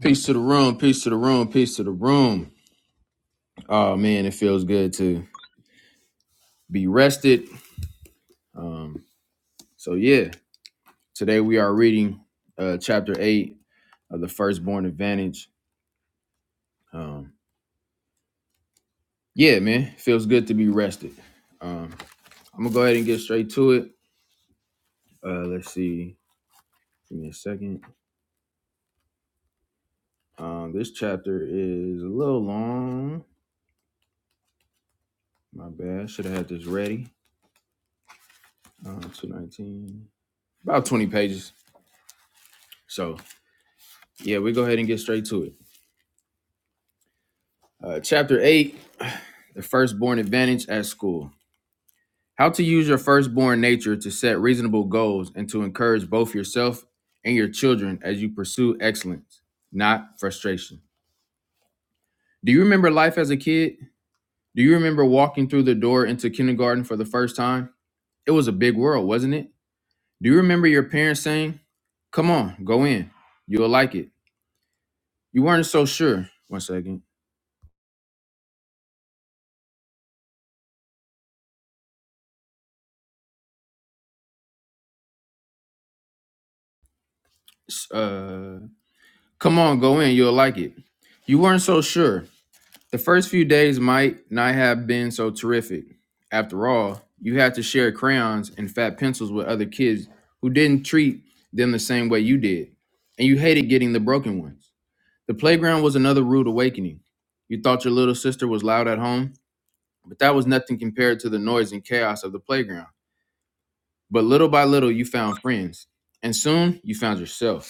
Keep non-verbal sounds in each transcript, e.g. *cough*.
Peace to the room, peace to the room, peace to the room. Oh man, it feels good to be rested. Um, so yeah, today we are reading uh chapter eight of the firstborn advantage. Um, yeah, man, feels good to be rested. Um, I'm gonna go ahead and get straight to it. Uh let's see, give me a second. Um, this chapter is a little long. My bad, should have had this ready. Um, 219, about 20 pages. So yeah, we go ahead and get straight to it. Uh, chapter 8 The Firstborn Advantage at School. How to use your firstborn nature to set reasonable goals and to encourage both yourself and your children as you pursue excellence, not frustration. Do you remember life as a kid? Do you remember walking through the door into kindergarten for the first time? It was a big world, wasn't it? Do you remember your parents saying, Come on, go in. You'll like it. You weren't so sure. One second. Uh, come on, go in. You'll like it. You weren't so sure. The first few days might not have been so terrific. After all, you had to share crayons and fat pencils with other kids who didn't treat them the same way you did, and you hated getting the broken ones. The playground was another rude awakening. You thought your little sister was loud at home, but that was nothing compared to the noise and chaos of the playground. But little by little, you found friends, and soon you found yourself.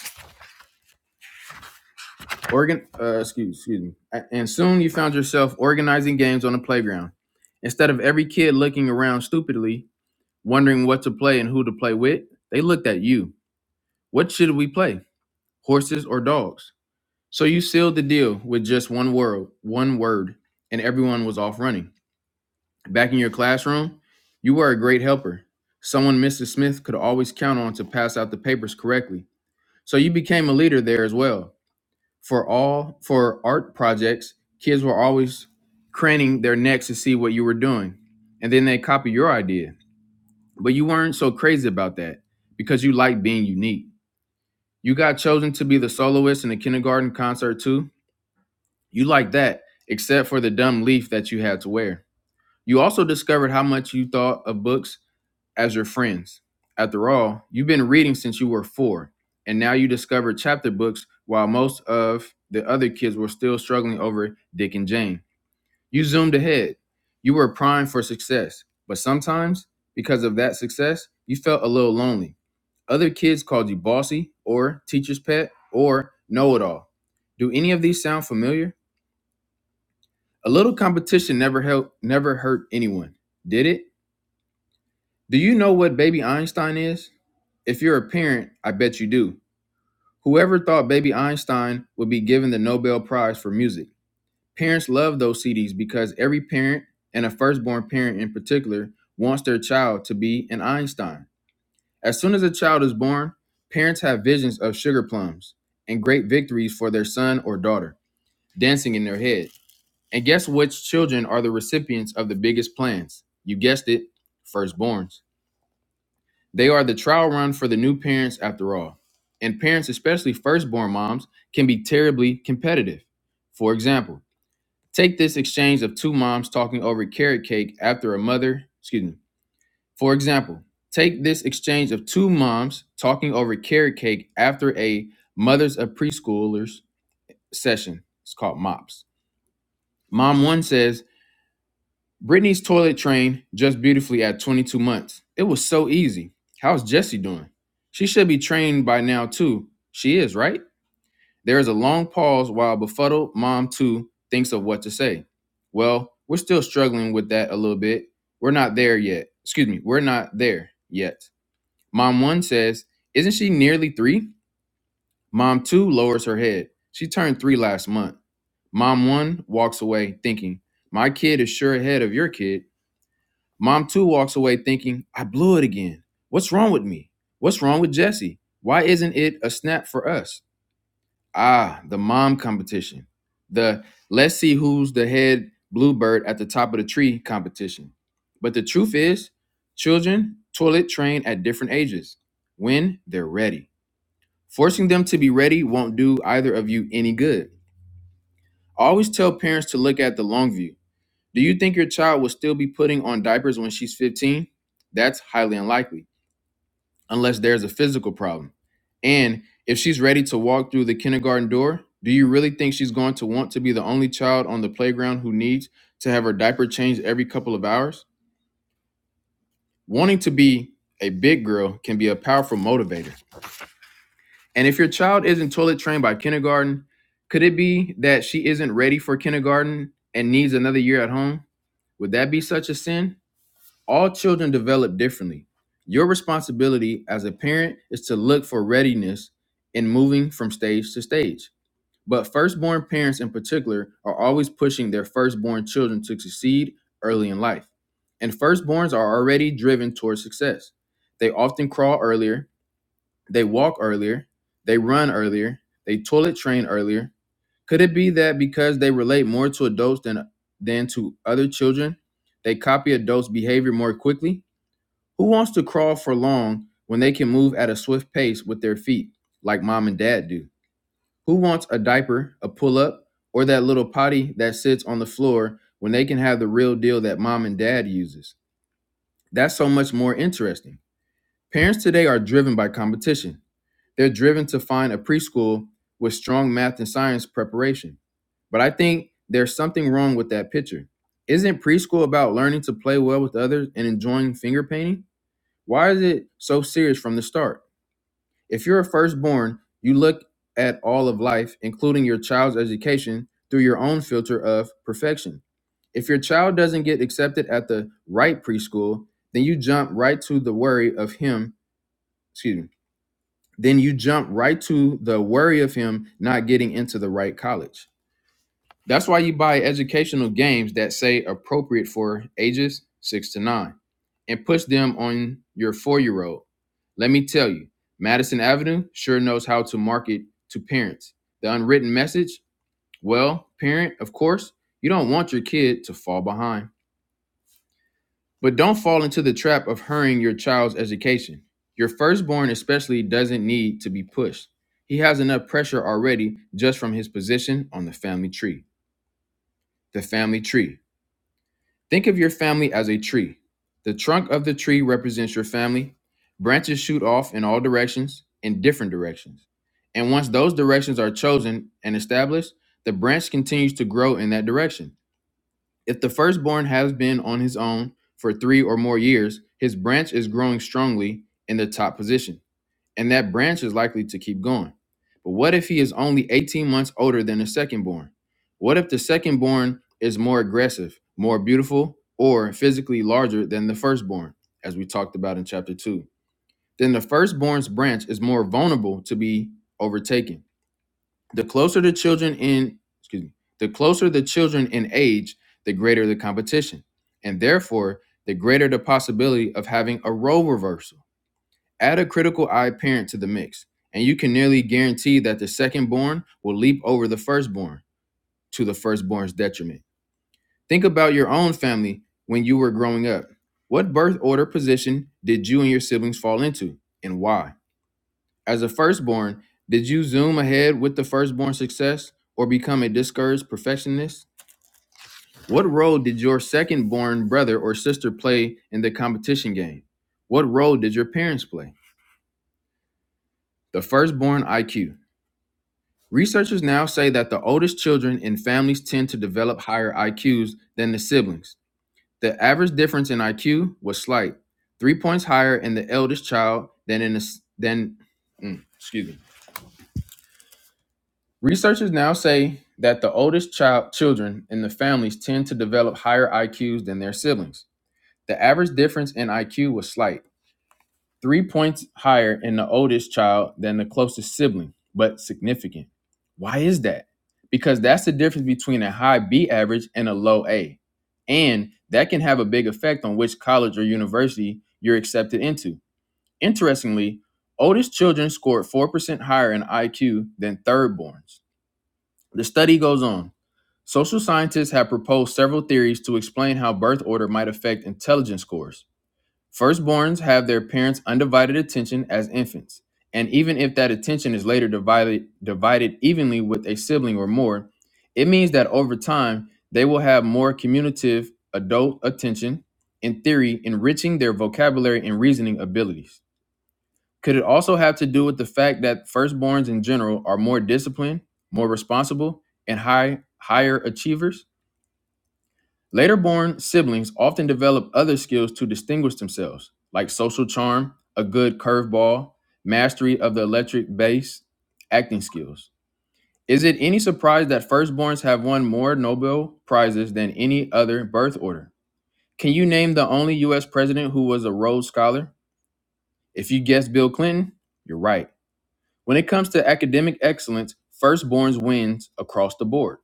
Organ, uh, excuse, excuse me. And soon you found yourself organizing games on the playground. Instead of every kid looking around stupidly, wondering what to play and who to play with, they looked at you. What should we play? Horses or dogs? So you sealed the deal with just one word, one word, and everyone was off running. Back in your classroom, you were a great helper. Someone Mrs. Smith could always count on to pass out the papers correctly. So you became a leader there as well. For all for art projects, kids were always craning their necks to see what you were doing, and then they copy your idea. But you weren't so crazy about that because you liked being unique. You got chosen to be the soloist in the kindergarten concert too. You liked that, except for the dumb leaf that you had to wear. You also discovered how much you thought of books as your friends. After all, you've been reading since you were four, and now you discover chapter books while most of the other kids were still struggling over Dick and Jane. You zoomed ahead. You were primed for success, but sometimes, because of that success, you felt a little lonely. Other kids called you bossy, or teacher's pet, or know it all. Do any of these sound familiar? A little competition never helped, never hurt anyone, did it? Do you know what baby Einstein is? If you're a parent, I bet you do. Whoever thought baby Einstein would be given the Nobel Prize for music? Parents love those CDs because every parent, and a firstborn parent in particular, wants their child to be an Einstein. As soon as a child is born, parents have visions of sugar plums and great victories for their son or daughter dancing in their head. And guess which children are the recipients of the biggest plans? You guessed it, firstborns. They are the trial run for the new parents after all. And parents, especially firstborn moms, can be terribly competitive. For example, take this exchange of two moms talking over carrot cake after a mother, excuse me. For example, take this exchange of two moms talking over carrot cake after a mothers of preschoolers session. It's called MOPS. Mom 1 says, Britney's toilet trained just beautifully at 22 months. It was so easy. How's Jessie doing? She should be trained by now, too. She is, right? There is a long pause while befuddled mom, too, thinks of what to say. Well, we're still struggling with that a little bit. We're not there yet. Excuse me, we're not there yet. Mom 1 says, Isn't she nearly three? Mom 2 lowers her head. She turned three last month. Mom 1 walks away thinking, My kid is sure ahead of your kid. Mom too walks away thinking, I blew it again. What's wrong with me? What's wrong with Jesse? Why isn't it a snap for us? Ah, the mom competition. The let's see who's the head bluebird at the top of the tree competition. But the truth is, children toilet train at different ages when they're ready. Forcing them to be ready won't do either of you any good. I always tell parents to look at the long view do you think your child will still be putting on diapers when she's 15? That's highly unlikely, unless there's a physical problem. And if she's ready to walk through the kindergarten door, do you really think she's going to want to be the only child on the playground who needs to have her diaper changed every couple of hours? Wanting to be a big girl can be a powerful motivator. And if your child isn't toilet trained by kindergarten, could it be that she isn't ready for kindergarten and needs another year at home? Would that be such a sin? All children develop differently. Your responsibility as a parent is to look for readiness in moving from stage to stage. But firstborn parents, in particular, are always pushing their firstborn children to succeed early in life. And firstborns are already driven towards success. They often crawl earlier, they walk earlier, they run earlier, they toilet train earlier. Could it be that because they relate more to adults than, than to other children, they copy adults' behavior more quickly? Who wants to crawl for long when they can move at a swift pace with their feet, like mom and dad do? Who wants a diaper, a pull up, or that little potty that sits on the floor when they can have the real deal that mom and dad uses? That's so much more interesting. Parents today are driven by competition. They're driven to find a preschool with strong math and science preparation. But I think there's something wrong with that picture. Isn't preschool about learning to play well with others and enjoying finger painting? Why is it so serious from the start? If you're a firstborn, you look at all of life, including your child's education, through your own filter of perfection. If your child doesn't get accepted at the right preschool, then you jump right to the worry of him, excuse me, then you jump right to the worry of him not getting into the right college. That's why you buy educational games that say appropriate for ages six to nine and push them on your four year old. Let me tell you, Madison Avenue sure knows how to market to parents. The unwritten message well, parent, of course, you don't want your kid to fall behind. But don't fall into the trap of hurrying your child's education. Your firstborn, especially, doesn't need to be pushed. He has enough pressure already just from his position on the family tree. The family tree. Think of your family as a tree. The trunk of the tree represents your family. Branches shoot off in all directions, in different directions. And once those directions are chosen and established, the branch continues to grow in that direction. If the firstborn has been on his own for three or more years, his branch is growing strongly in the top position and that branch is likely to keep going. But what if he is only 18 months older than the second born? What if the second born is more aggressive, more beautiful, or physically larger than the firstborn, as we talked about in chapter 2? Then the firstborn's branch is more vulnerable to be overtaken. The closer the children in, excuse me, the closer the children in age, the greater the competition, and therefore the greater the possibility of having a role reversal Add a critical eye parent to the mix, and you can nearly guarantee that the second born will leap over the first-born to the first-born's detriment. Think about your own family when you were growing up. What birth order position did you and your siblings fall into, and why? As a first-born, did you zoom ahead with the first-born success or become a discouraged perfectionist? What role did your second born brother or sister play in the competition game? What role did your parents play? The first-born IQ. Researchers now say that the oldest children in families tend to develop higher IQs than the siblings. The average difference in IQ was slight, three points higher in the eldest child than in the, s- than mm, excuse me. Researchers now say that the oldest child children in the families tend to develop higher IQs than their siblings. The average difference in IQ was slight, three points higher in the oldest child than the closest sibling, but significant. Why is that? Because that's the difference between a high B average and a low A. And that can have a big effect on which college or university you're accepted into. Interestingly, oldest children scored 4% higher in IQ than thirdborns. The study goes on. Social scientists have proposed several theories to explain how birth order might affect intelligence scores. Firstborns have their parents' undivided attention as infants, and even if that attention is later divided, divided evenly with a sibling or more, it means that over time they will have more commutative adult attention, in theory, enriching their vocabulary and reasoning abilities. Could it also have to do with the fact that firstborns in general are more disciplined, more responsible, and high, higher achievers? Later born siblings often develop other skills to distinguish themselves, like social charm, a good curveball, mastery of the electric bass, acting skills. Is it any surprise that firstborns have won more Nobel Prizes than any other birth order? Can you name the only US president who was a Rhodes Scholar? If you guessed Bill Clinton, you're right. When it comes to academic excellence, firstborns wins across the board.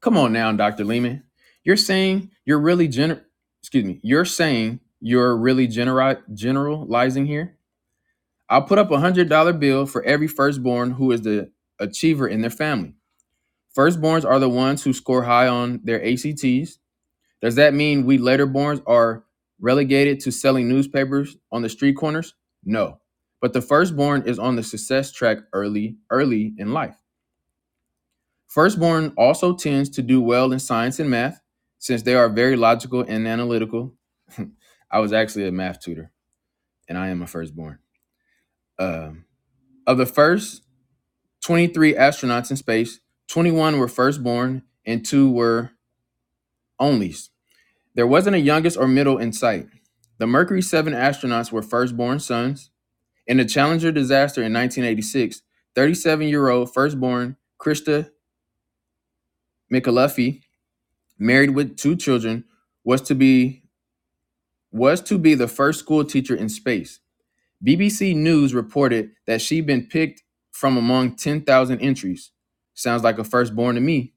Come on now, Dr. Lehman. You're saying you're really general. Excuse me. You're saying you're really general generalizing here. I'll put up a one hundred dollar bill for every firstborn who is the achiever in their family. Firstborns are the ones who score high on their ACTs. Does that mean we laterborns are relegated to selling newspapers on the street corners? No. But the firstborn is on the success track early, early in life. Firstborn also tends to do well in science and math, since they are very logical and analytical. *laughs* I was actually a math tutor, and I am a firstborn. Um, of the first 23 astronauts in space, 21 were firstborn and two were onlys. There wasn't a youngest or middle in sight. The Mercury 7 astronauts were firstborn sons. In the Challenger disaster in 1986, 37 year old firstborn Krista Michalefi married with two children, was to be was to be the first school teacher in space. BBC News reported that she'd been picked from among 10,000 entries. Sounds like a firstborn to me.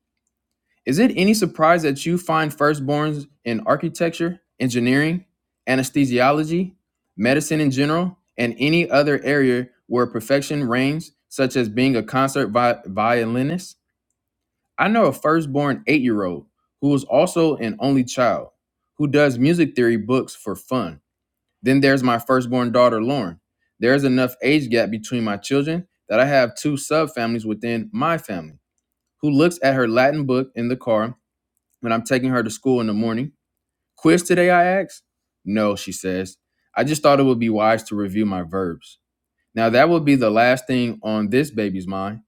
Is it any surprise that you find firstborns in architecture, engineering, anesthesiology, medicine in general, and any other area where perfection reigns, such as being a concert vi- violinist? I know a firstborn eight year old who is also an only child who does music theory books for fun. Then there's my firstborn daughter, Lauren. There's enough age gap between my children that I have two subfamilies within my family who looks at her Latin book in the car when I'm taking her to school in the morning. Quiz today, I ask? No, she says. I just thought it would be wise to review my verbs. Now, that would be the last thing on this baby's mind.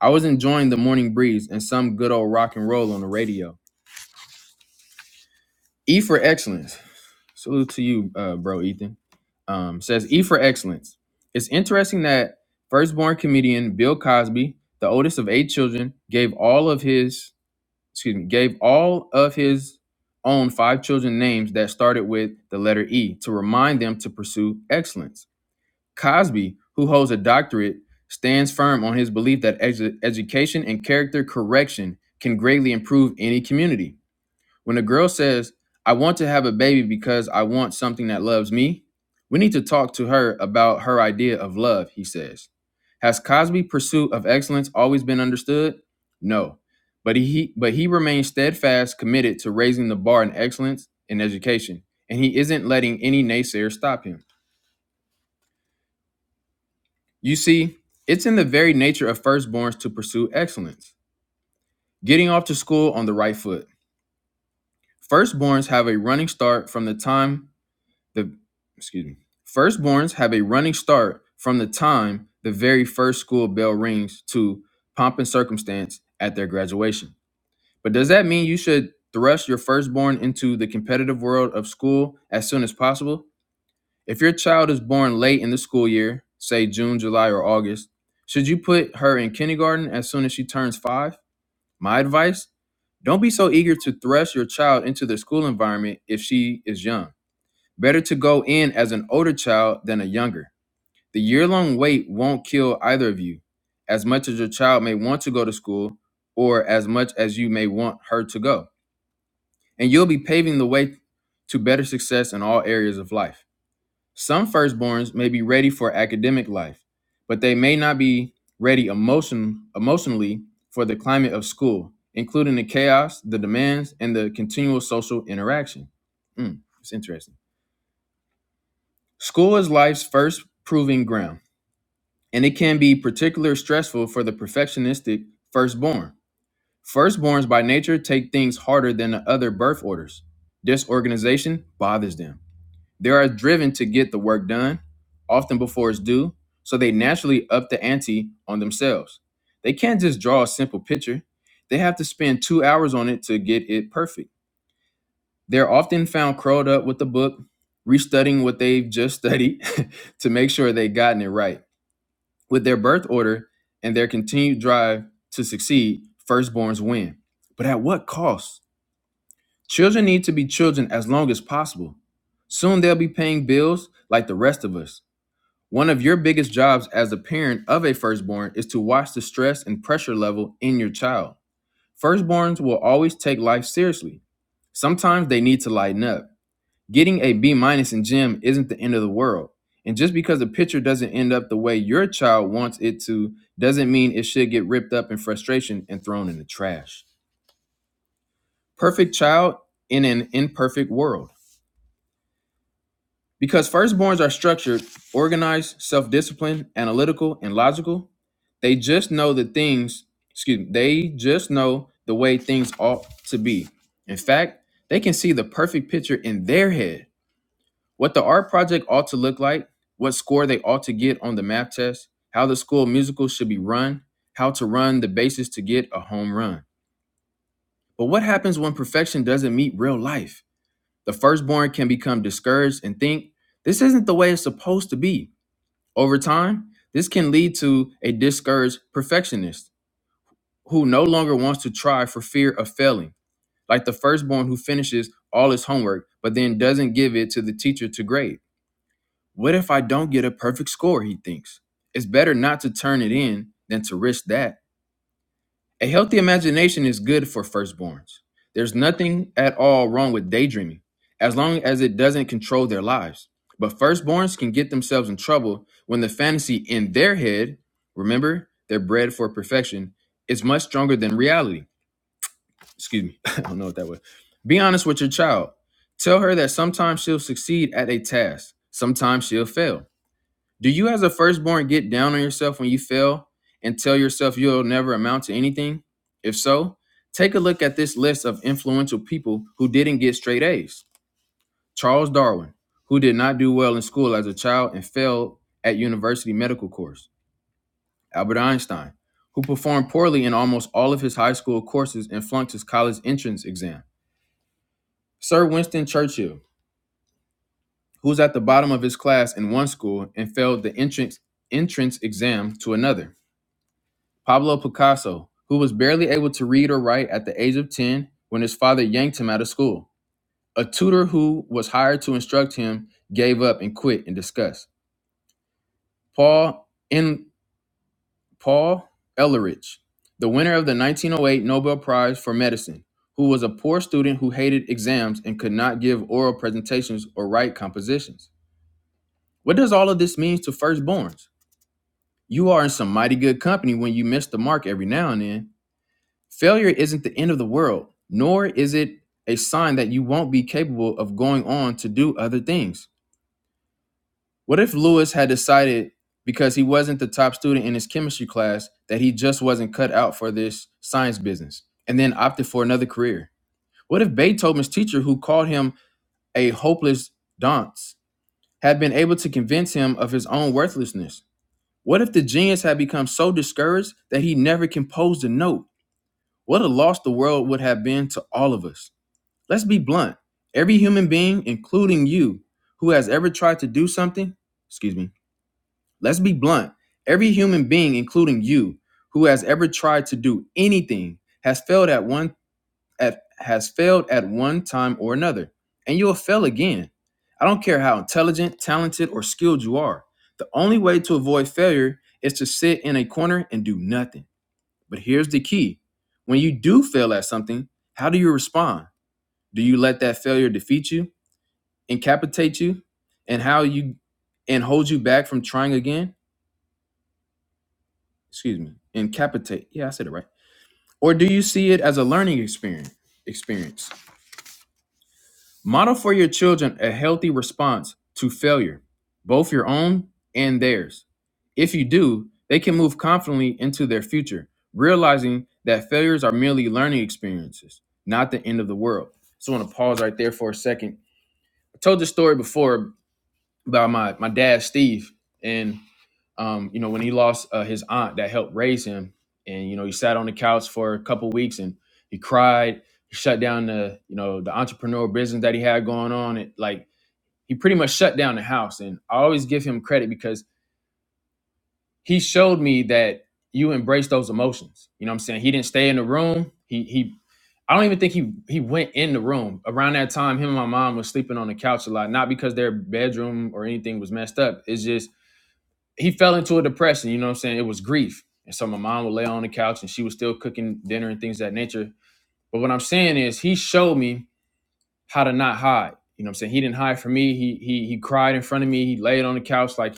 I was enjoying the morning breeze and some good old rock and roll on the radio. E for excellence. Salute to you, uh, bro, Ethan. Um, says E for excellence. It's interesting that firstborn comedian Bill Cosby, the oldest of eight children, gave all of his excuse me, gave all of his own five children names that started with the letter E to remind them to pursue excellence. Cosby, who holds a doctorate, stands firm on his belief that edu- education and character correction can greatly improve any community. When a girl says, I want to have a baby because I want something that loves me, we need to talk to her about her idea of love, he says. Has Cosby's pursuit of excellence always been understood? No. But he but he remains steadfast committed to raising the bar in excellence in education, and he isn't letting any naysayer stop him. You see, it's in the very nature of firstborns to pursue excellence. Getting off to school on the right foot. Firstborns have a running start from the time The excuse me. Firstborns have a running start from the time the very first school bell rings to pomp and circumstance at their graduation. But does that mean you should thrust your firstborn into the competitive world of school as soon as possible? If your child is born late in the school year, say June, July, or August, should you put her in kindergarten as soon as she turns five? My advice don't be so eager to thrust your child into the school environment if she is young. Better to go in as an older child than a younger. The year long wait won't kill either of you, as much as your child may want to go to school or as much as you may want her to go. And you'll be paving the way to better success in all areas of life. Some firstborns may be ready for academic life, but they may not be ready emotion, emotionally for the climate of school, including the chaos, the demands, and the continual social interaction. Mm, it's interesting. School is life's first proving ground, and it can be particularly stressful for the perfectionistic firstborn. Firstborns by nature take things harder than the other birth orders. Disorganization bothers them. They are driven to get the work done, often before it's due, so they naturally up the ante on themselves. They can't just draw a simple picture, they have to spend two hours on it to get it perfect. They're often found curled up with a book, restudying what they've just studied *laughs* to make sure they've gotten it right. With their birth order and their continued drive to succeed, firstborns win. But at what cost? Children need to be children as long as possible. Soon they'll be paying bills like the rest of us. One of your biggest jobs as a parent of a firstborn is to watch the stress and pressure level in your child. Firstborns will always take life seriously. Sometimes they need to lighten up. Getting a B minus in gym isn't the end of the world. And just because a picture doesn't end up the way your child wants it to doesn't mean it should get ripped up in frustration and thrown in the trash. Perfect child in an imperfect world. Because firstborns are structured, organized, self disciplined, analytical, and logical, they just know the things, excuse me, they just know the way things ought to be. In fact, they can see the perfect picture in their head what the art project ought to look like, what score they ought to get on the math test, how the school musical should be run, how to run the bases to get a home run. But what happens when perfection doesn't meet real life? The firstborn can become discouraged and think, this isn't the way it's supposed to be. Over time, this can lead to a discouraged perfectionist who no longer wants to try for fear of failing, like the firstborn who finishes all his homework but then doesn't give it to the teacher to grade. What if I don't get a perfect score? He thinks. It's better not to turn it in than to risk that. A healthy imagination is good for firstborns. There's nothing at all wrong with daydreaming, as long as it doesn't control their lives. But firstborns can get themselves in trouble when the fantasy in their head, remember, they're bred for perfection, is much stronger than reality. Excuse me, *laughs* I don't know what that was. Be honest with your child. Tell her that sometimes she'll succeed at a task, sometimes she'll fail. Do you, as a firstborn, get down on yourself when you fail and tell yourself you'll never amount to anything? If so, take a look at this list of influential people who didn't get straight A's Charles Darwin, who did not do well in school as a child and failed at university medical course, Albert Einstein, who performed poorly in almost all of his high school courses and flunked his college entrance exam, Sir Winston Churchill, who was at the bottom of his class in one school and failed the entrance entrance exam to another. Pablo Picasso, who was barely able to read or write at the age of 10 when his father yanked him out of school. A tutor who was hired to instruct him gave up and quit in disgust. Paul in Paul Ehrlich, the winner of the 1908 Nobel Prize for Medicine, who was a poor student who hated exams and could not give oral presentations or write compositions. What does all of this mean to firstborns? You are in some mighty good company when you miss the mark every now and then, Failure isn't the end of the world, nor is it a sign that you won't be capable of going on to do other things. What if Lewis had decided because he wasn't the top student in his chemistry class that he just wasn't cut out for this science business and then opted for another career? What if Beethoven's teacher, who called him a hopeless dunce, had been able to convince him of his own worthlessness? What if the genius had become so discouraged that he never composed a note? What a loss the world would have been to all of us. Let's be blunt. Every human being, including you, who has ever tried to do something, excuse me, let's be blunt. Every human being, including you, who has ever tried to do anything, has failed at one at has failed at one time or another. And you'll fail again. I don't care how intelligent, talented, or skilled you are. The only way to avoid failure is to sit in a corner and do nothing. But here's the key. When you do fail at something, how do you respond? Do you let that failure defeat you, incapacitate you, and how you and hold you back from trying again? Excuse me, incapacitate. Yeah, I said it right. Or do you see it as a learning experience? Experience. Model for your children a healthy response to failure, both your own and theirs. If you do, they can move confidently into their future, realizing that failures are merely learning experiences, not the end of the world. So I want to pause right there for a second. I told this story before by my my dad Steve, and um, you know when he lost uh, his aunt that helped raise him, and you know he sat on the couch for a couple weeks and he cried. He shut down the you know the entrepreneur business that he had going on. It like he pretty much shut down the house, and I always give him credit because he showed me that you embrace those emotions. You know what I'm saying? He didn't stay in the room. He he. I don't even think he he went in the room. Around that time, him and my mom was sleeping on the couch a lot, not because their bedroom or anything was messed up. It's just he fell into a depression. You know what I'm saying? It was grief. And so my mom would lay on the couch and she was still cooking dinner and things of that nature. But what I'm saying is he showed me how to not hide. You know what I'm saying? He didn't hide from me. He he he cried in front of me. He laid on the couch. Like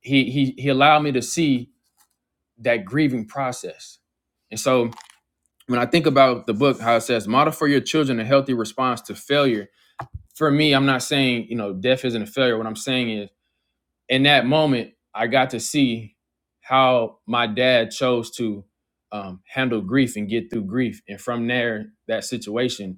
he he he allowed me to see that grieving process. And so when I think about the book, how it says model for your children a healthy response to failure. For me, I'm not saying, you know, death isn't a failure. What I'm saying is in that moment, I got to see how my dad chose to um, handle grief and get through grief. And from there, that situation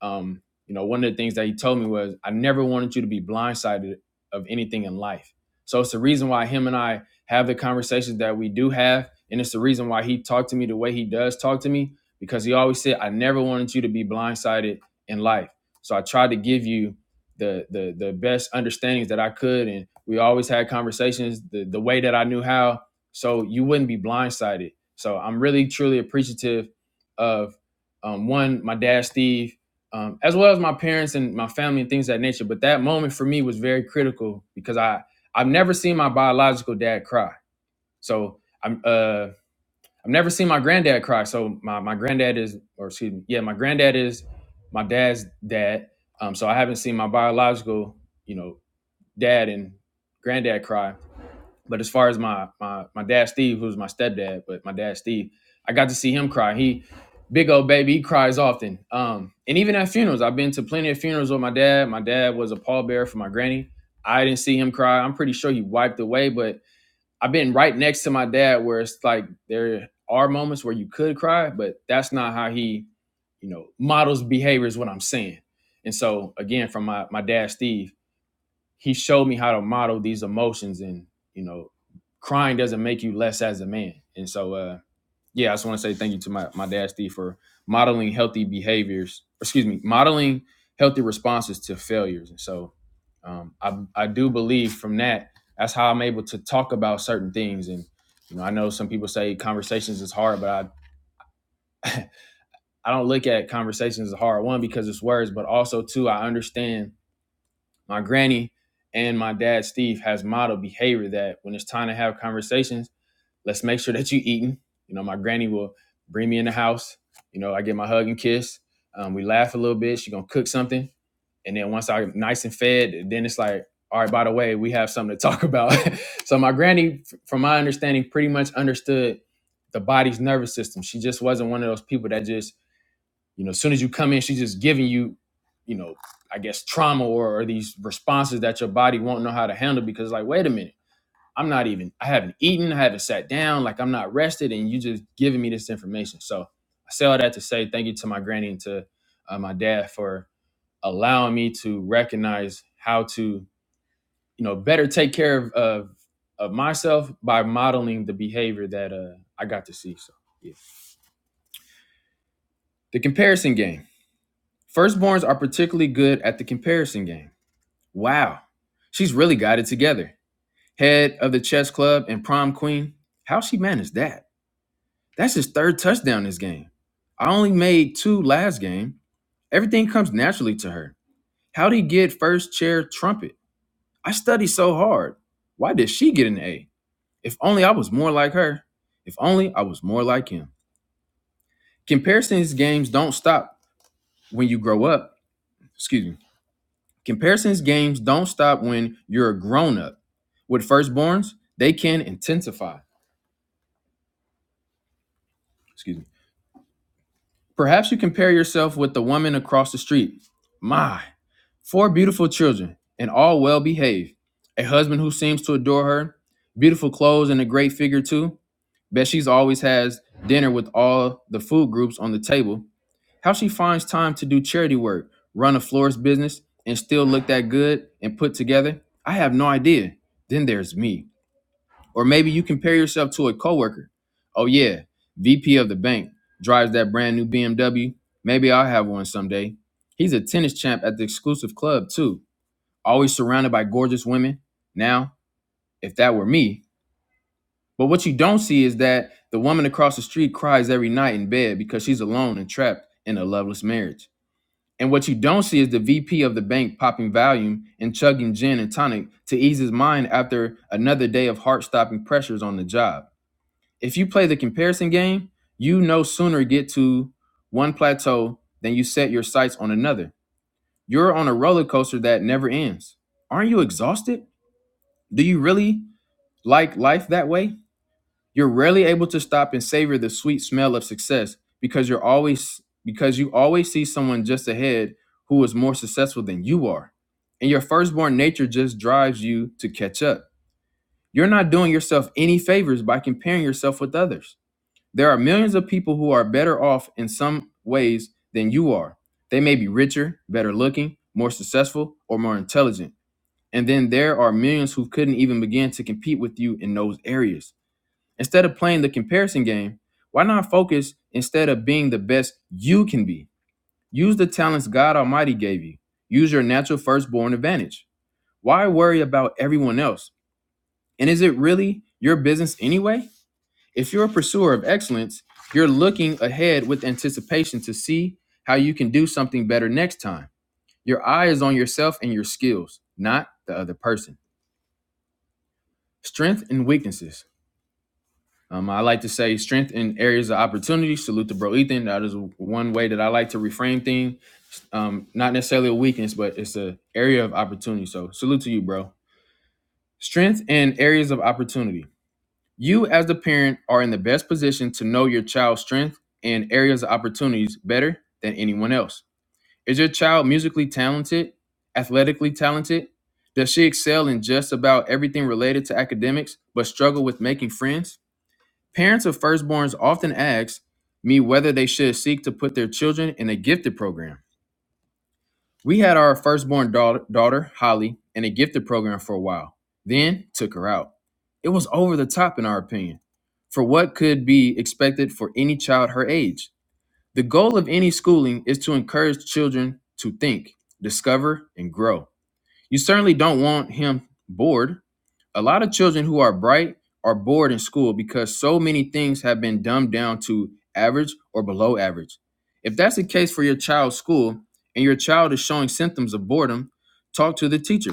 um, you know, one of the things that he told me was, I never wanted you to be blindsided of anything in life. So it's the reason why him and I have the conversations that we do have. And it's the reason why he talked to me the way he does talk to me, because he always said, I never wanted you to be blindsided in life. So I tried to give you the the the best understandings that I could. And we always had conversations the, the way that I knew how. So you wouldn't be blindsided. So I'm really truly appreciative of um, one, my dad Steve, um, as well as my parents and my family and things of that nature. But that moment for me was very critical because I I've never seen my biological dad cry. So I'm uh I've never seen my granddad cry. So my my granddad is or excuse me yeah my granddad is my dad's dad. Um, so I haven't seen my biological you know dad and granddad cry but as far as my my my dad Steve, who's my stepdad, but my dad Steve, I got to see him cry. He big old baby, he cries often. Um, and even at funerals, I've been to plenty of funerals with my dad. My dad was a pallbearer for my granny. I didn't see him cry. I'm pretty sure he wiped away, but I've been right next to my dad where it's like there are moments where you could cry, but that's not how he, you know, models behavior is what I'm saying. And so again, from my my dad Steve he showed me how to model these emotions and you know crying doesn't make you less as a man and so uh yeah i just want to say thank you to my, my dad steve for modeling healthy behaviors excuse me modeling healthy responses to failures and so um, I, I do believe from that that's how i'm able to talk about certain things and you know i know some people say conversations is hard but i, I don't look at conversations as hard one because it's words but also two i understand my granny and my dad steve has modeled behavior that when it's time to have conversations let's make sure that you eating you know my granny will bring me in the house you know i get my hug and kiss um, we laugh a little bit she gonna cook something and then once i'm nice and fed then it's like all right by the way we have something to talk about *laughs* so my granny from my understanding pretty much understood the body's nervous system she just wasn't one of those people that just you know, as soon as you come in, she's just giving you, you know, I guess trauma or, or these responses that your body won't know how to handle because, like, wait a minute, I'm not even, I haven't eaten, I haven't sat down, like I'm not rested, and you just giving me this information. So I say all that to say thank you to my granny and to uh, my dad for allowing me to recognize how to, you know, better take care of of, of myself by modeling the behavior that uh, I got to see. So yeah, the comparison game Firstborns are particularly good at the comparison game. Wow, she's really got it together. Head of the chess club and prom queen. How she managed that? That's his third touchdown this game. I only made two last game. Everything comes naturally to her. How'd he get first chair trumpet? I studied so hard. Why did she get an A? If only I was more like her. If only I was more like him. Comparisons games don't stop when you grow up. Excuse me. Comparisons games don't stop when you're a grown up. With firstborns, they can intensify. Excuse me. Perhaps you compare yourself with the woman across the street. My, four beautiful children, and all well behaved. A husband who seems to adore her, beautiful clothes, and a great figure, too. Bet she's always has dinner with all the food groups on the table. How she finds time to do charity work, run a florist business, and still look that good and put together, I have no idea. Then there's me Or maybe you compare yourself to a coworker. Oh yeah, VP of the bank drives that brand new BMW. Maybe I'll have one someday. He's a tennis champ at the exclusive club too, always surrounded by gorgeous women. Now, if that were me. But what you don't see is that the woman across the street cries every night in bed because she's alone and trapped in a loveless marriage. And what you don't see is the VP of the bank popping Valium and chugging gin and tonic to ease his mind after another day of heart-stopping pressures on the job if you play the comparison game, you no sooner get to one plateau than you set your sights on another. You're on a roller coaster that never ends. Aren't you exhausted? Do you really like life that way? You're rarely able to stop and savor the sweet smell of success because you're always because you always see someone just ahead who is more successful than you are. And your firstborn nature just drives you to catch up. You're not doing yourself any favors by comparing yourself with others. There are millions of people who are better off in some ways than you are. They may be richer, better looking, more successful, or more intelligent. And then there are millions who couldn't even begin to compete with you in those areas. Instead of playing the comparison game, why not focus instead of being the best you can be? Use the talents God Almighty gave you. Use your natural firstborn advantage. Why worry about everyone else? And is it really your business anyway? If you're a pursuer of excellence, you're looking ahead with anticipation to see how you can do something better next time. Your eye is on yourself and your skills, not the other person. Strength and weaknesses. Um, I like to say strength in areas of opportunity. Salute to Bro Ethan. That is one way that I like to reframe things. Um, not necessarily a weakness, but it's an area of opportunity. So salute to you, bro. Strength and areas of opportunity. You, as the parent, are in the best position to know your child's strength and areas of opportunities better than anyone else. Is your child musically talented, athletically talented? Does she excel in just about everything related to academics but struggle with making friends? Parents of firstborns often ask me whether they should seek to put their children in a gifted program. We had our firstborn daughter, daughter, Holly, in a gifted program for a while, then took her out. It was over the top, in our opinion, for what could be expected for any child her age. The goal of any schooling is to encourage children to think, discover, and grow. You certainly don't want him bored. A lot of children who are bright are bored in school because so many things have been dumbed down to average or below average. If that's the case for your child's school and your child is showing symptoms of boredom, talk to the teacher.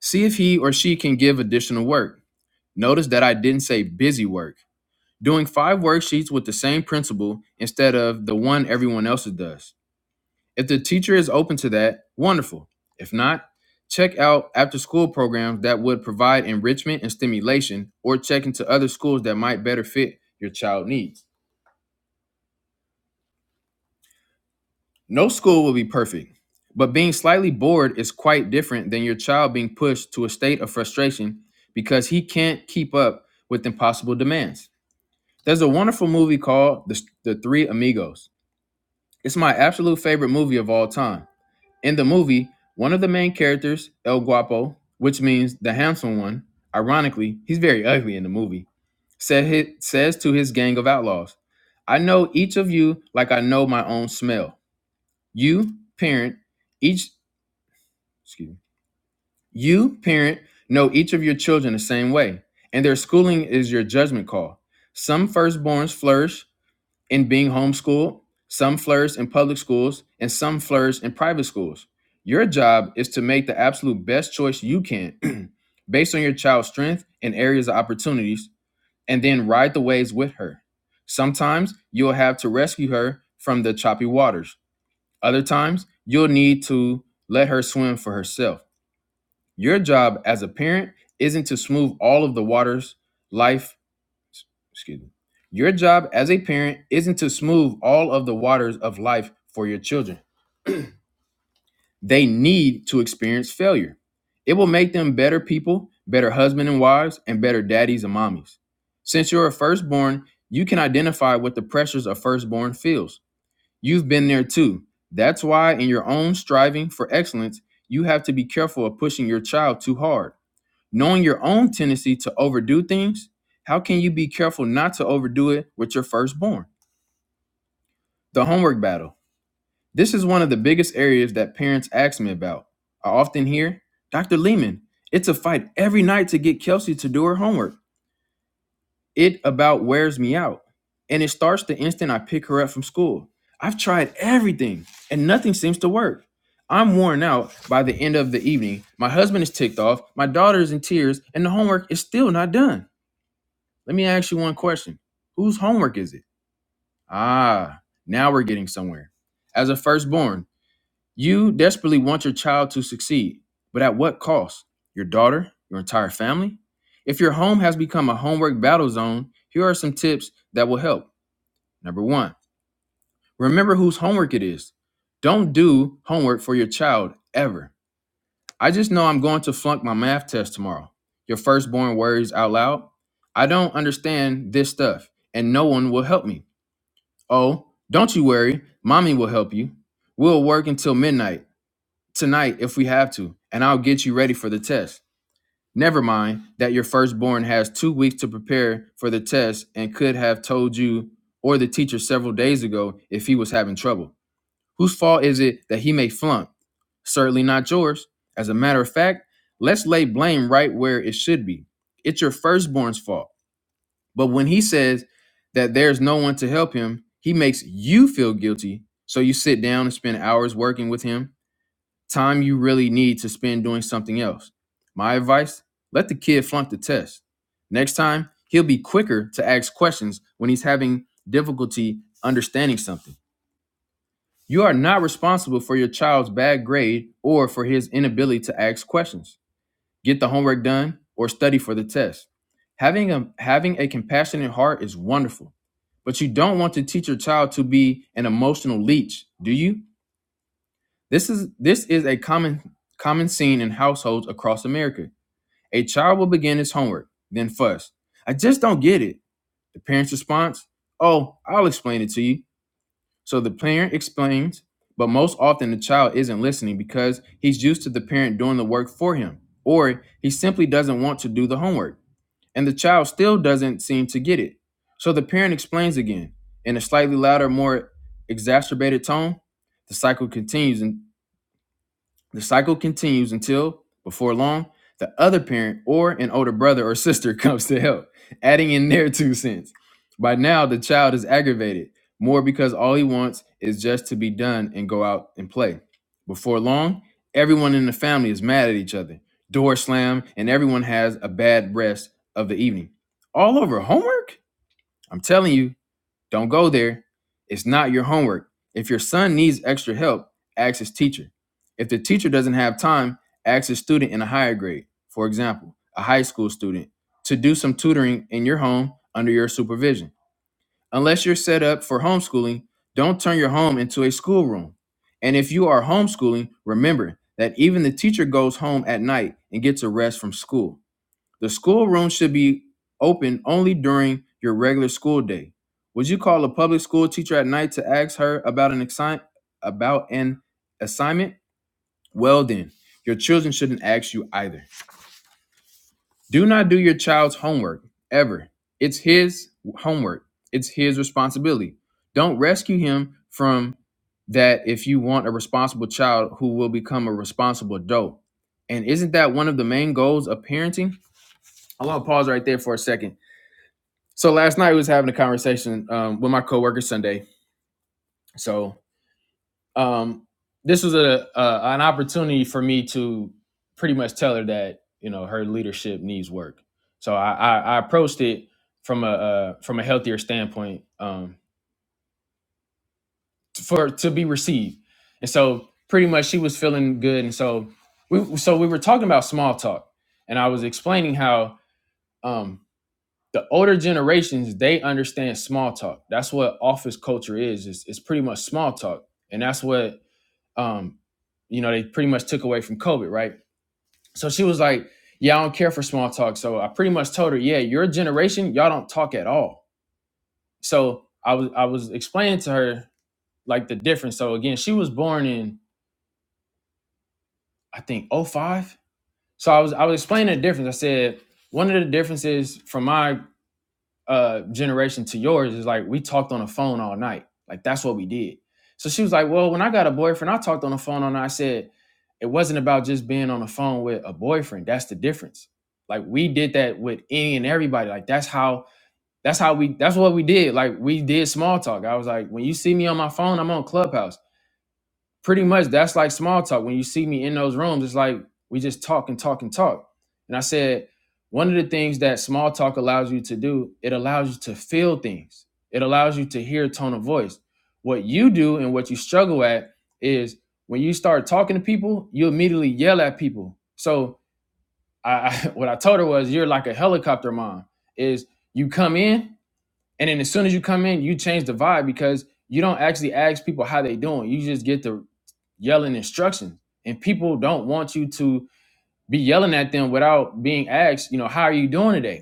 See if he or she can give additional work. Notice that I didn't say busy work. Doing five worksheets with the same principal instead of the one everyone else does if the teacher is open to that, wonderful. If not, check out after school programs that would provide enrichment and stimulation, or check into other schools that might better fit your child needs. No school will be perfect, but being slightly bored is quite different than your child being pushed to a state of frustration because he can't keep up with impossible demands. There's a wonderful movie called The, the Three Amigos. It's my absolute favorite movie of all time. In the movie, one of the main characters, El Guapo, which means the handsome one, ironically, he's very ugly in the movie, said hi- says to his gang of outlaws, I know each of you like I know my own smell. You, parent, each excuse me, you, parent, know each of your children the same way, and their schooling is your judgment call. Some firstborns flourish in being homeschooled, some flourish in public schools, and some flourish in private schools. Your job is to make the absolute best choice you can *clears throat* based on your child's strength and areas of opportunities, and then ride the waves with her. Sometimes you'll have to rescue her from the choppy waters, other times, you'll need to let her swim for herself. Your job as a parent isn't to smooth all of the waters life excuse me. Your job as a parent isn't to smooth all of the waters of life for your children. They need to experience failure. It will make them better people, better husbands and wives, and better daddies and mommies. Since you're a firstborn, you can identify what the pressures a firstborn feels. You've been there too. That's why, in your own striving for excellence, you have to be careful of pushing your child too hard. Knowing your own tendency to overdo things, how can you be careful not to overdo it with your firstborn? The homework battle. This is one of the biggest areas that parents ask me about. I often hear, Dr. Lehman, it's a fight every night to get Kelsey to do her homework. It about wears me out. And it starts the instant I pick her up from school. I've tried everything and nothing seems to work. I'm worn out by the end of the evening. My husband is ticked off, my daughter is in tears, and the homework is still not done. Let me ask you one question. Whose homework is it? Ah, now we're getting somewhere. As a firstborn, you desperately want your child to succeed, but at what cost? Your daughter? Your entire family? If your home has become a homework battle zone, here are some tips that will help. Number one, remember whose homework it is. Don't do homework for your child ever. I just know I'm going to flunk my math test tomorrow. Your firstborn worries out loud. I don't understand this stuff, and no one will help me. Oh, don't you worry. Mommy will help you. We'll work until midnight tonight if we have to, and I'll get you ready for the test. Never mind that your firstborn has two weeks to prepare for the test and could have told you or the teacher several days ago if he was having trouble. Whose fault is it that he may flunk? Certainly not yours. As a matter of fact, let's lay blame right where it should be. It's your firstborn's fault. But when he says that there's no one to help him, he makes you feel guilty. So you sit down and spend hours working with him, time you really need to spend doing something else. My advice let the kid flunk the test. Next time, he'll be quicker to ask questions when he's having difficulty understanding something. You are not responsible for your child's bad grade or for his inability to ask questions get the homework done, or study for the test. Having a having a compassionate heart is wonderful, but you don't want to teach your child to be an emotional leech, do you? This is this is a common common scene in households across America. A child will begin his homework, then fuss. I just don't get it. The parent's response, "Oh, I'll explain it to you." So the parent explains, but most often the child isn't listening because he's used to the parent doing the work for him, or he simply doesn't want to do the homework and the child still doesn't seem to get it. So the parent explains again in a slightly louder, more exacerbated tone. The cycle continues the cycle continues until, before long, the other parent or an older brother or sister *laughs* comes to help, adding in their two cents. By now, the child is aggravated, more because all he wants is just to be done and go out and play. Before long, everyone in the family is mad at each other, Doors slam, and everyone has a bad rest of the evening. All over homework? I'm telling you, don't go there. It's not your homework. If your son needs extra help, ask his teacher. If the teacher doesn't have time, ask a student in a higher grade, for example, a high school student, to do some tutoring in your home under your supervision. Unless you're set up for homeschooling, don't turn your home into a schoolroom. And if you are homeschooling, remember that even the teacher goes home at night and gets a rest from school. The schoolroom should be open only during your regular school day. Would you call a public school teacher at night to ask her about an assign about an assignment? Well then, your children shouldn't ask you either. Do not do your child's homework ever. It's his homework. It's his responsibility. Don't rescue him from that if you want a responsible child who will become a responsible adult. And isn't that one of the main goals of parenting? I want to pause right there for a second So last night we was having a conversation um, with my coworker Sunday. So um, this was a, a an opportunity for me to pretty much tell her that you know her leadership needs work. So I, I, I approached it from a uh, from a healthier standpoint um, for to be received. And so pretty much she was feeling good. And so we so we were talking about small talk, and I was explaining how. um, the older generations they understand small talk that's what office culture is it's, it's pretty much small talk and that's what um you know they pretty much took away from covid right so she was like yeah i don't care for small talk so i pretty much told her yeah your generation y'all don't talk at all so i was i was explaining to her like the difference so again she was born in i think '05. so i was i was explaining the difference i said one of the differences from my uh generation to yours is like we talked on the phone all night. Like that's what we did. So she was like, Well, when I got a boyfriend, I talked on the phone all night. I said, it wasn't about just being on the phone with a boyfriend. That's the difference. Like we did that with any and everybody. Like that's how that's how we that's what we did. Like we did small talk. I was like, when you see me on my phone, I'm on Clubhouse pretty much that's like small talk. When you see me in those rooms, it's like we just talk and talk and talk. And I said, one of the things that small talk allows you to do, it allows you to feel things. It allows you to hear tone of voice. What you do and what you struggle at is when you start talking to people, you immediately yell at people. So I, I *laughs* what I told her was, you're like a helicopter mom. Is you come in and then as soon as you come in, you change the vibe because you don't actually ask people how they doing. You just get the yelling instructions. And people don't want you to be yelling at them without being asked, you know, how are you doing today?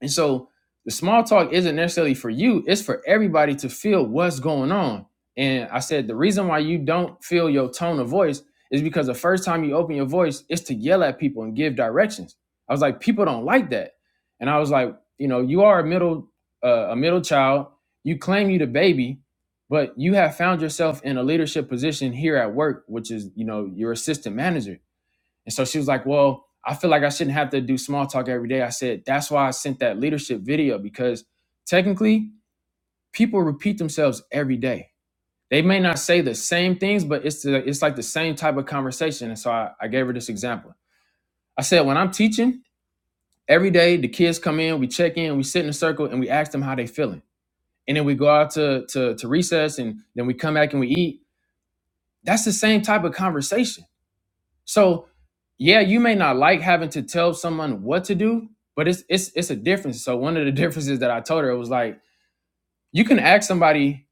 And so the small talk isn't necessarily for you, it's for everybody to feel what's going on. And I said, the reason why you don't feel your tone of voice is because the first time you open your voice it's to yell at people and give directions. I was like, people don't like that. And I was like, you know, you are a middle, uh, a middle child. You claim you the baby, but you have found yourself in a leadership position here at work, which is, you know, your assistant manager and so she was like, Well, I feel like I shouldn't have to do small talk every day. I said, That's why I sent that leadership video because technically people repeat themselves every day. They may not say the same things, but it's the, it's like the same type of conversation. And so I, I gave her this example. I said, When I'm teaching, every day the kids come in, we check in, we sit in a circle, and we ask them how they feeling. And then we go out to, to, to recess and then we come back and we eat. That's the same type of conversation So yeah, you may not like having to tell someone what to do, but it's it's it's a difference. So one of the *laughs* differences that I told her it was like you can ask somebody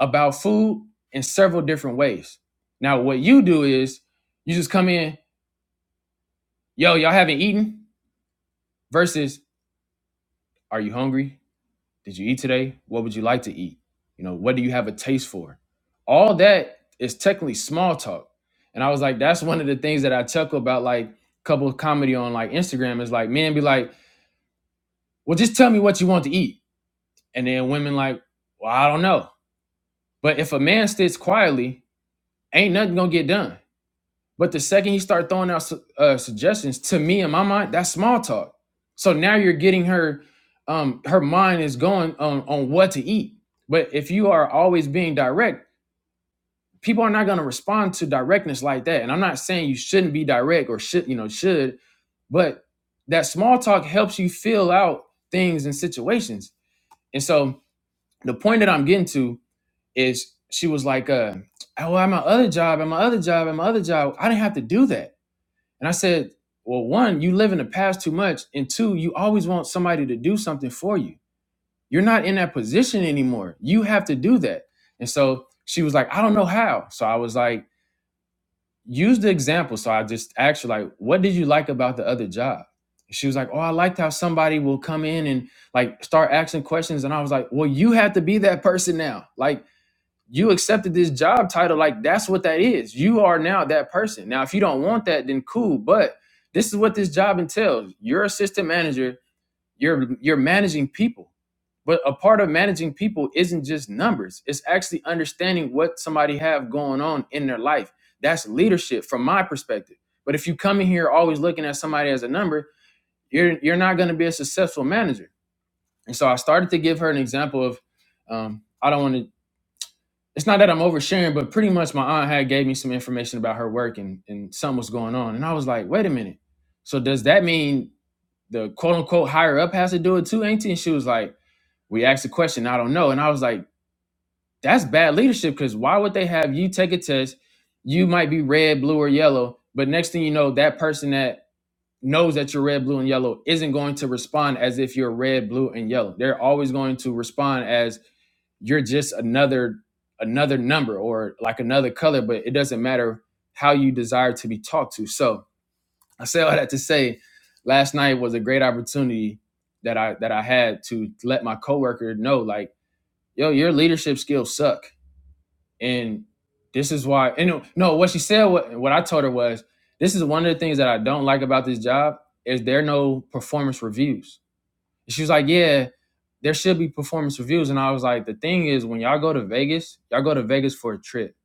about food in several different ways. Now what you do is you just come in, yo, y'all haven't eaten versus are you hungry? Did you eat today? What would you like to eat? You know, what do you have a taste for? All that is technically small talk. And I was like, that's one of the things that I chuckle about like couple of comedy on like Instagram is like man, be like, well, just tell me what you want to eat. And then women like, well, I don't know. But if a man sits quietly, ain't nothing gonna get done. But the second he start throwing out su- uh, suggestions, to me in my mind, that's small talk. So now you're getting her, um, her mind is going on on what to eat. But if you are always being direct, people are not gonna respond to directness like that. And I'm not saying you shouldn't be direct or should you know should, but that small talk helps you fill out things and situations. And so the point that I'm getting to is she was like, uh, oh, at my other job, at my other job, at my other job, I didn't have to do that. And I said, well, one, you live in the past too much. And two, you always want somebody to do something for you. You're not in that position anymore. You have to do that. And so she was like, I don't know how. So I was like, use the example. So I just asked her, like, what did you like about the other job? She was like, Oh, I liked how somebody will come in and like start asking questions. And I was like, Well, you have to be that person now. Like, you accepted this job title like that's what that is you are now that person now if you don't want that then cool but this is what this job entails you're a assistant manager you're you're managing people but a part of managing people isn't just numbers it's actually understanding what somebody have going on in their life that's leadership from my perspective but if you come in here always looking at somebody as a number you're you're not going to be a successful manager and so i started to give her an example of um, i don't want to it's not that I'm oversharing, but pretty much my aunt had gave me some information about her work and, and something was going on. And I was like, wait a minute. So does that mean the quote unquote higher up has to do it too, ain't it? And she was like, we asked a question, I don't know. And I was like, that's bad leadership because why would they have you take a test? You might be red, blue, or yellow, but next thing you know, that person that knows that you're red, blue, and yellow isn't going to respond as if you're red, blue, and yellow. They're always going to respond as you're just another another number or like another color but it doesn't matter how you desire to be talked to so i say all that to say last night was a great opportunity that i that i had to let my coworker know like yo your leadership skills suck and this is why and no no, what she said what, what i told her was this is one of the things that i don't like about this job is there are no performance reviews and she was like, Yeah, there should be performance reviews. And I was like, The thing is, when y'all go to Vegas, y'all go to Vegas for a trip.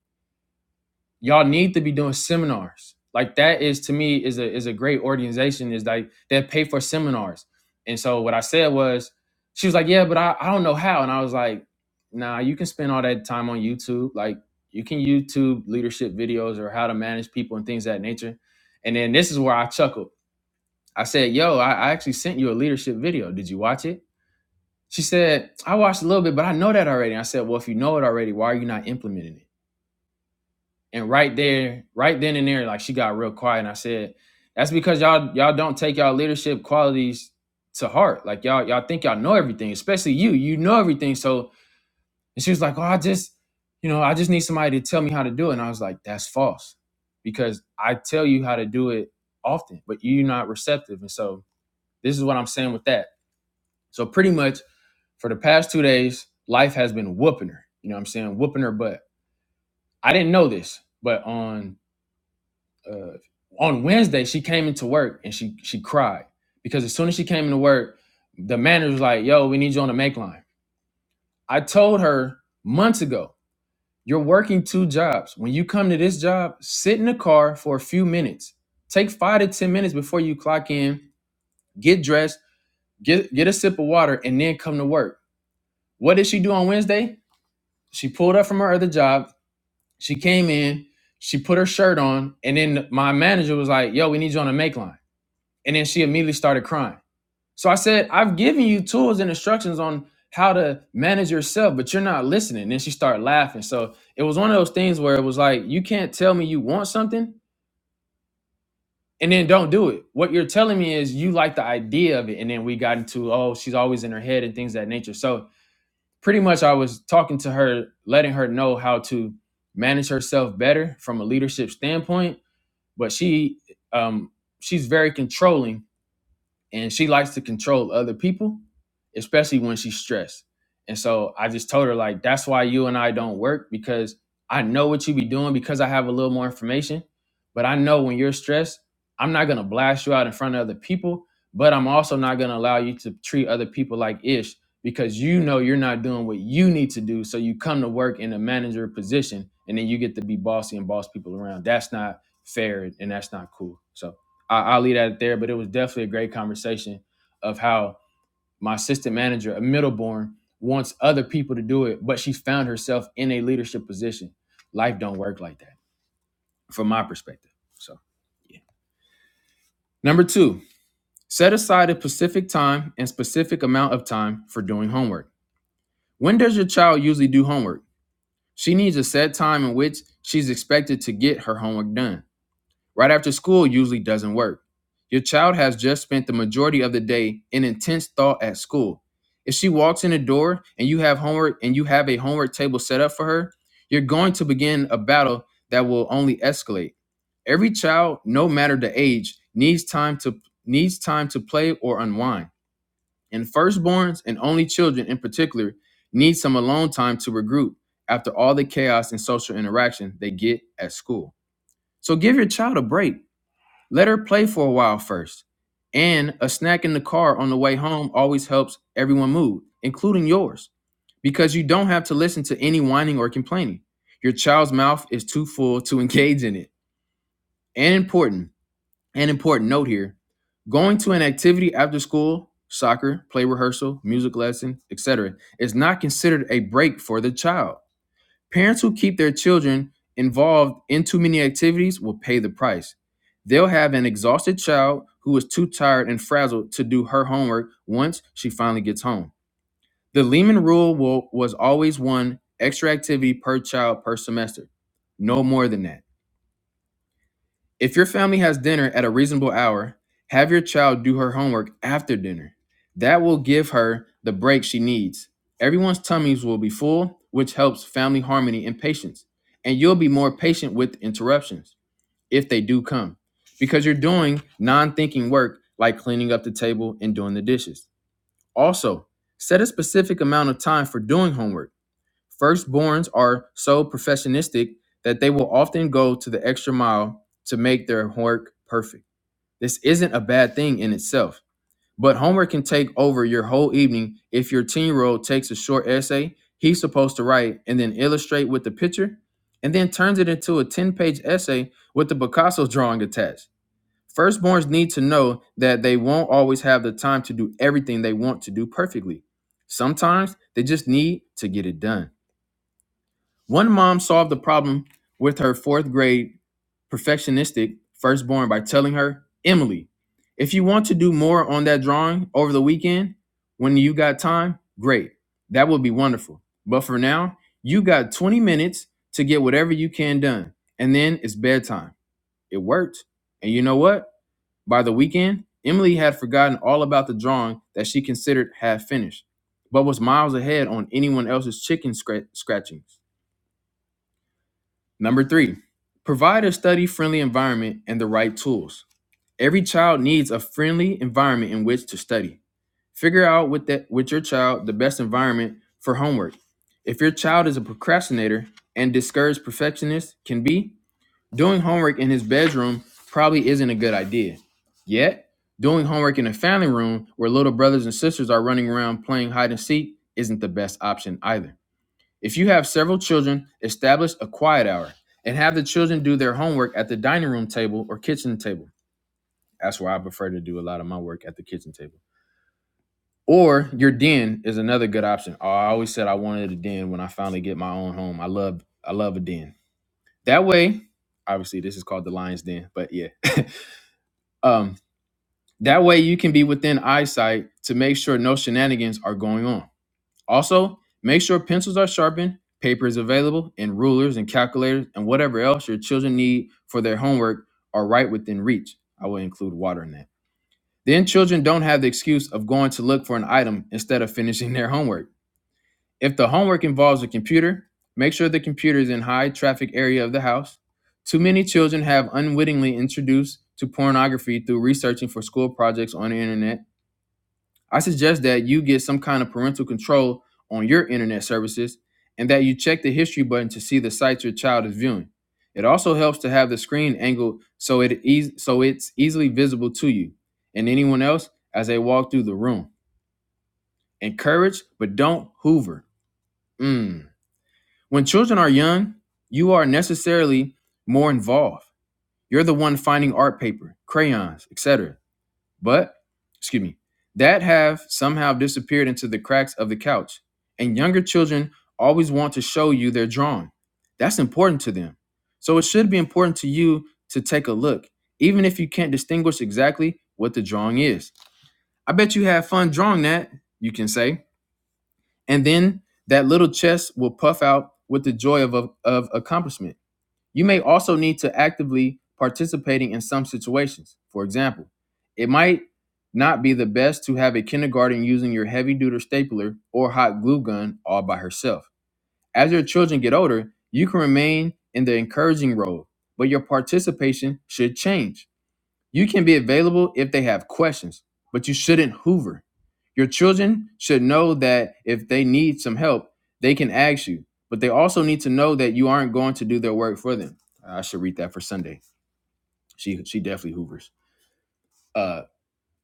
Y'all need to be doing seminars. Like that is to me is a is a great organization, is like they pay for seminars. And so what I said was, she was like, Yeah, but I, I don't know how. And I was like, Nah, you can spend all that time on YouTube. Like you can YouTube leadership videos or how to manage people and things of that nature. And then this is where I chuckled. I said, Yo, I, I actually sent you a leadership video. Did you watch it? She said, I watched a little bit, but I know that already. And I said, Well, if you know it already, why are you not implementing it? And right there, right then and there, like she got real quiet. And I said, That's because y'all y'all don't take y'all leadership qualities to heart. Like y'all, y'all think y'all know everything, especially you. You know everything. So and she was like, Oh, I just, you know, I just need somebody to tell me how to do it. And I was like, That's false. Because I tell you how to do it often, but you're not receptive. And so this is what I'm saying with that. So pretty much For the past two days, life has been whooping her. You know what I'm saying? Whooping her butt. I didn't know this, but on uh, on Wednesday, she came into work and she she cried because as soon as she came into work, the manager was like, "Yo, we need you on the make line." I told her months ago, "You're working two jobs. When you come to this job, sit in the car for a few minutes. Take five to ten minutes before you clock in. Get dressed, get get a sip of water, and then come to work." What did she do on Wednesday? She pulled up from her other job She came in, she put her shirt on, and then my manager was like, "Yo, we need you on a make line." And then she immediately started crying. So I said, "I've given you tools and instructions on how to manage yourself, but you're not listening." And then she started laughing. So it was one of those things where it was like, "You can't tell me you want something and then don't do it. What you're telling me is you like the idea of it." And then we got into, "Oh, she's always in her head and things of that nature." So pretty much I was talking to her, letting her know how to manage herself better from a leadership standpoint but she um she's very controlling and she likes to control other people, especially when she's stressed. And so I just told her like that's why you and I don't work because I know what you be doing because I have a little more information, but I know when you're stressed, I'm not going to blast you out in front of other people, but I'm also not going to allow you to treat other people like ish because you know you're not doing what you need to do so you come to work in a manager position and then you get to be bossy and boss people around. That's not fair and that's not cool. So I, I'll leave that there, but it was definitely a great conversation of how my assistant manager, a middleborn, wants other people to do it, but she found herself in a leadership position. Life don't work like that, from my perspective. So, yeah. Number two, set aside a specific time and specific amount of time for doing homework. When does your child usually do homework? She needs a set time in which she's expected to get her homework done. right after school usually doesn't work. Your child has just spent the majority of the day in intense thought at school. If she walks in the door and you have homework and you have a homework table set up for her, you're going to begin a battle that will only escalate. Every child, no matter the age, needs time to needs time to play or unwind. And firstborns and only children in particular need some alone time to regroup after all the chaos and social interaction they get at school. So give your child a break. Let her play for a while first. And a snack in the car on the way home always helps everyone move, including yours, because you don't have to listen to any whining or complaining. Your child's mouth is too full to engage in it. And important, an important note here going to an activity after school, soccer, play rehearsal, music lesson, etc., is not considered a break for the child. Parents who keep their children involved in too many activities will pay the price. They'll have an exhausted child who is too tired and frazzled to do her homework once she finally gets home. The Lehman rule will, was always one extra activity per child per semester, no more than that. If your family has dinner at a reasonable hour, have your child do her homework after dinner. That will give her the break she needs. Everyone's tummies will be full, which helps family harmony and patience. And you'll be more patient with interruptions if they do come because you're doing non thinking work like cleaning up the table and doing the dishes. Also, set a specific amount of time for doing homework Firstborns are so perfectionistic that they will often go to the extra mile to make their work perfect. This isn't a bad thing in itself, but homework can take over your whole evening if your 10 year old takes a short essay he's supposed to write and then illustrate with the picture and then turns it into a 10 page essay with the Picasso drawing attached. Firstborns need to know that they won't always have the time to do everything they want to do perfectly. Sometimes they just need to get it done. One mom solved the problem with her fourth grade perfectionistic firstborn by telling her, Emily, if you want to do more on that drawing over the weekend when you got time, great. That would be wonderful. But for now, you got 20 minutes to get whatever you can done. And then it's bedtime. It worked. And you know what? By the weekend, Emily had forgotten all about the drawing that she considered half finished, but was miles ahead on anyone else's chicken scra- scratchings. Number three, provide a study friendly environment and the right tools. Every child needs a friendly environment in which to study. Figure out with that with your child the best environment for homework. If your child is a procrastinator and discouraged perfectionist can be, doing homework in his bedroom probably isn't a good idea. Yet, doing homework in a family room where little brothers and sisters are running around playing hide and seek isn't the best option either. If you have several children, establish a quiet hour and have the children do their homework at the dining room table or kitchen table. That's why I prefer to do a lot of my work at the kitchen table. Or your den is another good option. Oh, I always said I wanted a den when I finally get my own home. I love I love a den. That way, obviously this is called the lion's den, but yeah. Um that way you can be within eyesight to make sure no shenanigans are going on. Also, make sure pencils are sharpened, paper is available, and rulers and calculators and whatever else your children need for their homework are right within reach. I will include water in that. Then children don't have the excuse of going to look for an item instead of *laughs* finishing their homework. If the homework involves a computer, make sure the computer is in high traffic area of the house. Too many children have unwittingly introduced to pornography through researching for school projects on the internet I suggest that you get some kind of parental control on your internet services and that you check the history button to see the sites your child is viewing. It also helps to have the screen angled so it eas so it's easily visible to you and anyone else as they walk through the room. Encourage, but don't hoover. Mm. When children are young, you are necessarily more involved. You're the one finding art paper, crayons, etc but excuse me, that have somehow disappeared into the cracks of the couch. And younger children always want to show you their drawing. That's important to them. So it should be important to you to take a look, even if you can't distinguish exactly what the drawing is. I bet you had fun drawing that, you can say. And then that little chest will puff out with the joy of, of of accomplishment. You may also need to actively participating in some situations. For example, it might not be the best to have a kindergarten using your heavy duty stapler or hot glue gun all by herself. As your children get older, you can remain in the encouraging role, but your participation should change. You can be available if they have questions, but you shouldn't hoover. Your children should know that if they need some help, they can ask you, but they also need to know that you aren't going to do their work for them. I should read that for Sunday. She she definitely hoovers. Uh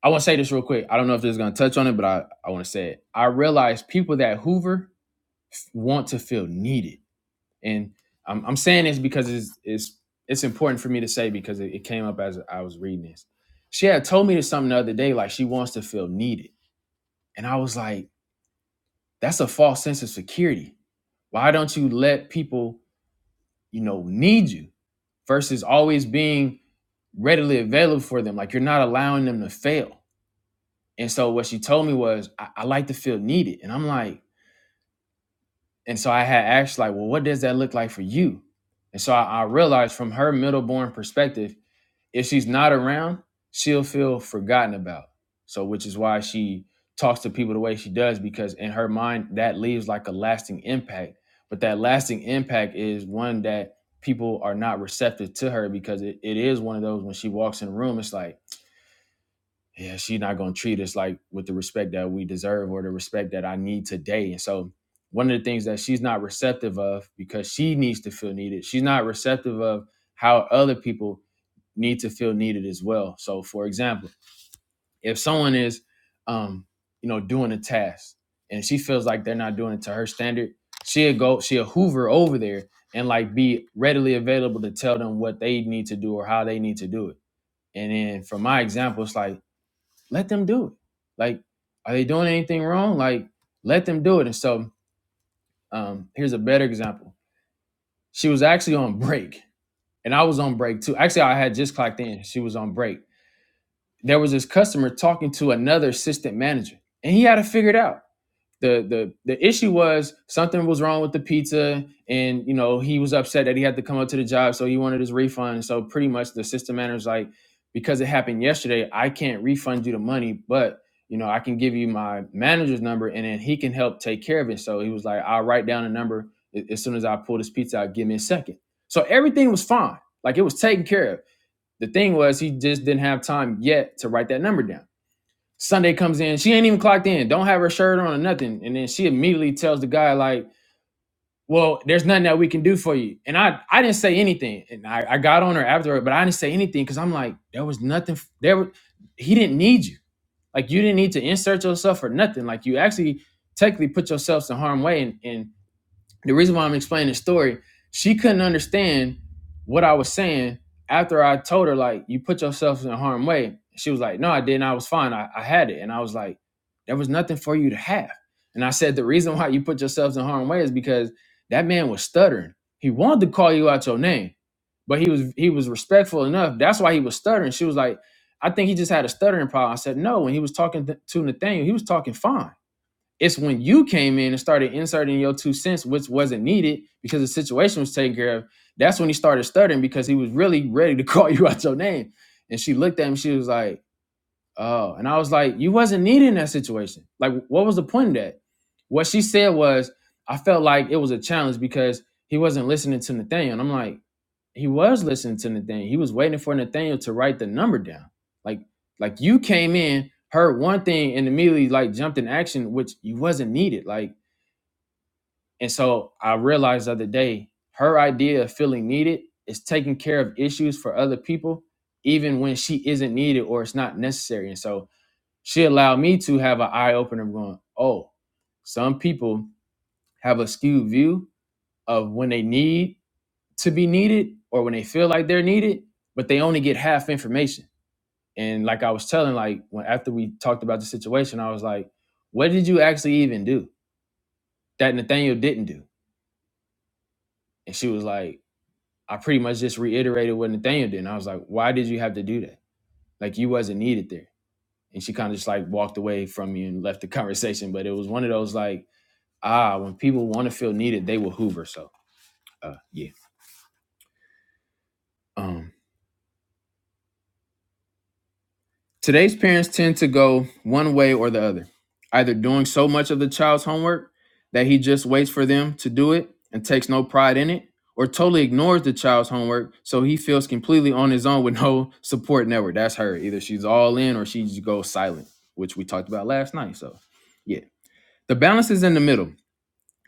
I want to say this real quick. I don't know if this is going to touch on it, but I, I want to say it. I realize people that hoover want to feel needed and I'm, I'm saying this because it's it's it's important for me to say because it, it came up as I was reading this. She had told me this something the other day, like she wants to feel needed, and I was like, that's a false sense of security. Why don't you let people, you know, need you versus always being readily available for them? Like you're not allowing them to fail. And so what she told me was, I, I like to feel needed, and I'm like, and so I had asked like, well, what does that look like for you? And so I, I realized from her middleborn perspective if she's not around, she'll feel forgotten about. So, which is why she talks to people the way she does, because in her mind, that leaves like a lasting impact. But that lasting impact is one that people are not receptive to her because it, it is one of those when she walks in the room, it's like, yeah, she's not going to treat us like with the respect that we deserve or the respect that I need today. And so, one of the things that she's not receptive of because she needs to feel needed, she's not receptive of how other people need to feel needed as well. So, for example, if someone is, um, you know, doing a task and she feels like they're not doing it to her standard, she'll go, she'll Hoover over there and like be readily available to tell them what they need to do or how they need to do it. And then from my example, it's like, let them do it. Like, are they doing anything wrong? Like, let them do it. And so, um, here's a better example. She was actually on break and I was on break too. Actually, I had just clocked in. She was on break there was this customer talking to another assistant manager and he had to figure it out the the the issue was something was wrong with the pizza and you know he was upset that he had to come up to the job so he wanted his refund so pretty much the assistant manager's like because it happened yesterday i can't refund you the money but you know i can give you my manager's number and then he can help take care of it so he was like i'll write down a number as soon as i pull this pizza out give me a second so everything was fine like it was taken care of the thing was, he just didn't have time yet to write that number down. Sunday comes in, she ain't even clocked in, don't have her shirt on or nothing. And then she immediately tells the guy, like, well, there's nothing that we can do for you. And I, I didn't say anything. And I, I got on her after her, but I didn't say anything because I'm like, there was nothing. There, wa- he didn't need you. Like, you didn't need to insert yourself or nothing. Like, you actually technically put yourselves in harm's way. And, and the reason why I'm explaining the story, she couldn't understand what I was saying after I told her, like, you put yourself in harm's way. She was like, no, I didn't. I was fine. I, I had it. And I was like, there was nothing for you to have. And I said, the reason why you put yourselves in harm's way is because that man was stuttering. He wanted to call you out your name, but he was he was respectful enough. That's why he was stuttering. She was like, I think he just had a stuttering problem. I said, no, when he was talking th- to Nathaniel, he was talking fine. It's when you came in and started inserting your two cents, which wasn't needed because the situation was taken care of. That's when he started stuttering because he was really ready to *laughs* call you out your name. And she looked at him, she was like, Oh, and I was like, You wasn't needed in that situation. Like, what was the point of that? What she said was, I felt like it was a challenge because he wasn't listening to Nathaniel. And I'm like, he was listening to Nathaniel. He was waiting for Nathaniel to write the number down. Like like you came in, heard one thing, and immediately like jumped in action, which you wasn't needed. Like and so I realized the other day, her idea of feeling needed is taking care of issues for other people, even when she isn't needed or it's not necessary. And so she allowed me to have an eye opener of going, oh, some people have a skewed view of when they need to be needed or when they feel like they're needed, but they only get half information. And like I was telling, like when after we talked about the situation, I was like, "What did you actually even do that Nathaniel didn't do?" And she was like, "I pretty much just reiterated what Nathaniel did." And I was like, "Why did you have to do that? Like you wasn't needed there." And she kind of just like walked away from me and left the *laughs* conversation. But it was one of those like, ah, when people want to feel needed, they will hoover. So, uh, yeah. Um, Today's parents tend to go one way or the other, either doing so much of the child's homework that he just waits for them to do it and takes no pride in it, or totally ignores the child's homework so he feels completely on his own with no *laughs* support network. That's her. Either she's all in or she just goes silent, which we talked about last night. So, yeah. The balance is in the middle.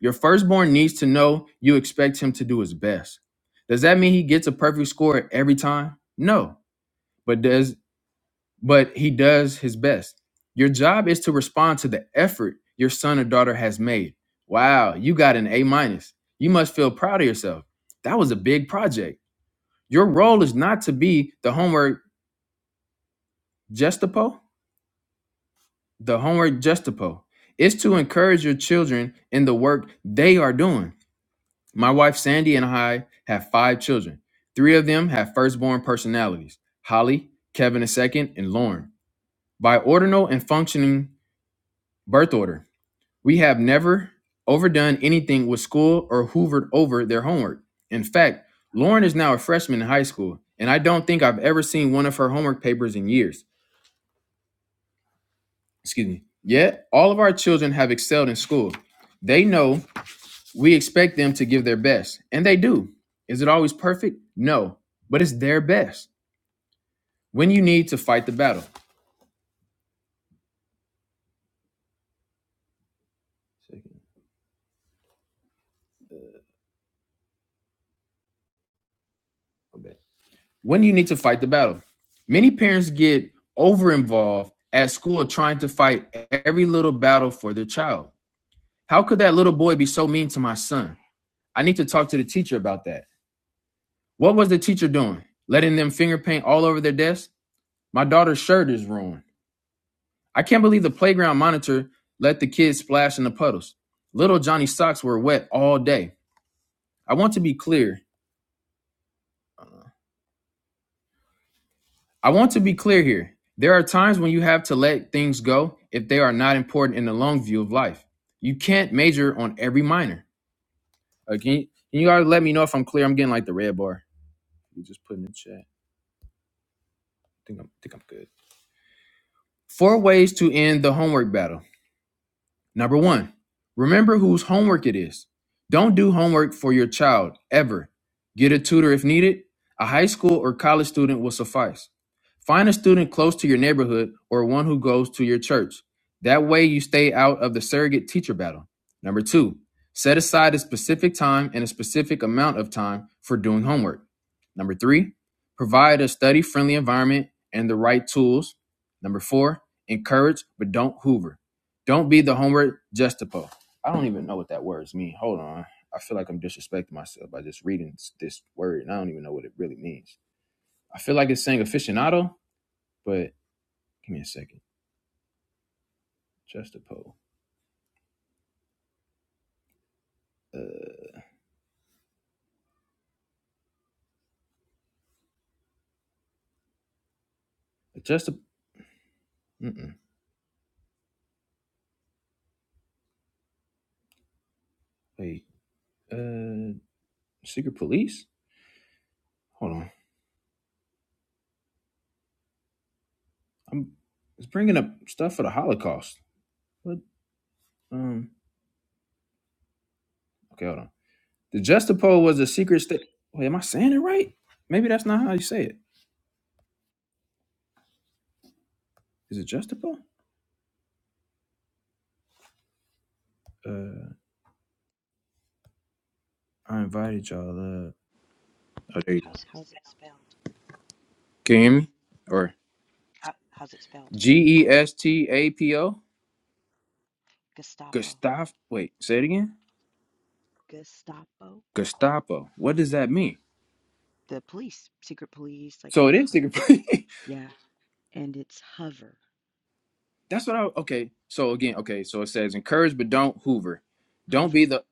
Your firstborn needs to know you expect him to do his best. Does that mean he gets a perfect score every time? No. But does but he does his best. Your job is to respond to the effort your son or daughter has made. Wow, you got an A minus. You must feel proud of yourself. That was a big project. Your role is not to be the homework gestapo, the homework gestapo. It's to encourage your children in the work they are doing. My wife Sandy and I have five children. Three of them have firstborn personalities: Holly, Kevin the second, and Lauren. Biordinal and functioning birth order. We have never overdone anything with school or hoovered over their homework. In fact, Lauren is now a freshman in high school, and I don't think I've ever seen one of her homework papers in years. Excuse me. Yet, all of our children have excelled in school. They know we expect them to give their best, and they do. Is it always perfect? No, but it's their best. When you need to fight the battle. when you need to fight the battle. Many parents get over involved at school trying to fight every little battle for their child. How could that little boy be so mean to my son? I need to talk to the teacher about that. What was the teacher doing? Letting them finger paint all over their desk? My daughter's shirt is ruined. I can't believe the playground monitor let the kids splash in the puddles. Little Johnny's socks were wet all day. I want to be clear I want to be clear here. There are times when you have to let things go if they are not important in the long view of life. You can't major on every minor. Uh, can, you, can you guys let me know if I'm clear? I'm getting like the red bar. You just put in the chat. I think I'm, I think I'm good. Four ways to end the homework battle. Number one, remember whose homework it is. Don't do homework for your child, ever. Get a tutor if needed. A high school or college student will suffice. Find a student close to your neighborhood or one who goes to your church. That way, you stay out of the surrogate teacher battle. Number two, set aside a specific time and a specific amount of time for doing homework. Number three, provide a study friendly environment and the right tools. Number four, encourage but don't hoover. Don't be the homeward Justipo. I don't even know what that word means. Hold on. I feel like I'm disrespecting myself by just reading this word, and I don't even know what it really means. I feel like it's saying aficionado, but give me a second. Justipo. Uh, just Mm-mm. Wait. Uh, secret police. Hold on. I'm. It's bringing up stuff for the Holocaust. What? Um. Okay, hold on. The Justipo was a secret state. Wait, am I saying it right? Maybe that's not how you say it. Is it Justipo? Uh, I invited y'all up. Oh, there you go. How's it spelled? Can you hear me? Or How, how's it spelled? G E S T A P O? Gestapo. Gestapo. Wait, say it again. Gestapo? Gestapo. What does that mean? The police, secret police, like So your it is hub. secret. *laughs* Yeah. And it's hover, That's what I. Okay. So again, okay. So it says encourage, but don't hoover. Don't be hover, the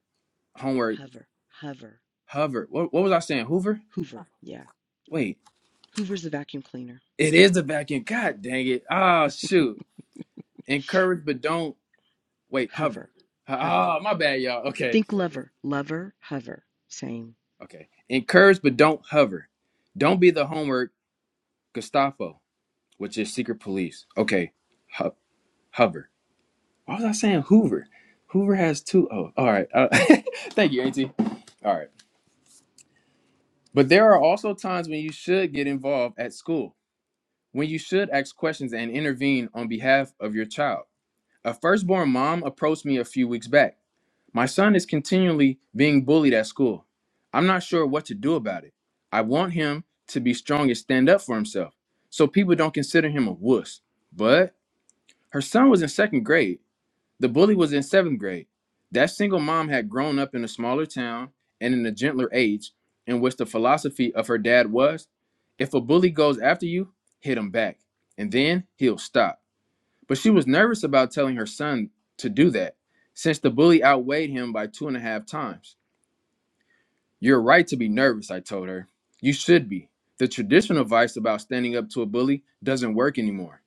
homework hover, hover. hover. What, what was I saying? Hoover? Hoover. Yeah. Wait. Hoover's the vacuum cleaner. It is the back end. God dang it. Ah, shoot. Encourage, but don't. Wait, hover. Hover, hover. Ah, ah, my bad, y'all. Okay. Think lover, lover, hover. Same. Okay. Encourage, but don't hover. Don't be the homework Gestapo. which is secret police. Okay, Ho- Hover. Why was I saying Hoover? Hoover has two. Oh, all right. Uh, *laughs* thank you, Auntie. All right. But there are also times when you should get involved at school, when you should ask questions and intervene on behalf of your child. A firstborn mom approached me a few weeks back. My son is continually being bullied at school. I'm not sure what to do about it. I want him to be strong and stand up for himself so people don't consider him a wuss. But her son was in second grade The bully was in seventh grade. That single mom had grown up in a smaller town and in a gentler age, in which the philosophy of her dad was if a bully goes after you, hit him back, and then he'll stop. But she was nervous about telling her son to do that, since the bully outweighed him by two and a half times. You're right to be nervous, I told her. You should be. The traditional advice about standing up to a bully doesn't work anymore.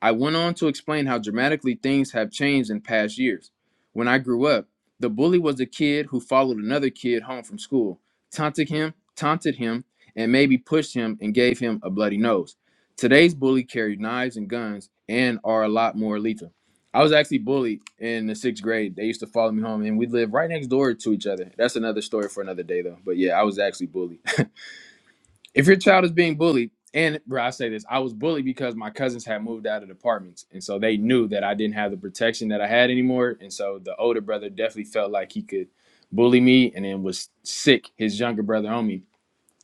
I went on to explain how dramatically things have changed in past years. When I grew up, the bully was a kid who followed another kid home from school, taunted him, taunted him, and maybe pushed him and gave him a bloody nose. Today's bully carry knives and guns and are a lot more lethal. I was actually bullied in the sixth grade. They used to follow me home, and we lived right next door to each other. That's another story for another day, though. But yeah, I was actually bullied. If your child is being bullied, and bro, I say this, I was bullied because my cousins had moved out of the apartments, and so they knew that I didn't have the protection that I had anymore, and so the older brother definitely felt like he could bully me, and then was sick his younger brother on me.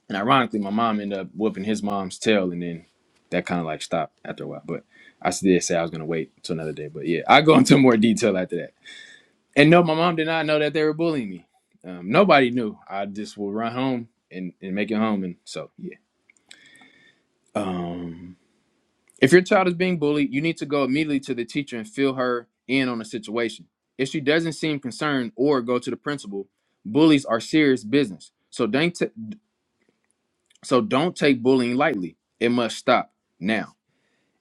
And ironically, my mom ended up whooping his mom's tail, and then that kind of like stopped after a while. But I did say I was gonna wait till another day, but yeah, I go *laughs* into more detail after that. And no, my mom did not know that they were bullying me. Um, nobody knew. I just would run home and, and make it home, and so yeah. Um, if your child is being bullied, you need to go immediately to the teacher and fill her in on the situation. If she doesn't seem concerned or go to the principal, bullies are serious business. So don't t- so don't take bullying lightly. It must stop now.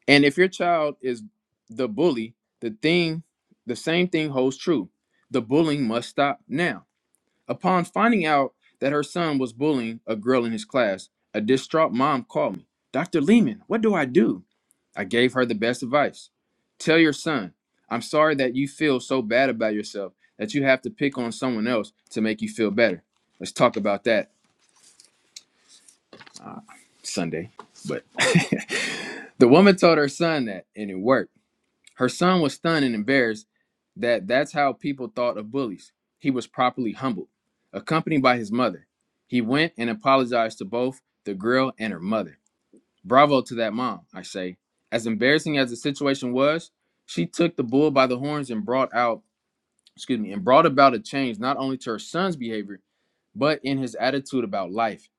And if your child is the bully, the thing the same thing holds true. The bullying must stop now. Upon finding out that her son was bullying a girl in his class, a distraught mom called me. Dr. Lehman, what do I do? I gave her the best advice. Tell your son, I'm sorry that you feel so bad about yourself that you have to pick on someone else to make you feel better. Let's talk about that uh, Sunday. But *laughs* the woman told her son that, and it worked. Her son was stunned and embarrassed that that's how people thought of bullies. He was properly humbled, accompanied by his mother. He went and apologized to both the girl and her mother. Bravo to that mom, I say. As embarrassing as the situation was, she took the bull by the horns and brought out, excuse me, and brought about a change not only to her son's behavior, but in his attitude about life.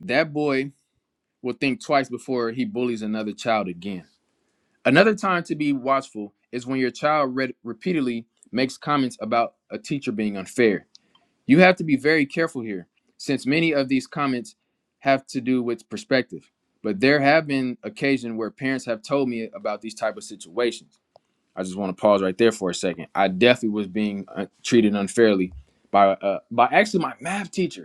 That boy will think twice before he bullies another child again. Another time to be watchful is when your child re- repeatedly makes comments about a teacher being unfair. You have to be very careful here, since many of these comments have to do with perspective. But there have been occasions where parents have told me about these type of situations. I just want to pause right there for a second. I definitely was being uh, treated unfairly by uh, by actually my math teacher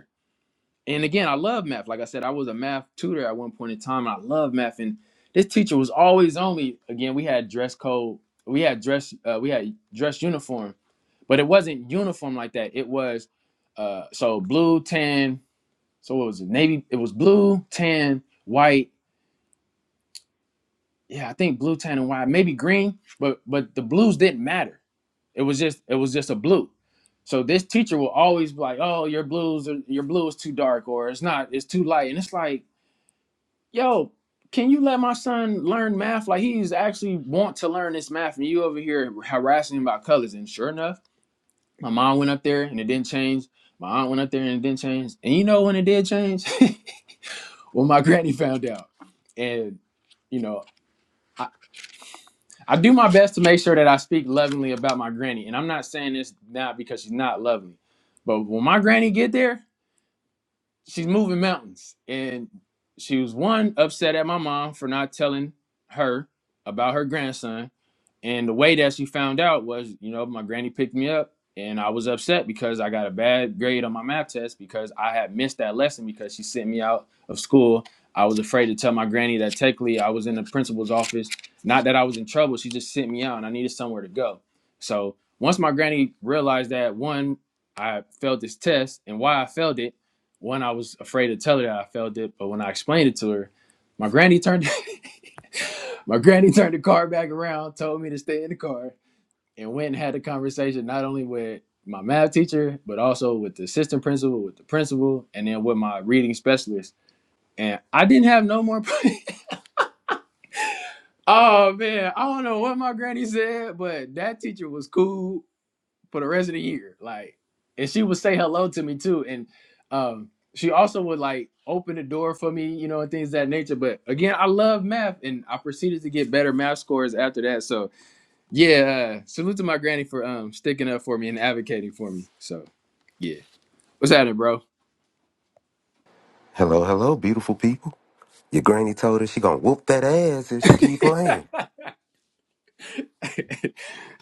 and again, I love math. Like I said, I was a math tutor at one point in time, and I love math. And this teacher was always only again. We had dress code. We had dress. Uh, we had dress uniform, but it wasn't uniform like that. It was uh, so blue, tan. So it was navy. It was blue, tan, white. Yeah, I think blue, tan, and white. Maybe green, but but the blues didn't matter. It was just it was just a blue. So this teacher will always be like, "Oh, your blues, are, your blue is too dark, or it's not, it's too light," and it's like yo, can you let my son learn math? Like he's actually want to learn this math, and you over here harassing him about colors. And sure enough, my mom went up there and it didn't change. My aunt went up there and it didn't change. And you know when it did change? *laughs* when my granny found out. And you know, I, I do my best to make sure that I speak lovingly about my granny. And I'm not saying this not because she's not lovely, but when my granny get there. she's moving mountains and she was one upset at my mom for not telling her about her grandson and the way that she found out was you know my granny picked me up and i was upset because i got a bad grade on my math test because i had missed that lesson because she sent me out of school i was afraid to tell my granny that technically i was in the principal's office not that i was in trouble she just sent me out and i needed somewhere to go so once my granny realized that one i failed this test and why i failed it one, I was afraid to tell her that I felt it, but when I explained it to her, my granny turned *laughs* my granny turned the car back around, told me to stay in the car, and went and had a conversation not only with my math teacher, but also with the assistant principal, with the principal, and then with my reading specialist. And I didn't have no more. *laughs* oh man, I don't know what my granny said, but that teacher was cool. for the rest of the year. Like, and she would say hello to me too. And um, she also would like open the door for me, you know, and things of that nature. But again, I love math, and I proceeded to get better math scores after that. So yeah, uh, salute to my granny for um sticking up for me and advocating for me. So yeah, what's happening, bro? Hello, hello, beautiful people. Your granny told her she gonna whoop that ass if she keep *laughs* playing.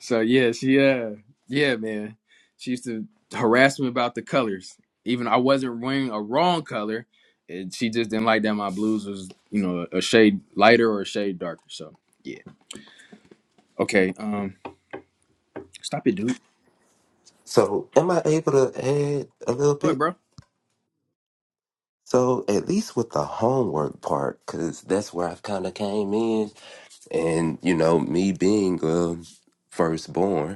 So yeah, she uh yeah, man. She used to harass me about the colors. Even I wasn't wearing a wrong color. And she just didn't like that my blues was, you know, a shade lighter or a shade darker. So yeah. Okay. Um stop it, dude. So, am I able to add a little What, bit? bro. So, at least with the homework part, cause that's where I've kind of came in, and you know, me being uh, firstborn,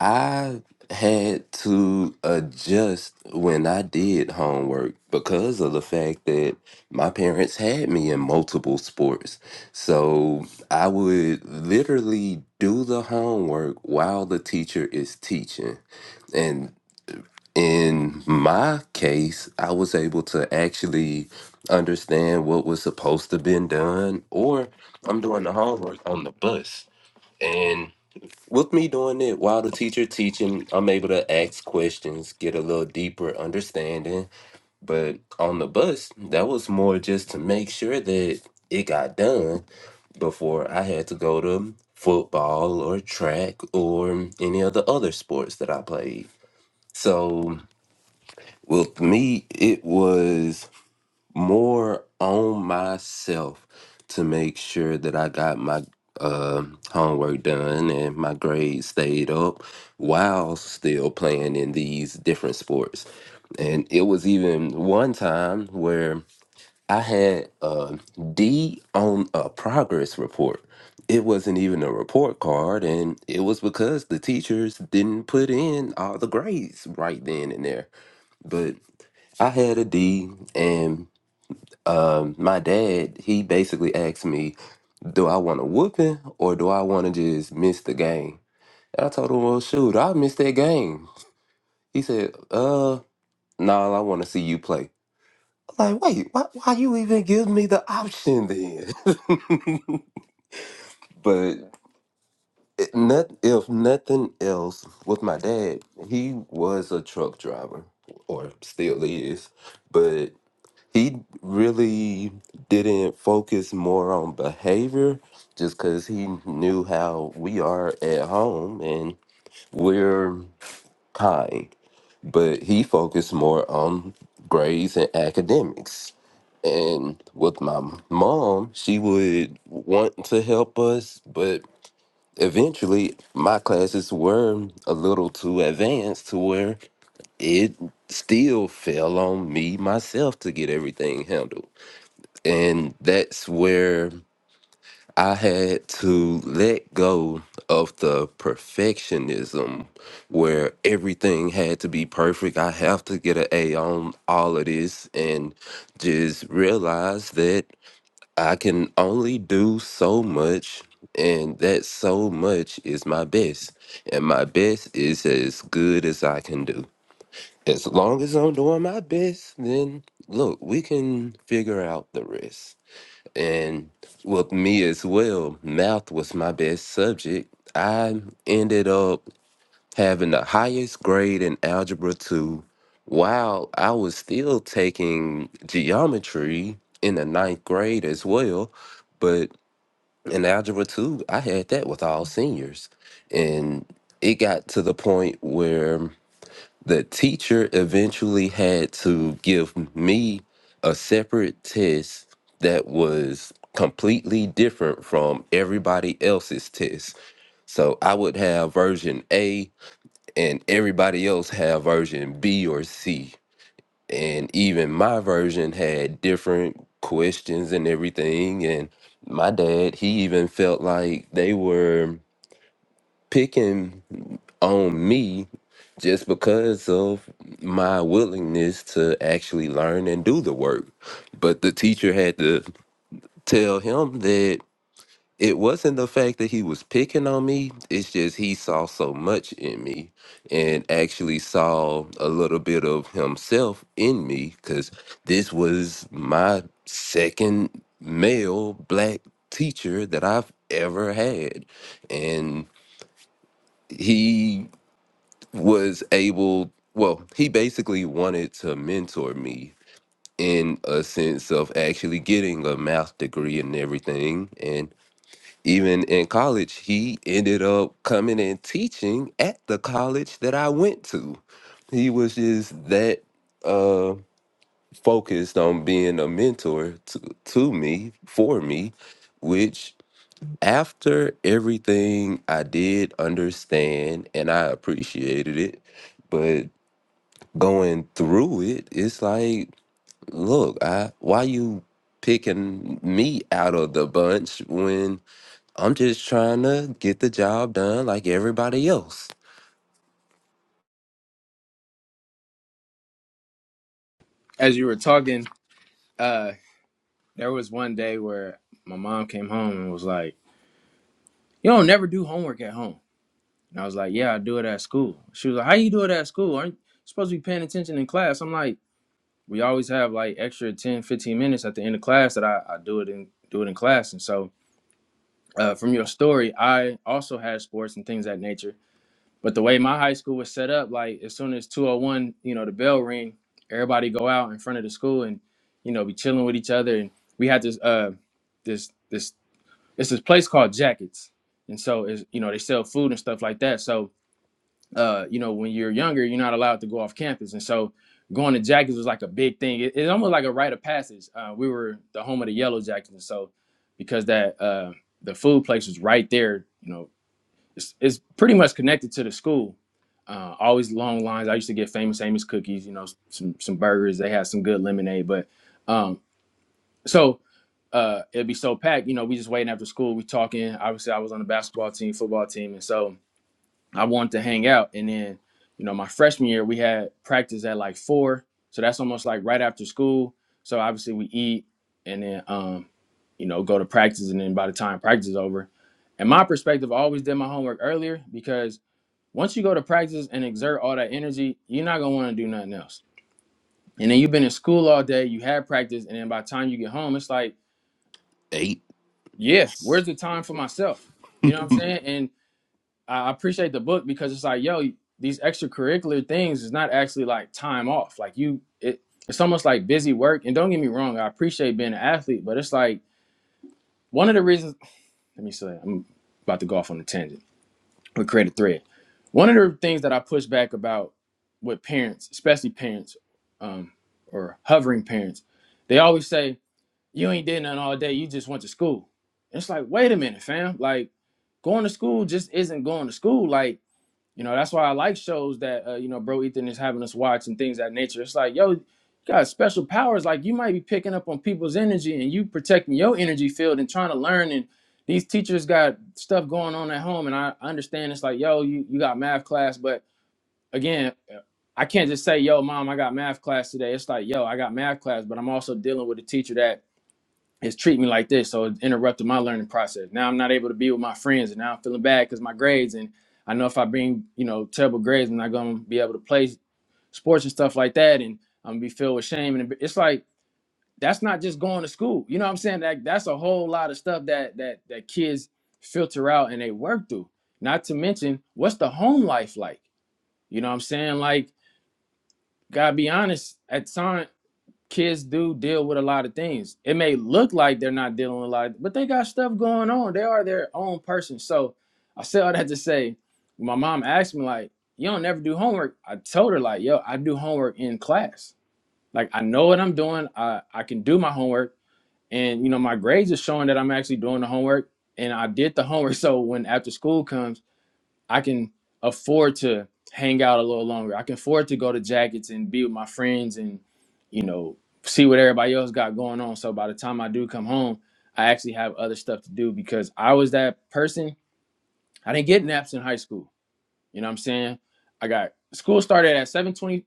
I had to adjust when I did homework because of the fact that my parents had me in multiple sports. So I would literally do the homework while the teacher is teaching. And in my case, I was able to actually understand what was supposed to been done, or I'm doing the homework on the bus. With me doing it while the teacher teaching, I'm able to ask questions, get a little deeper understanding. But on the bus, that was more just to make sure that it got done before I had to go to football or track or any of the other sports that I played. So with me, it was more on myself to make sure that I got my uh, homework done and my grades stayed up while still playing in these different sports. And it was even one time where I had a D on a progress report. It wasn't even a report card, and it was because the teachers didn't put in all the grades right then and there. But I had a D, and um, my dad, he basically asked me, do I want a whooping or do I want to just miss the game? And I told him, well, shoot, I missed that game. He said, uh, nah, I want to see you play. I'm like, wait, why, why you even give me the option then? *laughs* but it, not, if nothing else, with my dad, he was a truck driver or still is. But he really didn't focus more on behavior just because he knew how we are at home and we're kind. But he focused more on grades and academics. And with my mom, she would want to help us, but eventually my classes were a little too advanced to where it still fell on me myself to get everything handled. And that's where I had to let go of the perfectionism where everything had to be perfect. I have to get an A on all of this and just realize that I can only do so much and that so much is my best. And my best is as good as I can do. As long as I'm doing my best, then look, we can figure out the rest. And with me as well, math was my best subject. I ended up having the highest grade in Algebra 2 while I was still taking geometry in the ninth grade as well. But in Algebra 2, I had that with all seniors. And it got to the point where the teacher eventually had to give me a separate test that was completely different from everybody else's test. So I would have version A and everybody else have version B or C. And even my version had different questions and everything and my dad, he even felt like they were picking on me just because of my willingness to actually learn and do the work. But the teacher had to tell him that it wasn't the fact that he was picking on me, it's just he saw so much in me and actually saw a little bit of himself in me because this was my second male black teacher that I've ever had. And he was able well he basically wanted to mentor me in a sense of actually getting a math degree and everything and even in college he ended up coming and teaching at the college that i went to he was just that uh focused on being a mentor to, to me for me which after everything i did understand and i appreciated it but going through it, it's like, look, I why you picking me out of the bunch when I'm just trying to get the job done like everybody else. As you were talking, uh there was one day where my mom came home and was like, You don't never do homework at home. And I was like, Yeah, I do it at school. She was like, How you do it at school? Aren't you supposed to be paying attention in class? I'm like, we always have like extra 10 15 minutes at the end of class that i, I do it in do it in class and so uh, from your story i also had sports and things of that nature but the way my high school was set up like as soon as 201 you know the bell ring everybody go out in front of the school and you know be chilling with each other and we had this uh this this it's this place called jackets and so it's you know they sell food and stuff like that so uh, you know, when you're younger, you're not allowed to go off campus. And so going to Jackets was like a big thing. It, it's almost like a rite of passage. Uh, we were the home of the Yellow Jackets. And so because that, uh, the food place was right there, you know, it's, it's pretty much connected to the school. Uh, always long lines. I used to get famous, famous cookies, you know, some, some burgers. They had some good lemonade, but, um, so, uh, it'd be so packed, you know, we just waiting after school, we talking, obviously I was on the basketball team, football team. And so, I wanted to hang out. And then, you know, my freshman year we had practice at like four. So that's almost like right after school. So obviously we eat and then um, you know, go to practice and then by the time practice is over. And my perspective I always did my homework earlier because once you go to practice and exert all that energy, you're not gonna wanna do nothing else. And then you've been in school all day, you had practice, and then by the time you get home, it's like, Eight. yeah, where's the time for myself? You know what I'm saying? I appreciate the book because it's like, yo, these extracurricular things is not actually like time off. Like you, it, it's almost like busy work. And don't get me wrong, I appreciate being an athlete, but it's like one of the reasons. Let me say, I'm about to go off on a tangent. but create a thread. One of the things that I push back about with parents, especially parents, um, or hovering parents, they always say, "You ain't did nothing all day. You just went to school." And It's like, wait a minute, fam. Like going to school just isn't going to school. Like you know, that's why I like shows that uh, you know, bro Ethan is having us watch and things of that nature. It's like, yo, you got special powers. Like you might be picking up on people's energy and you protecting your energy field and trying to learn. And these teachers got stuff going on at home. And I I understand it's like, yo, you, you got math class, but again, I can't just say, yo, mom, I got math class today. It's like, yo, I got math class, but I'm also dealing with a teacher that is treat me like this. So it interrupted my learning process. Now I'm not able to be with my friends, and now I'm feeling bad because my grades. And I know if I bring you know terrible grades, I'm not gonna be able to play sports and stuff like that, and I'm gonna be filled with shame. And it's like that's not just going to school. You know what I'm saying? That that's a whole lot of stuff that that that kids filter out and they work through. Not to mention, what's the home life like? You know what I'm saying? Like, gotta be honest. At time kids do deal with a lot of things. It may look like they're not dealing with a lot, but they got stuff going on. They are their own person. So I say all that to say, my mom asked me like, "You don't never do homework." I told her like, "Yo, I do homework in class. Like I know what I'm doing. I I can do my homework, and you know my grades are showing that I'm actually doing the homework, and I did the homework. *laughs* So when after school comes." I can afford to hang out a little longer. I can afford to go to jackets and be with my friends and, you know, see what everybody else got going on. So by the time I do come home, I actually have other stuff to do because I was that person. I didn't get naps in high school. You know what I'm saying? I got school started at 7:25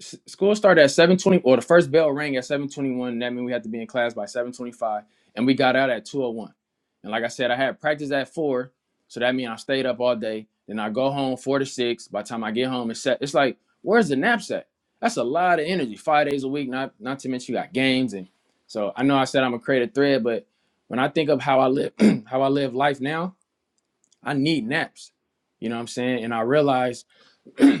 s- school started at 7.20 or the first bell rang at 7.21 that means we had to be in class by 7.25 and we got out at 2.01 and like i said i had practice at 4 so that means i stayed up all day then i go home 4 to 6 by the time i get home it's set it's like where's the knapsack that's a lot of energy five days a week not not to mention you got games and so i know i said i'm a creative thread but when i think of how i live *clears throat* how i live life now i need naps you know what i'm saying and i realize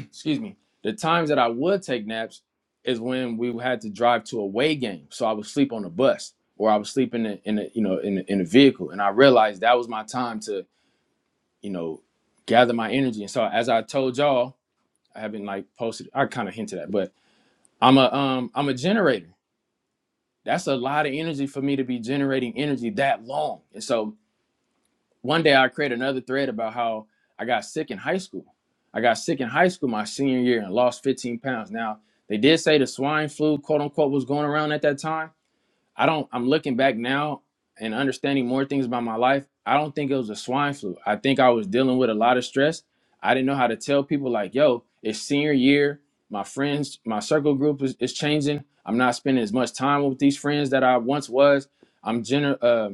excuse me, the times that I would take naps is when we had to drive to a away game. So I would sleep on the bus or I would sleep in the, in the you know, in the, in the vehicle. And I realized that was my time to, you know, gather my energy. And so as I told y'all, I haven't like posted, I kind of hinted at, but I'm a, um, I'm a generator. That's a lot of energy for me to be generating energy that long. And so one day I created another thread about how I got sick in high school. I got sick in high school my senior year and lost 15 pounds. Now they did say the swine flu, quote unquote, was going around at that time. I don't. I'm looking back now and understanding more things about my life. I don't think it was a swine flu. I think I was dealing with a lot of stress. I didn't know how to tell people like, yo, it's senior year. My friends, my circle group is, is changing. I'm not spending as much time with these friends that I once was. I'm general.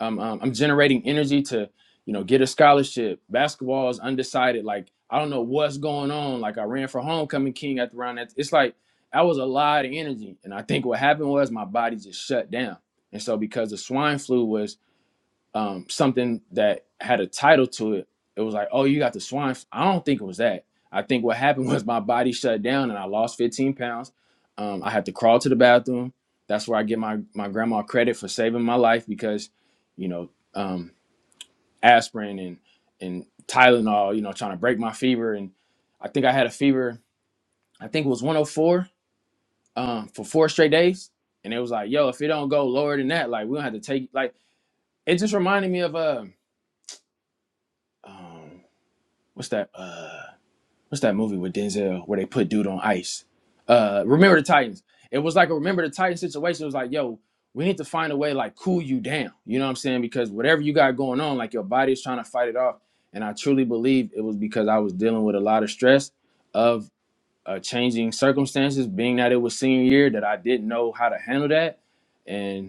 I'm um, I'm generating energy to you know get a scholarship. Basketball is undecided. Like I don't know what's going on. Like I ran for homecoming king at the round. That it's like that was a lot of energy, and I think what happened was my body just shut down. And so because the swine flu was um, something that had a title to it. It was like, oh, you got the swine. I don't think it was that. I think what happened *laughs* was my body shut down and I lost 15 pounds. Um, I had to crawl to the bathroom. That's where I give my, my grandma credit for saving my life because, you know, um, aspirin and, and Tylenol, you know, trying to break my fever. And I think I had a fever, I think it was 104 um, for four straight days. And it was like, yo, if it don't go lower than that, like, we don't have to take, like, it just reminded me of, uh, um, what's that uh what's that movie with Denzel where they put dude on ice? Uh Remember the Titans. It was like a Remember the Titans situation. It was like, yo, we need to find a way to, like cool you down. You know what I'm saying? Because whatever you got going on, like your body is trying to fight it off. And I truly believe it was because I was dealing with a lot of stress of uh, changing circumstances, being that it was senior year that I didn't know how to handle that. and.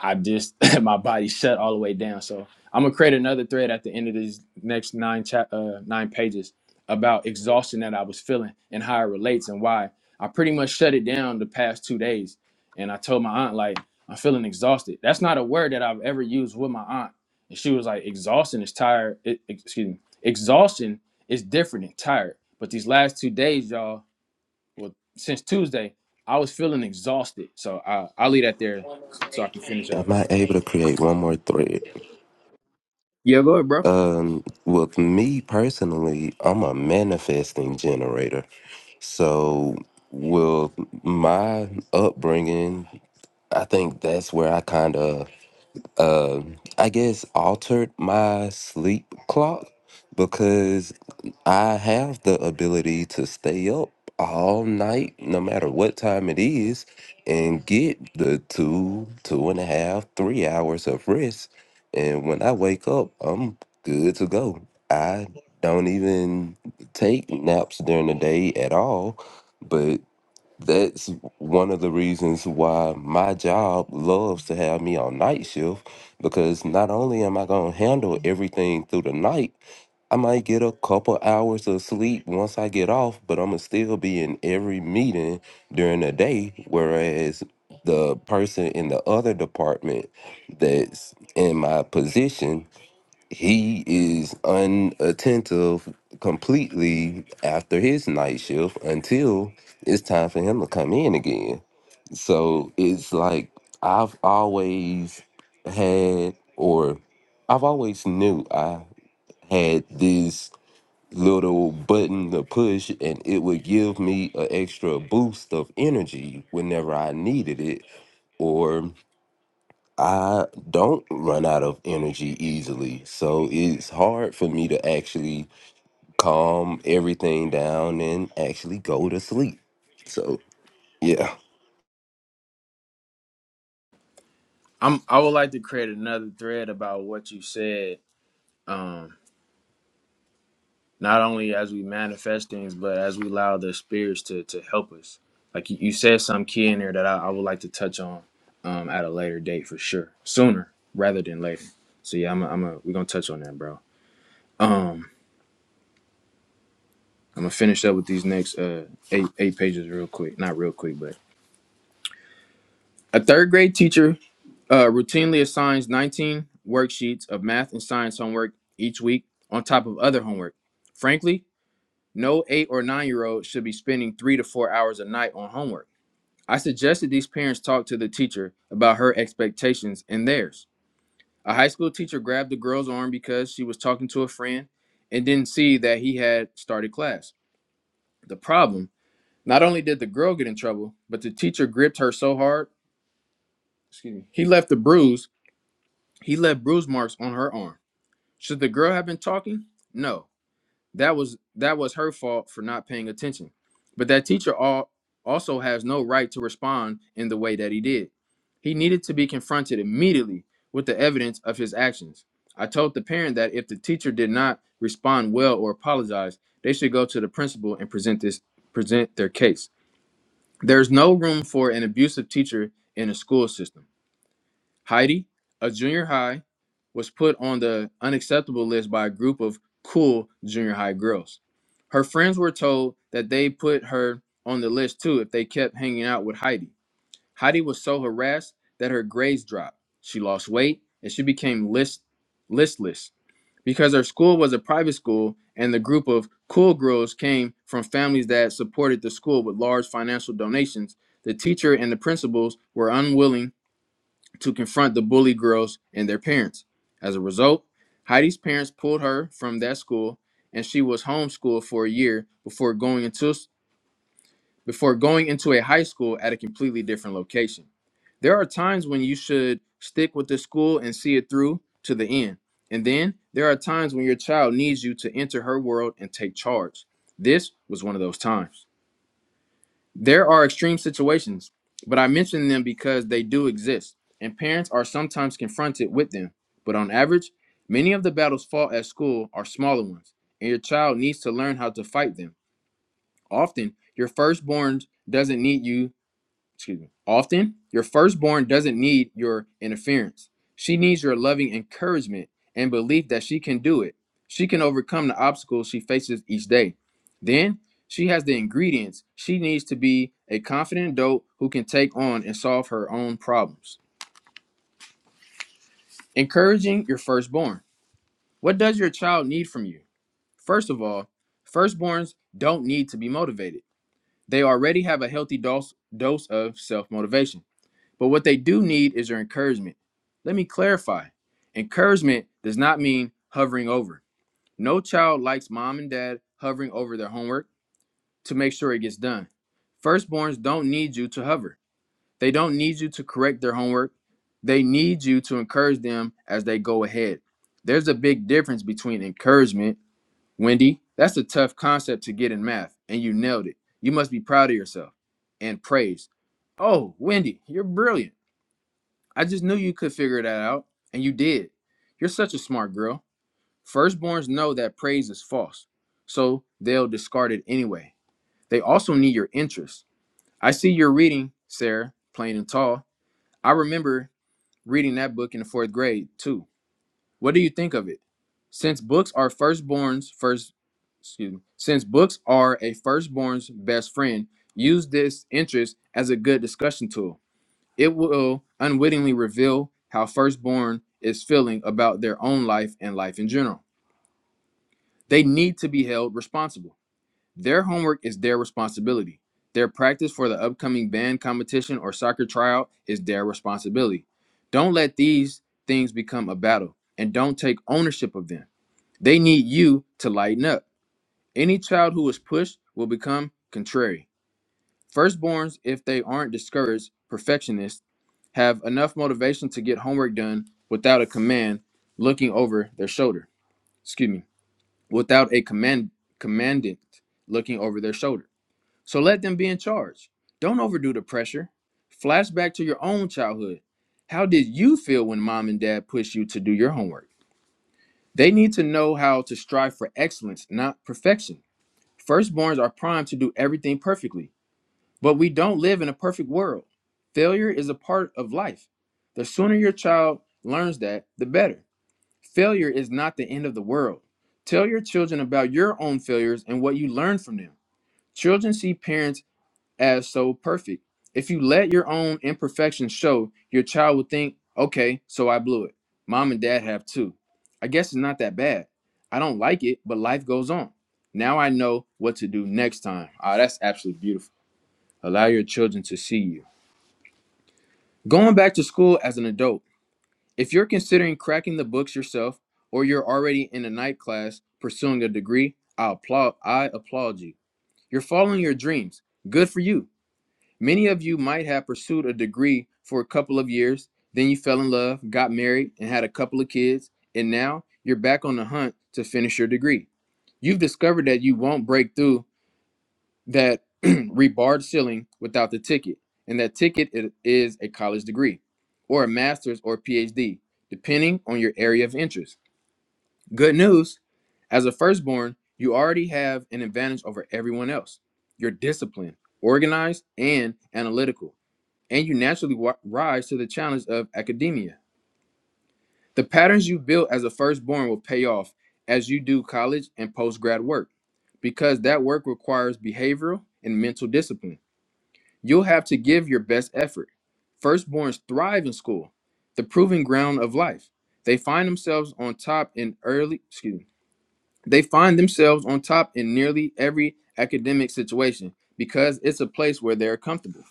I just *laughs* my body shut all the way down. So I'm gonna create another thread at the end of these next nine cha- uh, nine pages about exhaustion that I was feeling and how it relates and why I pretty much shut it down the past two days. And I told my aunt like I'm feeling exhausted. That's not a word that I've ever used with my aunt, and she was like, "Exhaustion is tired." It, excuse me, exhaustion is different than tired. But these last two days, y'all, well, since Tuesday, I was feeling exhausted. So I I will leave that there so I can finish up. Am I able to create one more thread? Yeah, go ahead, bro. Um, with me personally, I'm a manifesting generator. So with my upbringing, I think that's where I kind of um, I guess altered my sleep clock because I have the ability to stay up all night, no matter what time it is, and get the two, two and a half, three hours of rest. And when I wake up, I'm good to go. I don't even take naps during the day at all, but that's one of the reasons why my job loves to have me on night shift because not only am I going to handle everything through the night, I might get a couple hours of sleep once I get off, but I'm going to still be in every meeting during the day. Whereas the person in the other department that's in my position he is unattentive completely after his night shift until it's time for him to come in again. So it's like I've always had, or I've always knew I had this little button to push and it would give me an extra boost of energy whenever I needed it or. I don't run out of energy easily. So it's hard for me to actually calm everything down and actually go to sleep. So, yeah. I'm I would like to create another thread about what you said. Um, not only as we manifest things, but as we allow the spirits to to help us. Like you, you said, some key in there that I, I would like to touch on um, at a later date for sure, sooner rather than later. So yeah, I'm a, I'm a, we're gonna touch on that, bro. Um, I'm gonna finish up with these next uh eight eight pages real quick. Not real quick, but a third grade teacher Uh, routinely assigns 19 worksheets of math and science homework each week on top of other homework. Frankly, no eight or nine year old should be spending three to four hours a night on homework. I suggested these parents talk to the teacher about her expectations and theirs. A high school teacher grabbed the girl's arm because she was talking to a friend and didn't see that he had started class. The problem not only did the girl get in trouble, but the teacher gripped her so hard, excuse me, he left the bruise, he left bruise marks on her arm. Should the girl have been talking? No. That was that was her fault for not paying attention. But that teacher all, also has no right to respond in the way that he did. He needed to be confronted immediately with the evidence of his actions. I told the parent that if the teacher did not respond well or apologize, they should go to the principal and present this present their case. There's no room for an abusive teacher in a school system. Heidi, a junior high, was put on the unacceptable list by a group of cool junior high girls. Her friends were told that they put her on the list too if they kept hanging out with Heidi. Heidi was so harassed that her grades dropped. She lost weight and she became list listless because her school was a private school and the group of cool girls came from families that supported the school with large financial donations. The teacher and the principals were unwilling to confront the bully girls and their parents. As a result, Heidi's parents pulled her from that school and she was homeschooled for a year before going into before going into a high school at a completely different location. There are times when you should stick with the school and see it through to the end. And then there are times when your child needs you to enter her world and take charge. This was one of those times. There are extreme situations, but I mention them because they do exist, and parents are sometimes confronted with them. But on average, many of the battles fought at school are smaller ones, and your child needs to learn how to fight them. Often, your firstborn doesn't need you excuse me. Often, your firstborn doesn't need your interference. She needs your loving encouragement and belief that she can do it. She can overcome the obstacles she faces each day. Then, she has the ingredients she needs to be a confident adult who can take on and solve her own problems. Encouraging your firstborn. What does your child need from you? First of all, firstborns don't need to be motivated. They already have a healthy dose, dose of self motivation. But what they do need is your encouragement. Let me clarify encouragement does not mean hovering over. No child likes mom and dad hovering over their homework to make sure it gets done. Firstborns don't need you to hover, they don't need you to correct their homework. They need you to encourage them as they go ahead. There's a big difference between encouragement, Wendy. That's a tough concept to get in math, and you nailed it. You must be proud of yourself and praise. Oh, Wendy, you're brilliant. I just knew you could figure that out, and you did. You're such a smart girl. Firstborns know that praise is false, so they'll discard it anyway. They also need your interest. I see you're reading, Sarah, Plain and Tall. I remember reading that book in the fourth grade, too. What do you think of it? Since books are firstborn's first, excuse me, since books are a firstborn's best friend, use this interest as a good discussion tool. It will unwittingly reveal how firstborn is feeling about their own life and life in general. They need to be held responsible. Their homework is their responsibility. Their practice for the upcoming band competition or soccer tryout is their responsibility. Don't let these things become a battle and don't take ownership of them. They need you to lighten up. Any child who is pushed will become contrary. Firstborns, if they aren't discouraged, perfectionists, have enough motivation to get homework done without a command looking over their shoulder. Excuse me, without a command commandant looking over their shoulder. So let them be in charge. Don't overdo the pressure. Flashback to your own childhood. How did you feel when mom and dad pushed you to do your homework? They need to know how to strive for excellence, not perfection. Firstborns are primed to do everything perfectly. But we don't live in a perfect world. Failure is a part of life. The sooner your child learns that, the better. Failure is not the end of the world. Tell your children about your own failures and what you learned from them. Children see parents as so perfect. If you let your own imperfections show, your child will think, okay, so I blew it. Mom and dad have too. I guess it's not that bad. I don't like it, but life goes on. Now I know what to do next time. Ah, that's absolutely beautiful. Allow your children to see you. Going back to school as an adult, if you're considering cracking the books yourself or you're already in a night class pursuing a degree, I applaud I applaud you. You're following your dreams. Good for you. Many of you might have pursued a degree for a couple of years, then you fell in love, got married, and had a couple of kids, and now you're back on the hunt to finish your degree. You've discovered that you won't break through that *clears throat* rebarred ceiling without the ticket, and that ticket i- is a college degree or a master's or PhD, depending on your area of interest. Good news as a firstborn, you already have an advantage over everyone else. You're disciplined, organized, and analytical, and you naturally wa- rise to the challenge of academia. The patterns you built as a firstborn will pay off as you do college and post grad work because that work requires behavioral and mental discipline. You'll have to give your best effort. Firstborns thrive in school, the proving ground of life. They find themselves on top in early, excuse me, they find themselves on top in nearly every academic situation because it's a place where they're comfortable.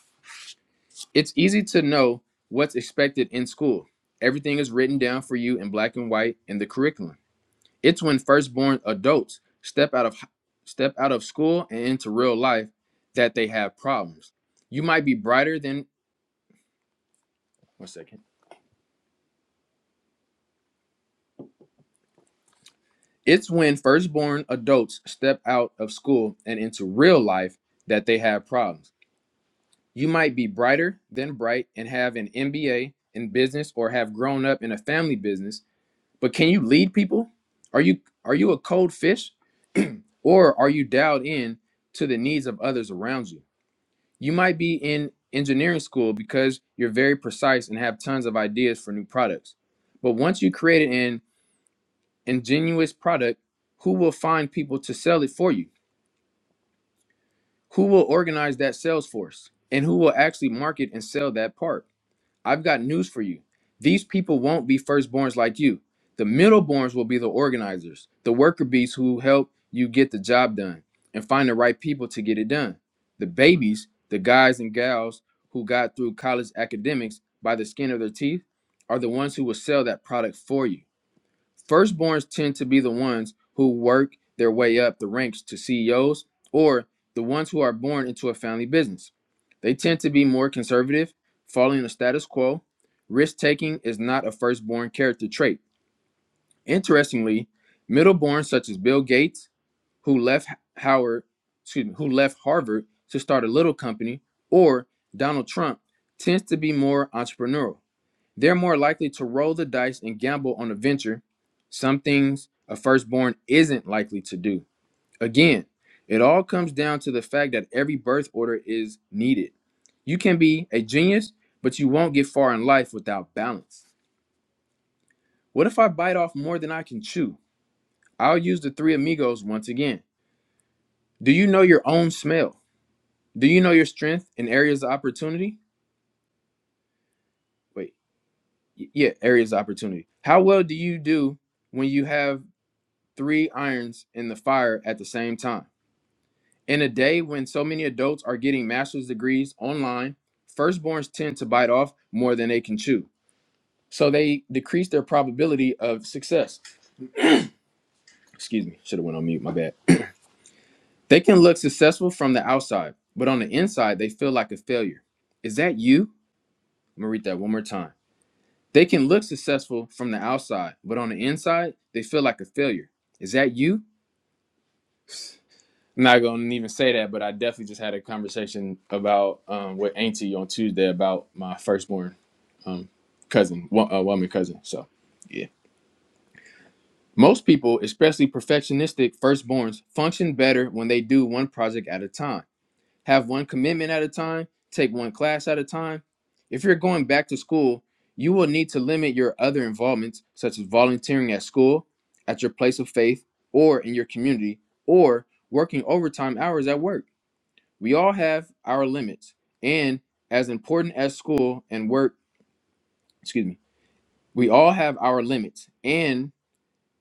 It's easy to know what's expected in school. Everything is written down for you in black and white in the curriculum. It's when firstborn adults step out of step out of school and into real life that they have problems. You might be brighter than One second. It's when firstborn adults step out of school and into real life that they have problems. You might be brighter than bright and have an MBA in business or have grown up in a family business, but can you lead people? Are you are you a cold fish or are you dialed in to the needs of others around you? You might be in engineering school because you're very precise and have tons of ideas for new products. But once you create it ingenuous product, who will find people to sell it for you? Who will organize that sales force? And who will actually market and sell that part? I've got news for you. These people won't be firstborns like you. The middleborns will be the organizers, the worker bees who help you get the job done and find the right people to get it done. The babies, the guys and gals who got through college academics by the skin of their teeth, are the ones who will sell that product for you Firstborns tend to be the ones who work their way up the ranks to CEOs or the ones who are born into a family business. They tend to be more conservative, following the status quo. Risk taking is not a firstborn character trait. Interestingly, middleborns such as Bill Gates, who left Howard, excuse me, who left Harvard to start a little company, or Donald Trump tends to be more entrepreneurial. They're more likely to roll the dice and gamble on a venture, some things a firstborn isn't likely to do. Again, it all comes down to the fact that every birth order is needed. You can be a genius, but you won't get far in life without balance. What if I bite off more than I can chew? I'll use the three amigos once again. Do you know your own smell? Do you know your strength and areas of opportunity? Wait, yeah, areas of opportunity. How well do you do when you have three irons in the fire at the same time. In a day when so many adults are getting master's degrees online, firstborns tend to bite off more than they can chew. So they decrease their probability of success. Excuse me, should have went on mute, my bad. They can look successful from the outside, but on the inside they feel like a failure. Is that you? I'm gonna read that one more time. They can look successful from the outside, but on the inside they feel like a failure. Is that you? not gonna even say that, but I definitely just had a conversation about um, with Auntie on Tuesday about my firstborn um, cousin, wo- uh, woman cousin. So yeah, most people, especially perfectionistic firstborns, function better when they do one project at a time, have one commitment at a time, take one class at a time. If you're going back to school, you will need to limit your other involvements, such as volunteering at school, at your place of faith, or in your community, or working overtime hours at work. We all have our limits, and as important as school and work, excuse me, we all have our limits, and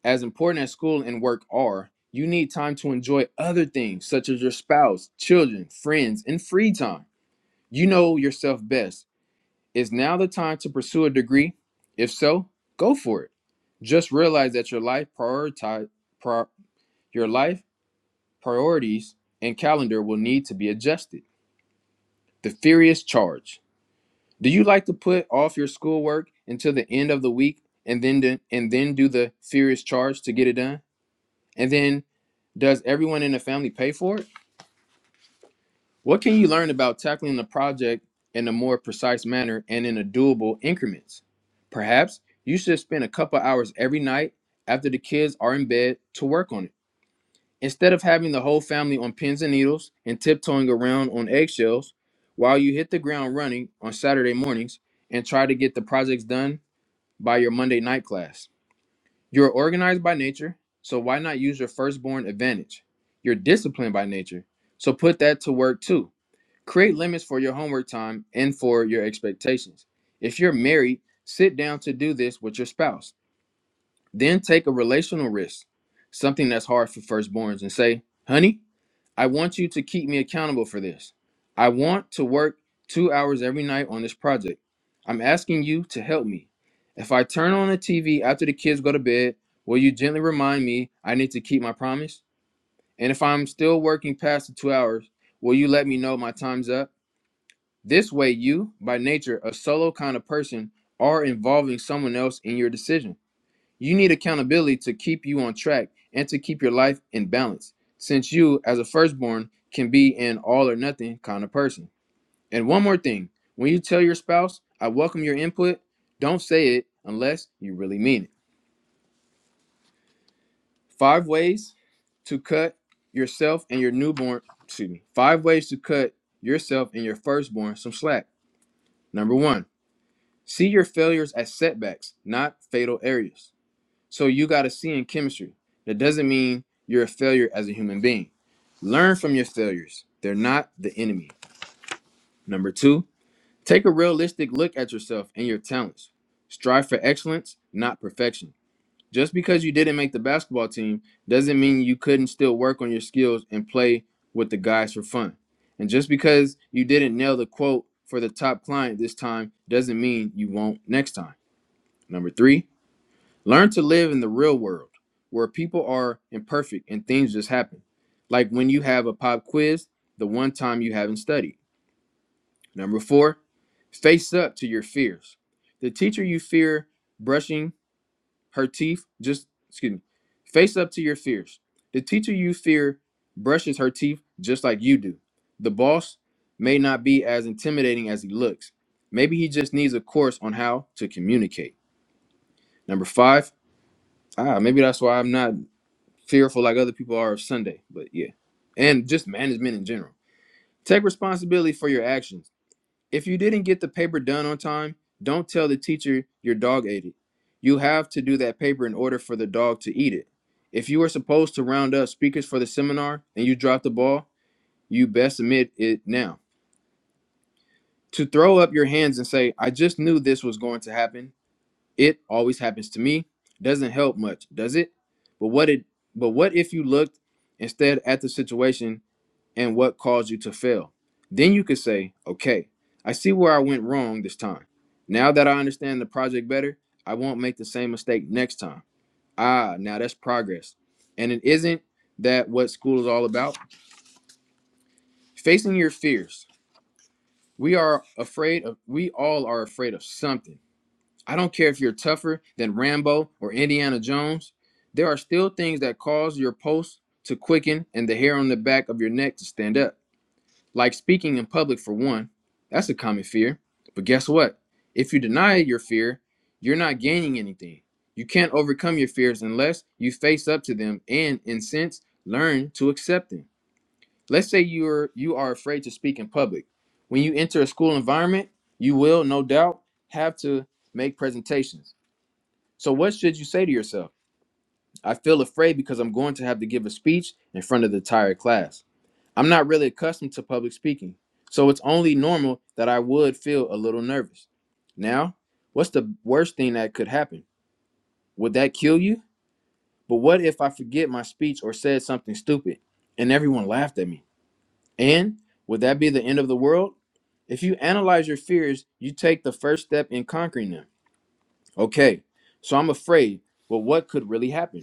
as important as school and work are, you need time to enjoy other things such as your spouse, children, friends, and free time. You know yourself best. Is now the time to pursue a degree? If so, go for it. Just realize that your life prioritize prior, your life priorities and calendar will need to be adjusted. The furious charge. Do you like to put off your schoolwork until the end of the week and then do, and then do the furious charge to get it done? And then does everyone in the family pay for it? What can you learn about tackling the project in a more precise manner and in a doable increments? Perhaps you should spend a couple hours every night after the kids are in bed to work on it. Instead of having the whole family on pins and needles and tiptoeing around on eggshells while you hit the ground running on Saturday mornings and try to get the projects done by your Monday night class. You're organized by nature, so why not use your firstborn advantage? You're disciplined by nature, so put that to work too. Create limits for your homework time and for your expectations. If you're married, sit down to do this with your spouse. Then take a relational risk, something that's hard for firstborns, and say, honey, I want you to keep me accountable for this. I want to work two hours every night on this project. I'm asking you to help me. If I turn on the TV after the kids go to bed, will you gently remind me I need to keep my promise? And if I'm still working past the two hours, will you let me know my time's up? This way, you, by nature, a solo kind of person, are involving someone else in your decisions. You need accountability to keep you on track and to keep your life in balance, since you, as a firstborn, can be an all or nothing kind of person. And one more thing when you tell your spouse, I welcome your input, don't say it unless you really mean it. Five ways to cut yourself and your newborn, excuse me, five ways to cut yourself and your firstborn some slack. Number one, see your failures as setbacks, not fatal areas. So you got a C in chemistry. That doesn't mean you're a failure as a human being. Learn from your failures. They're not the enemy. Number two, take a realistic look at yourself and your talents. Strive for excellence, not perfection. Just because you didn't make the basketball team doesn't mean you couldn't still work on your skills and play with the guys for fun. And just because you didn't nail the quote for the top client this time doesn't mean you won't next time. Number three, Learn to live in the real world where people are imperfect and things just happen. Like when you have a pop quiz, the one time you haven't studied. Number four, face up to your fears. The teacher you fear brushing her teeth, just, excuse me, face up to your fears. The teacher you fear brushes her teeth just like you do. The boss may not be as intimidating as he looks. Maybe he just needs a course on how to communicate. Number five, ah, maybe that's why I'm not fearful like other people are of Sunday, but yeah. And just management in general. Take responsibility for your actions. If you didn't get the paper done on time, don't tell the teacher your dog ate it. You have to do that paper in order for the dog to eat it. If you were supposed to round up speakers for the seminar and you dropped the ball, you best admit it now. To throw up your hands and say, I just knew this was going to happen. It always happens to me. Doesn't help much, does it? But what it but what if you looked instead at the situation and what caused you to fail. Then you could say, okay, I see where I went wrong this time. Now that I understand the project better, I won't make the same mistake next time. Ah, now that's progress. And it isn't that what school is all about? Facing your fears. We are afraid of, we all are afraid of something. I don't care if you're tougher than Rambo or Indiana Jones. There are still things that cause your pulse to quicken and the hair on the back of your neck to stand up. like speaking in public for one. That's a common fear. But guess what? If you deny your fear, you're not gaining anything. You can't overcome your fears unless you face up to them and in a sense learn to accept them. Let's say you're you are afraid to speak in public. When you enter a school environment, you will no doubt have to make presentations. So what should you say to yourself? I feel afraid because I'm going to have to give a speech in front of the entire class. I'm not really accustomed to public speaking, so it's only normal that I would feel a little nervous. Now, what's the worst thing that could happen? Would that kill you? But what if I forget my speech or said something stupid and everyone laughed at me? And would that be the end of the world? If you analyze your fears, you take the first step in conquering them. Okay, so I'm afraid, but what could really happen?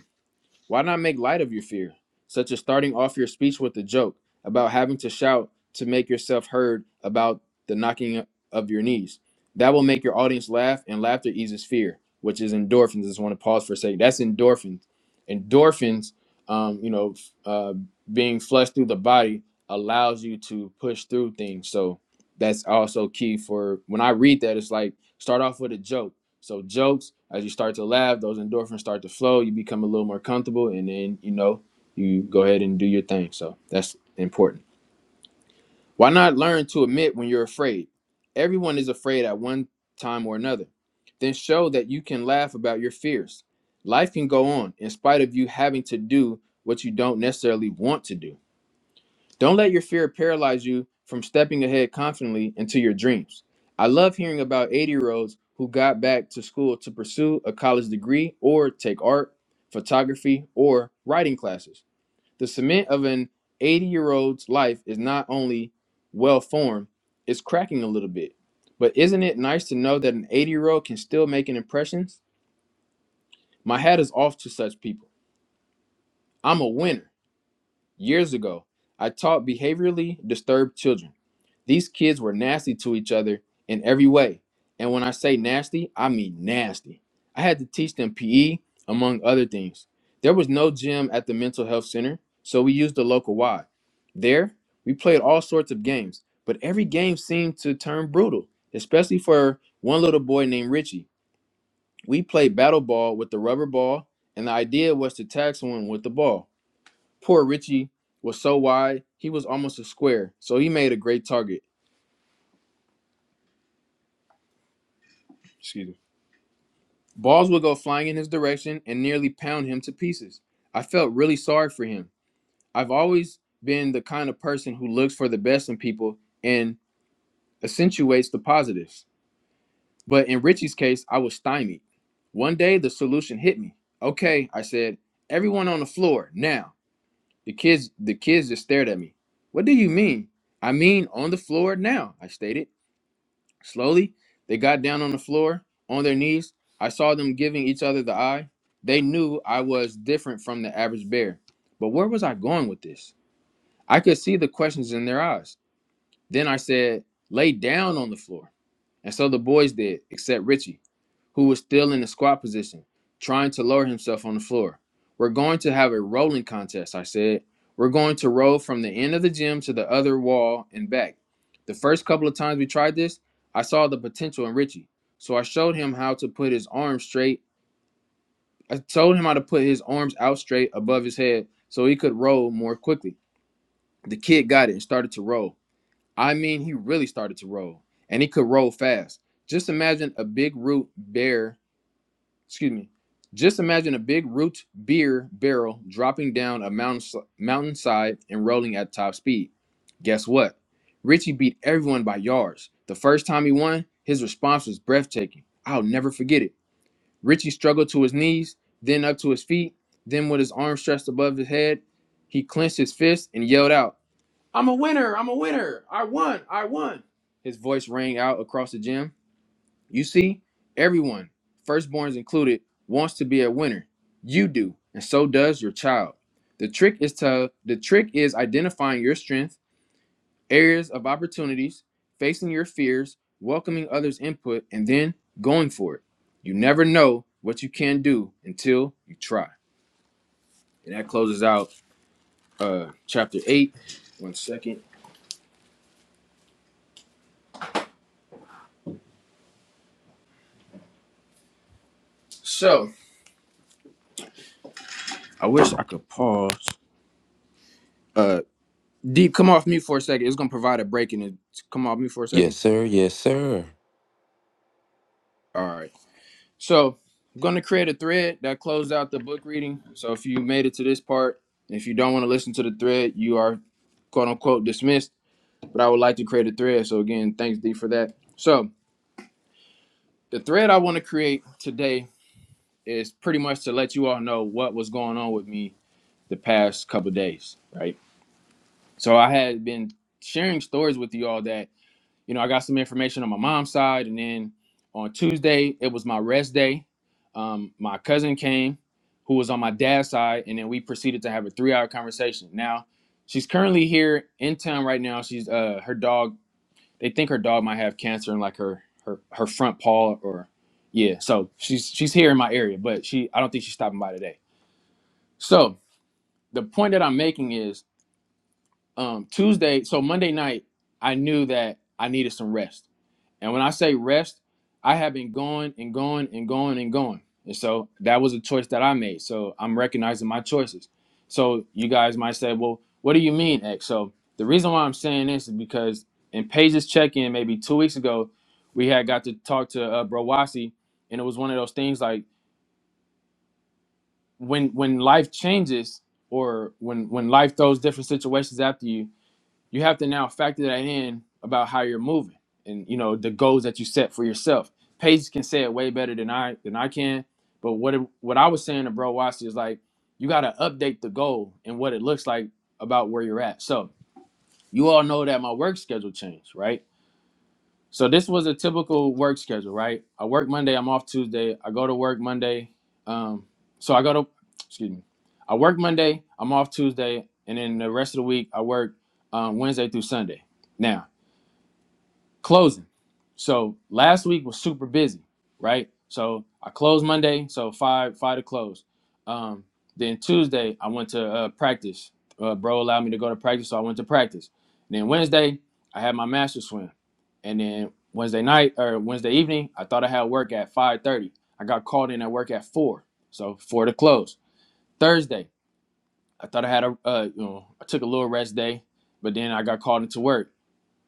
Why not make light of your fear, such as starting off your speech with a joke about having to shout to make yourself heard about the knocking of your knees? That will make your audience laugh, and laughter eases fear, which is endorphins. I just want to pause for a second. That's endorphins. Endorphins, um, you know, f- uh, being flushed through the body allows you to push through things. So that's also key for when I read that. It's like start off with a joke so jokes, as you start to laugh, those endorphins start to flow. You become a little more comfortable, and then you know you go ahead and do your thing. So that's important. Why not learn to admit when you're afraid? Everyone is afraid at one time or another. Then show that you can laugh about your fears. Life can go on in spite of you having to do what you don't necessarily want to do. Don't let your fear paralyze you from stepping ahead confidently into your dreams. I love hearing about 80 year olds who got back to school to pursue a college degree or take art, photography, or writing classes. The cement of an 80 year old's life is not only well formed, it's cracking a little bit. But isn't it nice to know that an 80 year old can still make an impression? My hat is off to such people. I'm a winner. Years ago, I taught behaviorally disturbed children. These kids were nasty to each other in every way. And when I say nasty, I mean nasty. I had to teach them PE, among other things. There was no gym at the mental health center, so we used the local Y. There, we played all sorts of games, but every game seemed to turn brutal, especially for one little boy named Richie. We played battle ball with the rubber ball, and the idea was to tag someone with the ball. Poor Richie was so wide, he was almost a square, so he made a great target. Excuse me. Balls would go flying in his direction and nearly pound him to pieces. I felt really sorry for him. I've always been the kind of person who looks for the best in people and accentuates the positives. But in Richie's case, I was stymied. One day the solution hit me. Okay, I said, everyone on the floor now. The kids the kids just stared at me. What do you mean? I mean on the floor now, I stated. Slowly, they got down on the floor, on their knees. I saw them giving each other the eye. They knew I was different from the average bear. But where was I going with this? I could see the questions in their eyes. Then I said, Lay down on the floor. And so the boys did, except Richie who was still in the squat position, trying to lower himself on the floor. We're going to have a rolling contest, I said. We're going to roll from the end of the gym to the other wall and back. The first couple of times we tried this, I saw the potential in Richie. So I showed him how to put his arms straight. I told him how to put his arms out straight above his head so he could roll more quickly. The kid got it and started to roll. I mean, he really started to roll, and he could roll fast. Just imagine a big root bear excuse me. Just imagine a big root beer barrel dropping down a mountain mountainside and rolling at top speed. Guess what? Richie beat everyone by yards. The first time he won, his response was breathtaking. I'll never forget it. Richie struggled to his knees, then up to his feet, then with his arms stretched above his head, he clenched his fist and yelled out, "I'm a winner! I'm a winner! I won! I won!" His voice rang out across the gym. You see, everyone, firstborns included, wants to be a winner. You do, and so does your child. The trick is to the trick is identifying your strength, areas of opportunities, facing your fears, welcoming others' input, and then going for it. You never know what you can do until you try. And that closes out uh chapter eight. One second. So I wish I could pause. Uh Deep, come off mute for a second. It's gonna provide a break and it come off mute for a second. Yes, sir. Yes, sir. All right. So I'm going to create a thread that closed out the book reading. So if you made it to this part, if you don't want to listen to the thread, you are quote unquote dismissed. But I would like to create a thread. So again, thanks D for that. So the thread I want to create today is pretty much to let you all know what was going on with me the past couple of days, right? So I had been sharing stories with you all that you know, I got some information on my mom's side, and then on Tuesday it was my rest day. Um, my cousin came, who was on my dad's side, and then we proceeded to have a three-hour conversation. Now, she's currently here in town right now. She's uh her dog. They think her dog might have cancer in like her her her front paw or yeah. So she's she's here in my area, but she I don't think she's stopping by today. So the point that I'm making is um Tuesday, so Monday night, I knew that I needed some rest. And when I say rest, I have been going and going and going and going. And so that was a choice that I made. So I'm recognizing my choices. So you guys might say, well, what do you mean, X? So the reason why I'm saying this is because in Paige's check-in maybe two weeks ago, we had got to talk to uh, Bro Wasi, and it was one of those things like when when life changes or when when life throws different situations after you, you have to now factor that in about how you're moving and you know the goals that you set for yourself. Paige can say it way better than I than I can, but what it, what I was saying to Bro Watson is like you got to update the goal and what it looks like about where you're at. So you all know that my work schedule changed, right? So this was a typical work schedule, right? I work Monday, I'm off Tuesday. I go to work Monday. Um, so I go to, excuse me, I work Monday, I'm off Tuesday, and then the rest of the week I work um, Wednesday through Sunday. Now, closing. So last week was super busy, right? So I closed Monday, so five five to close. Um, then Tuesday I went to uh, practice. Uh, bro allowed me to go to practice, so I went to practice. And then Wednesday I had my master swim, and then Wednesday night or Wednesday evening I thought I had work at five thirty. I got called in at work at four, so four to close. Thursday I thought I had a uh, you know I took a little rest day, but then I got called into work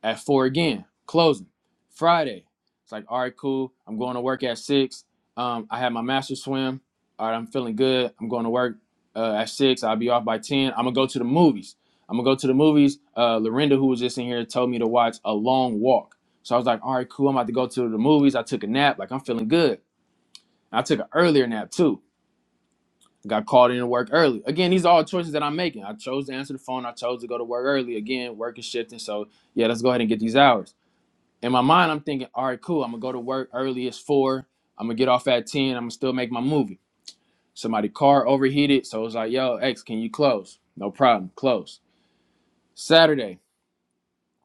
at four again, closing. Friday, it's like, all right, cool. I'm going to work at six. Um, I had my master swim. All right, I'm feeling good. I'm going to work uh, at six. I'll be off by 10. I'm going to go to the movies. I'm going to go to the movies. Uh, Lorinda, who was just in here, told me to watch A Long Walk. So I was like, all right, cool. I'm about to go to the movies. I took a nap. Like, I'm feeling good. And I took an earlier nap too. Got called in to work early. Again, these are all choices that I'm making. I chose to answer the phone. I chose to go to work early. Again, work is shifting. So, yeah, let's go ahead and get these hours in my mind, I'm thinking, all right, cool. I'm gonna go to work early. It's four. I'm gonna get off at ten. I'm gonna still make my movie. Somebody car overheated, so it was like, yo, X, can you close? No problem, close. Saturday,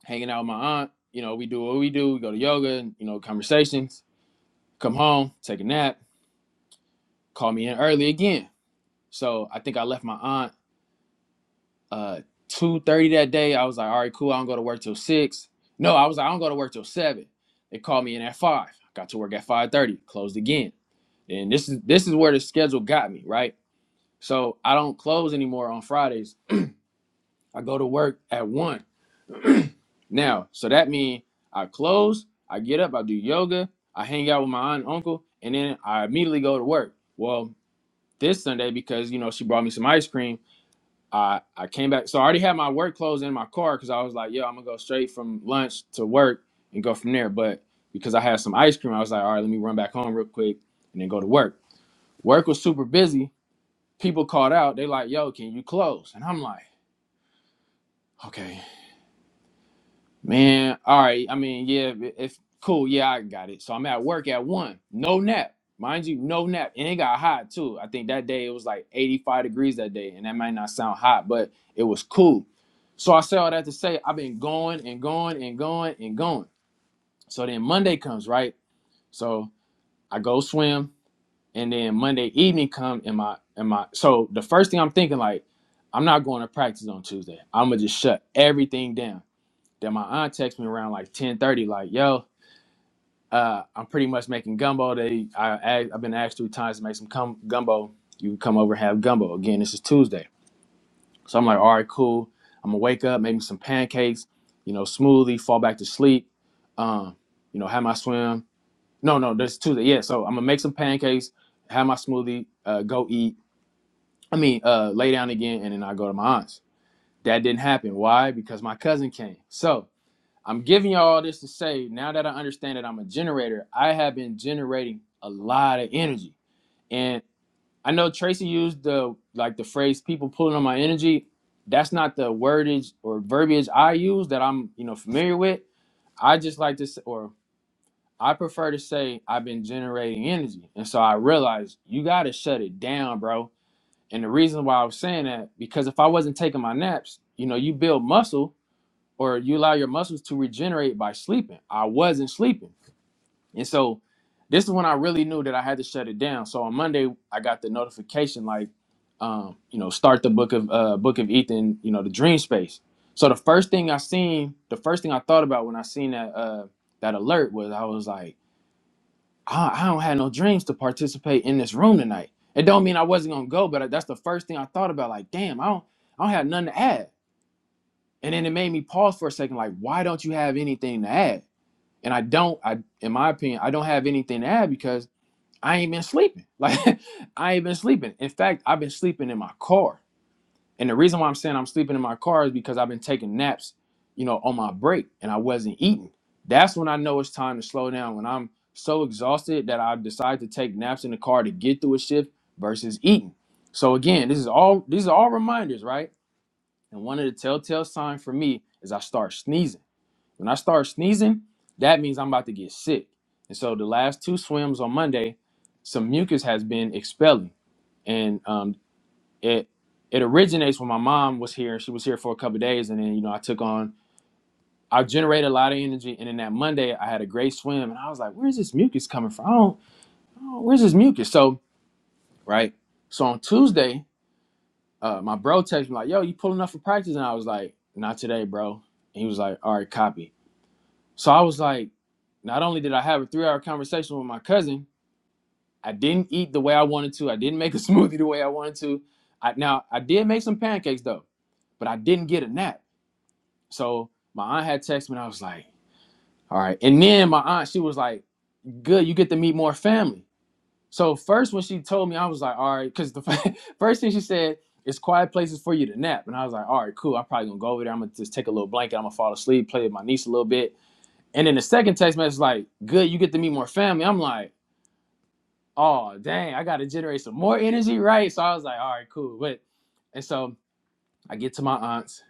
hanging out with my aunt. You know, we do what we do. We go to yoga and you know conversations. Come home, take a nap. Call me in early again. So I think I left my aunt uh two thirty that day. I was like, all right, cool. I don't go to work till six. No, I was like, I don't go to work till seven. They called me in at five. I Got to work at five thirty. Closed again. and this is this is where the schedule got me right so i don't close anymore on fridays i go to work at one now so that means i close i get up i do yoga i hang out with my aunt and uncle and then i immediately go to work well this sunday because you know she brought me some ice cream i i came back so i already had my work clothes in my car because i was like yo i'm gonna go straight from lunch to work and go from there but because i had some ice cream i was like all right let me run back home real quick and then go to work work was super busy people called out. They like, "Yo, can you close?" And I'm like, "Okay, man. All right. I mean, yeah, it- it's cool. Yeah, I got it." So I'm at work at one. No nap, mind you, no nap. And it got hot too. I think that day it was like 85 degrees that day, and that might not sound hot, but it was cool. So I say all that to say I've been going and going and going and going. So then Monday comes, right? So I go swim. and then Monday evening come and my and my so the first thing I'm thinking like I'm not going to practice on Tuesday. I'm gonna just shut everything down. Then my aunt texts me around like 10:30 like yo uh, I'm pretty much making gumbo. They I asked, I've been asked three times to make some cum gumbo. You can come over and have gumbo again. This is Tuesday, so I'm like all right cool. I'm gonna wake up, make me some pancakes, you know, smoothie, fall back to sleep, um, you know, have my swim. No, no, that's Tuesday. Yeah, so I'm gonna make some pancakes, have my smoothie, uh, go eat I mean, uh, lay down again, and then I go to my aunt's. That didn't happen. Why? Because my cousin came. So I'm giving you all this to say now that I understand that I'm a generator, I have been generating a lot of energy. And I know Tracy used the like the phrase people pulling on my energy. That's not the wordage or verbiage I use that I'm, you know, familiar with. I just like to say, or I prefer to say I've been generating energy. And so I realized you gotta shut it down, bro and the reason why I was saying that, because if I wasn't taking my naps, you know, you build muscle or you allow your muscles to regenerate by sleeping. I wasn't sleeping. And so this is when I really knew that I had to shut it down. So on Monday, I got the notification like, um, you know, start the book of uh, book of Ethan, you know, the dream space. So the first thing I seen, the first thing I thought about when I seen that uh, that alert was I was like, I, I don't have no dreams to participate in this room tonight. It don't mean I wasn't gonna go, but that's the first thing I thought about. Like, damn, I don't, I don't have nothing to add. And then it made me pause for a second. Like, why don't you have anything to add? And I don't. I, in my opinion, I don't have anything to add because I ain't been sleeping. *laughs* Like, I ain't been sleeping. In fact, I've been sleeping in my car. And the reason why I'm saying I'm sleeping in my car is because I've been taking naps, you know, on my break and I wasn't eating. That's when I know it's time to slow down. When I'm so exhausted that I decide to take naps in the car to get through a shift versus eating. So again, this is all these are all reminders, right? And one of the telltale signs for me is I start sneezing. When I start sneezing, that means I'm about to get sick. And so the last two swims on Monday, some mucus has been expelling. And um, it it originates when my mom was here. She was here for a couple of days, and then you know I took on. I generated a lot of energy, and then that Monday I had a great swim, and I was like, "Where's this mucus coming from? I don't, I don't- where's this mucus?" So right. So on Tuesday, uh, my bro texted me like, "Yo, you pulling up for practice?" And I was like, "Not today, bro." And he was like, "All right, copy." So I was like, not only did I have a three-hour conversation with my cousin, I didn't eat the way I wanted to. I didn't make a *laughs* smoothie the way I wanted to. I, now I did make some pancakes though, but I didn't get a nap. So my aunt had texted me and I was like, all right. And then my aunt, she was like, good, you get to meet more family. So first when she told me, I was like, all right, because the *laughs* first thing she said, it's quiet places for you to nap. And I was like, all right, cool. I'm probably gonna go over there. I'm gonna just take a little blanket. I'm gonna fall asleep, play with my niece a little bit. And then the second text message, was like, good, you get to meet more family. I'm like, oh dang, I gotta generate some more energy, right? So I was like, all right, cool. But and so I get to my aunt's,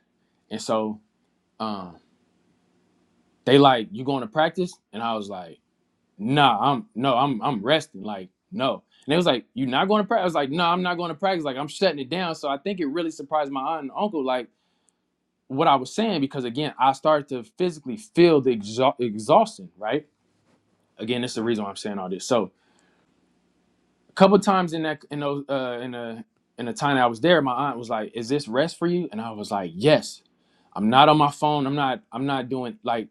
and so um, they like, you going to practice? And I was like, nah, I'm no, I'm I'm resting. Like, no. And they was like, you not going to practice? I was like, no, I'm not going to practice. Like, I'm shutting it down. So I think it really surprised my aunt and uncle, like what I was saying, because again, I started to physically feel the exha- exhaustion, right? Again, that's the reason why I'm saying all this. So a couple times in that in those uh in a in the time that I was there, my aunt was like, Is this rest for you? And I was like, Yes. I'm not on my phone. I'm not, I'm not doing like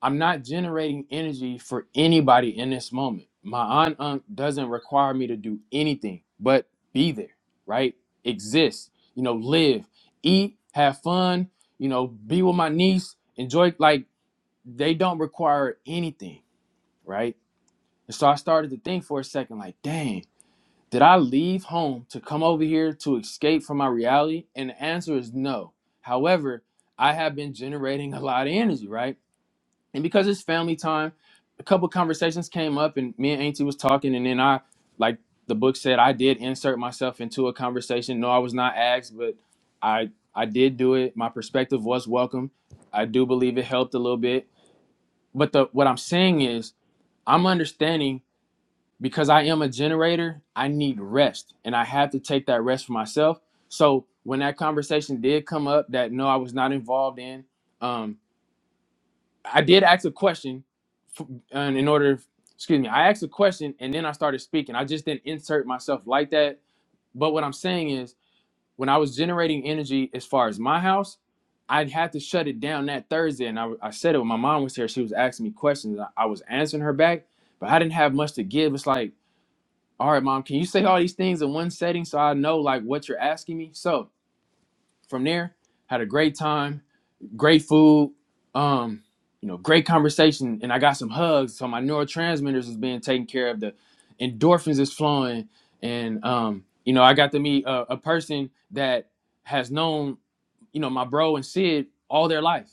I'm not generating energy for anybody in this moment. My on unk doesn't require me to do anything but be there, right? Exist, you know, live, eat, have fun, you know, be with my niece, enjoy. Like they don't require anything, right? And so I started to think for a second, like, dang, did I leave home to come over here to escape from my reality? And the answer is no. However, I have been generating a lot of energy, right? and because it's family time, a couple conversations came up, and me and Auntie was talking, and then I, like the book said, I did insert myself into a conversation. No, I was not asked, but I I did do it. My perspective was welcome. I do believe it helped a little bit. But the what I'm saying is, I'm understanding because I am a generator. I need rest, and I have to take that rest for myself. So when that conversation did come up, that no, I was not involved in. um, I did ask a question, f- and in order, excuse me, I asked a question and then I started speaking. I just didn't insert myself like that. But what I'm saying is, when I was generating energy as far as my house, I'd had to shut it down that Thursday. And I, I said it when my mom was here. She was asking me questions. I, I was answering her back, but I didn't have much to give. It's like, all right, mom, can you say all these things in one setting so I know like what you're asking me? So from there, had a great time great food, um, you know, great conversation, and I got some hugs. So my neurotransmitters is being taken care of. The endorphins is flowing, and um, you know, I got to meet a, a person that has known you know, my bro and Sid all their life.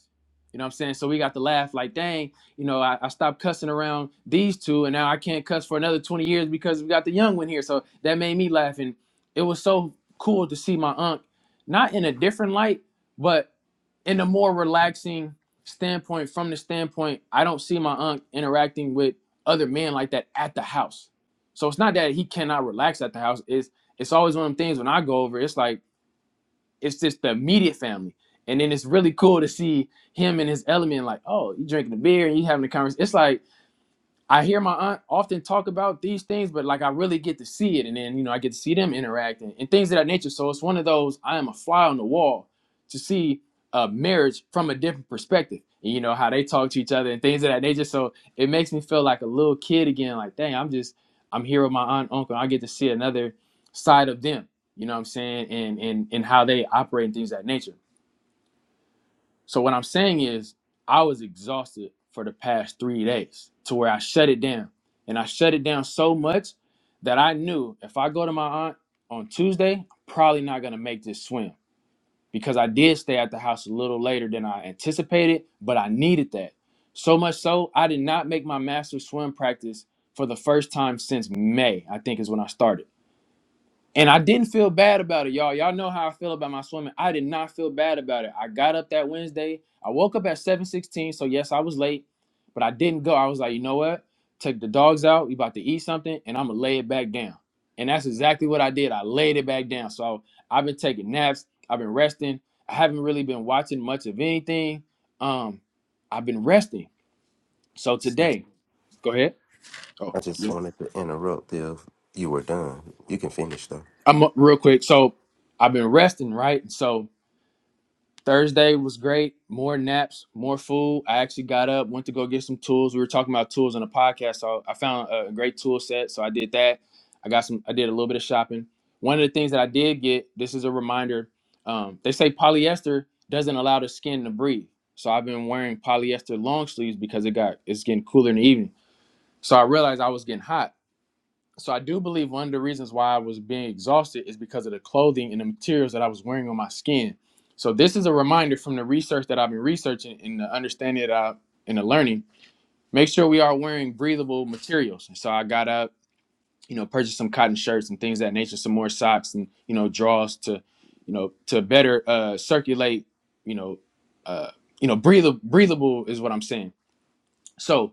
You know what I'm saying? So we got to laugh like, dang, you know, I, I stopped cussing around these two and now I can't cuss for another 20 years because we got the young one here. So that made me laugh. And it was so cool to see my aunt, not in a different light, but in a more relaxing standpoint, from the standpoint, I don't see my aunt interacting with other men like that at the house. So it's not that he cannot relax at the house. It's it's always one of them things when I go over, it's like it's just the immediate family. And then it's really cool to see him in his element, like, oh, you drinking a beer and you having a conversation. It's like I hear my aunt often talk about these things, but like I really get to see it, and then you know I get to see them interacting and things of that nature. So it's one of those I am a fly on the wall to see uh, marriage from a different perspective, and you know how they talk to each other and things of that nature. So it makes me feel like a little kid again. Like dang, I'm just I'm here with my aunt, uncle. I get to see another side of them. You know what I'm saying? And and and how they operate and things of that nature. So what I'm saying is I was exhausted for the past three days to where I shut it down. And I shut it down so much that I knew if I go to my aunt on Tuesday, I'm probably not gonna make this swim because I did stay at the house a little later than I anticipated, but I needed that. So much so I did not make my master swim practice for the first time since May, I think is when I started. And I didn't feel bad about it, y'all. Y'all know how I feel about my swimming. I did not feel bad about it. I got up that Wednesday. I woke up at 7:16, so yes, I was late, but I didn't go. I was like, you know what? Take the dogs out. We about to eat something, and I'm gonna lay it back down. And that's exactly what I did. I laid it back down. So I've been taking naps. I've been resting. I haven't really been watching much of anything. Um, I've been resting. So today, go ahead. Oh, I just yeah. wanted to interrupt if you were done. You can finish, though. I'm up real quick. So I've been resting, right? So Thursday was great. More naps, more food. I actually got up, went to go get some tools. We were talking about tools on the podcast, so I found a great tool set. So I did that. I got some. I did a little bit of shopping. One of the things that I did get. This is a reminder. Um, they say polyester doesn't allow the skin to breathe. So I've been wearing polyester long sleeves because it got it's getting cooler in the evening. So I realized I was getting hot so I do believe one of the reasons why I was being exhausted is because of the clothing and the materials that I was wearing on my skin. So this is a reminder from the research that I've been researching and the understanding that I and the learning. Make sure we are wearing breathable materials. And so I got up, you know, purchased some cotton shirts and things of that nature, some more socks and you know drawers to, you know, to better uh, circulate, you know, uh, you know, breathable. Breathable is what I'm saying. So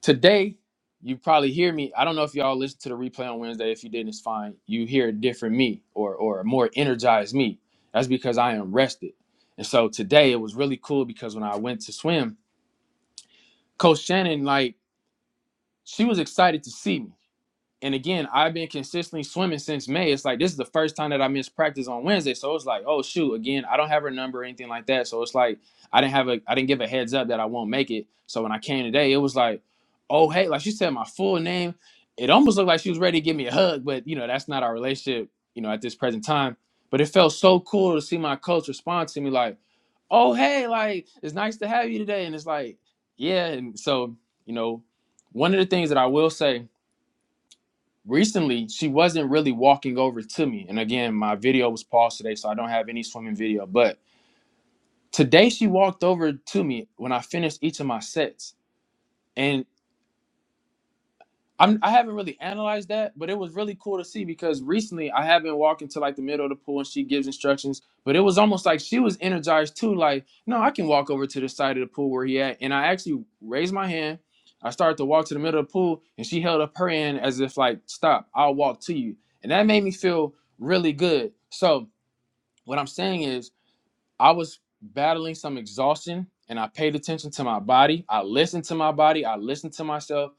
Today, you probably hear me. I don't know if y'all listened to the replay on Wednesday. If you didn't, it's fine. You hear a different me or or a more energized me. That's because I am rested. And so today it was really cool because when I went to swim, Coach Shannon, like, she was excited to see me. And again, I've been consistently swimming since May. It's like this is the first time that I missed practice on Wednesday. So it's like, oh shoot, again, I don't have her number or anything like that. So it's like I didn't have a I didn't give a heads up that I won't make it. So when I came today, it was like, oh hey, like she said my full name. It almost looked like she was ready to give me a hug, but you know, that's not our relationship, you know, at this present time. But it felt so cool to see my coach respond to me like, oh hey, like it's nice to have you today. And it's like, yeah. And so, you know, one of the things that I will say recently she wasn't really walking over to me and again my video was paused today so i don't have any swimming video but today she walked over to me when i finished each of my sets and I'm I haven't really analyzed that, but it was really cool to see because recently I have been walking to like the middle of the pool and she gives instructions, but it was almost like she was energized too. Like, no, I can walk over to the side of the pool where he at, and I actually raised my hand. I started to walk to the middle of the pool, and she held up her hand as if like, stop, I'll walk to you, and that made me feel really good. So what I'm saying is I was battling some exhaustion and I paid attention to my body. I listened to my body. I listened to myself.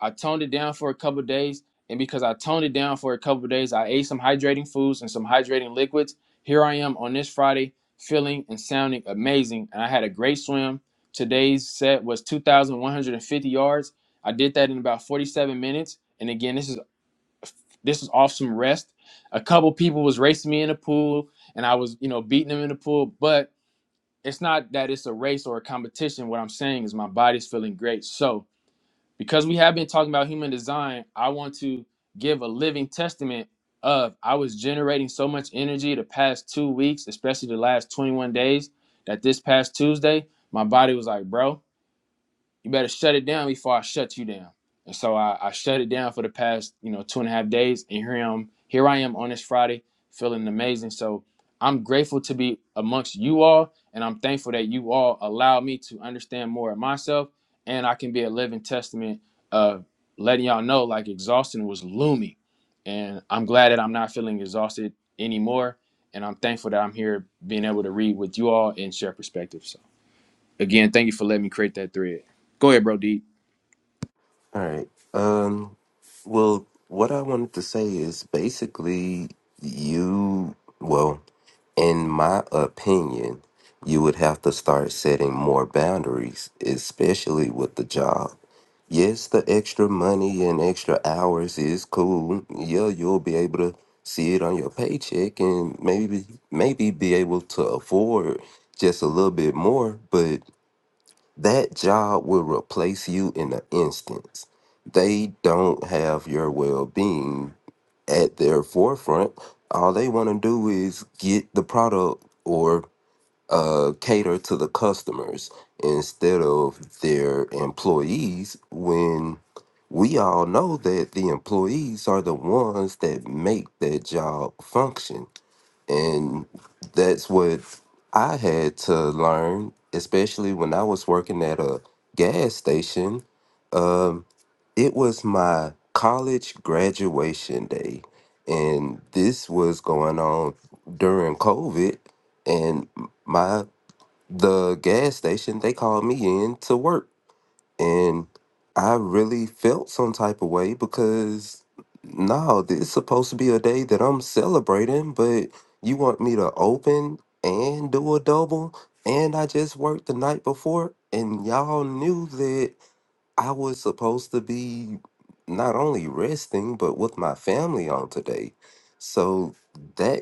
I toned it down for a couple of days. And because I toned it down for a couple of days, I ate some hydrating foods and some hydrating liquids. Here I am on this Friday feeling and sounding amazing. And I had a great swim. Today's set was 2,150 yards. I did that in about 47 minutes. And again, this is this is off some rest. A couple people was racing me in the pool and I was, you know, beating them in the pool. But it's not that it's a race or a competition. What I'm saying is my body's feeling great. So because we have been talking about human design, I want to give a living testament of I was generating so much energy the past two weeks, especially the last 21 days, that this past Tuesday, my body was like, bro, you better shut it down before I shut you down. And so I, I shut it down for the past, you know, two and a half days. And here I am, here I am on this Friday, feeling amazing. So I'm grateful to be amongst you all, and I'm thankful that you all allow me to understand more of myself, and I can be a living testament of letting y'all know like exhaustion was looming. And I'm glad that I'm not feeling exhausted anymore. And I'm thankful that I'm here being able to read with you all and share perspectives. So Again, thank you for letting me create that thread. Go ahead, bro. Deep. All right. Um, well, what I wanted to say is basically you, well, in my opinion, you would have to start setting more boundaries, especially with the job. Yes, the extra money and extra hours is cool. Yeah, you'll be able to see it on your paycheck and maybe maybe be able to afford just a little bit more, but that job will replace you in an instant. They don't have your well being at their forefront. All they want to do is get the product or uh, cater to the customers instead of their employees when we all know that the employees are the ones that make that job function and that's what I had to learn, especially when I was working at a gas station. Um, it was my college graduation day, and this was going on during COVID. And my the gas station they called me in to work and I really felt some type of way because no, th- it's supposed to be a day that I'm celebrating, but you want me to open and do a double, and I just worked the night before, and y'all knew that I was supposed to be not only resting but with my family on today, so that.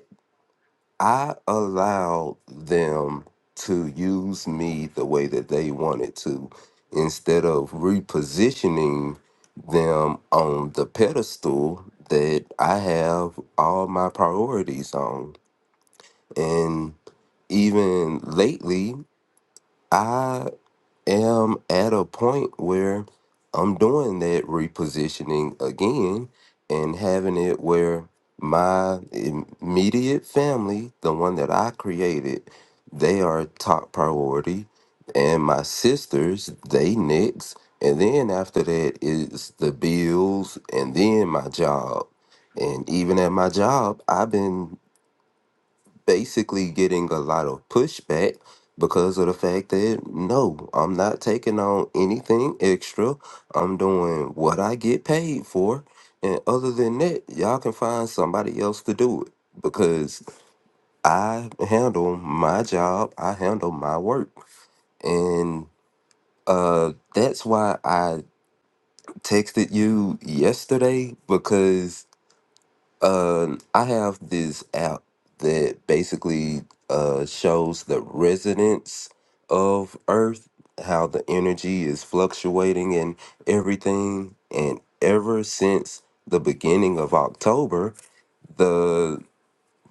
I allowed them to use me the way that they wanted to instead of repositioning them on the pedestal that I have all my priorities on. And even lately, am at a point where I'm doing that repositioning again and having it where my immediate family, the one that I created, they are top priority. And my sisters, they next. And then after that is the bills and then my job. And even at my job, I've been basically getting a lot of pushback because of the fact that no, I'm not taking on anything extra. I'm doing what I get paid for. And other than that, y'all can find somebody else to do it because I handle my job, I handle my work. And uh that's why I texted you yesterday because Um, I have this app that basically uh, shows the resonance of Earth, how the energy is fluctuating and everything. And ever since the beginning of October, the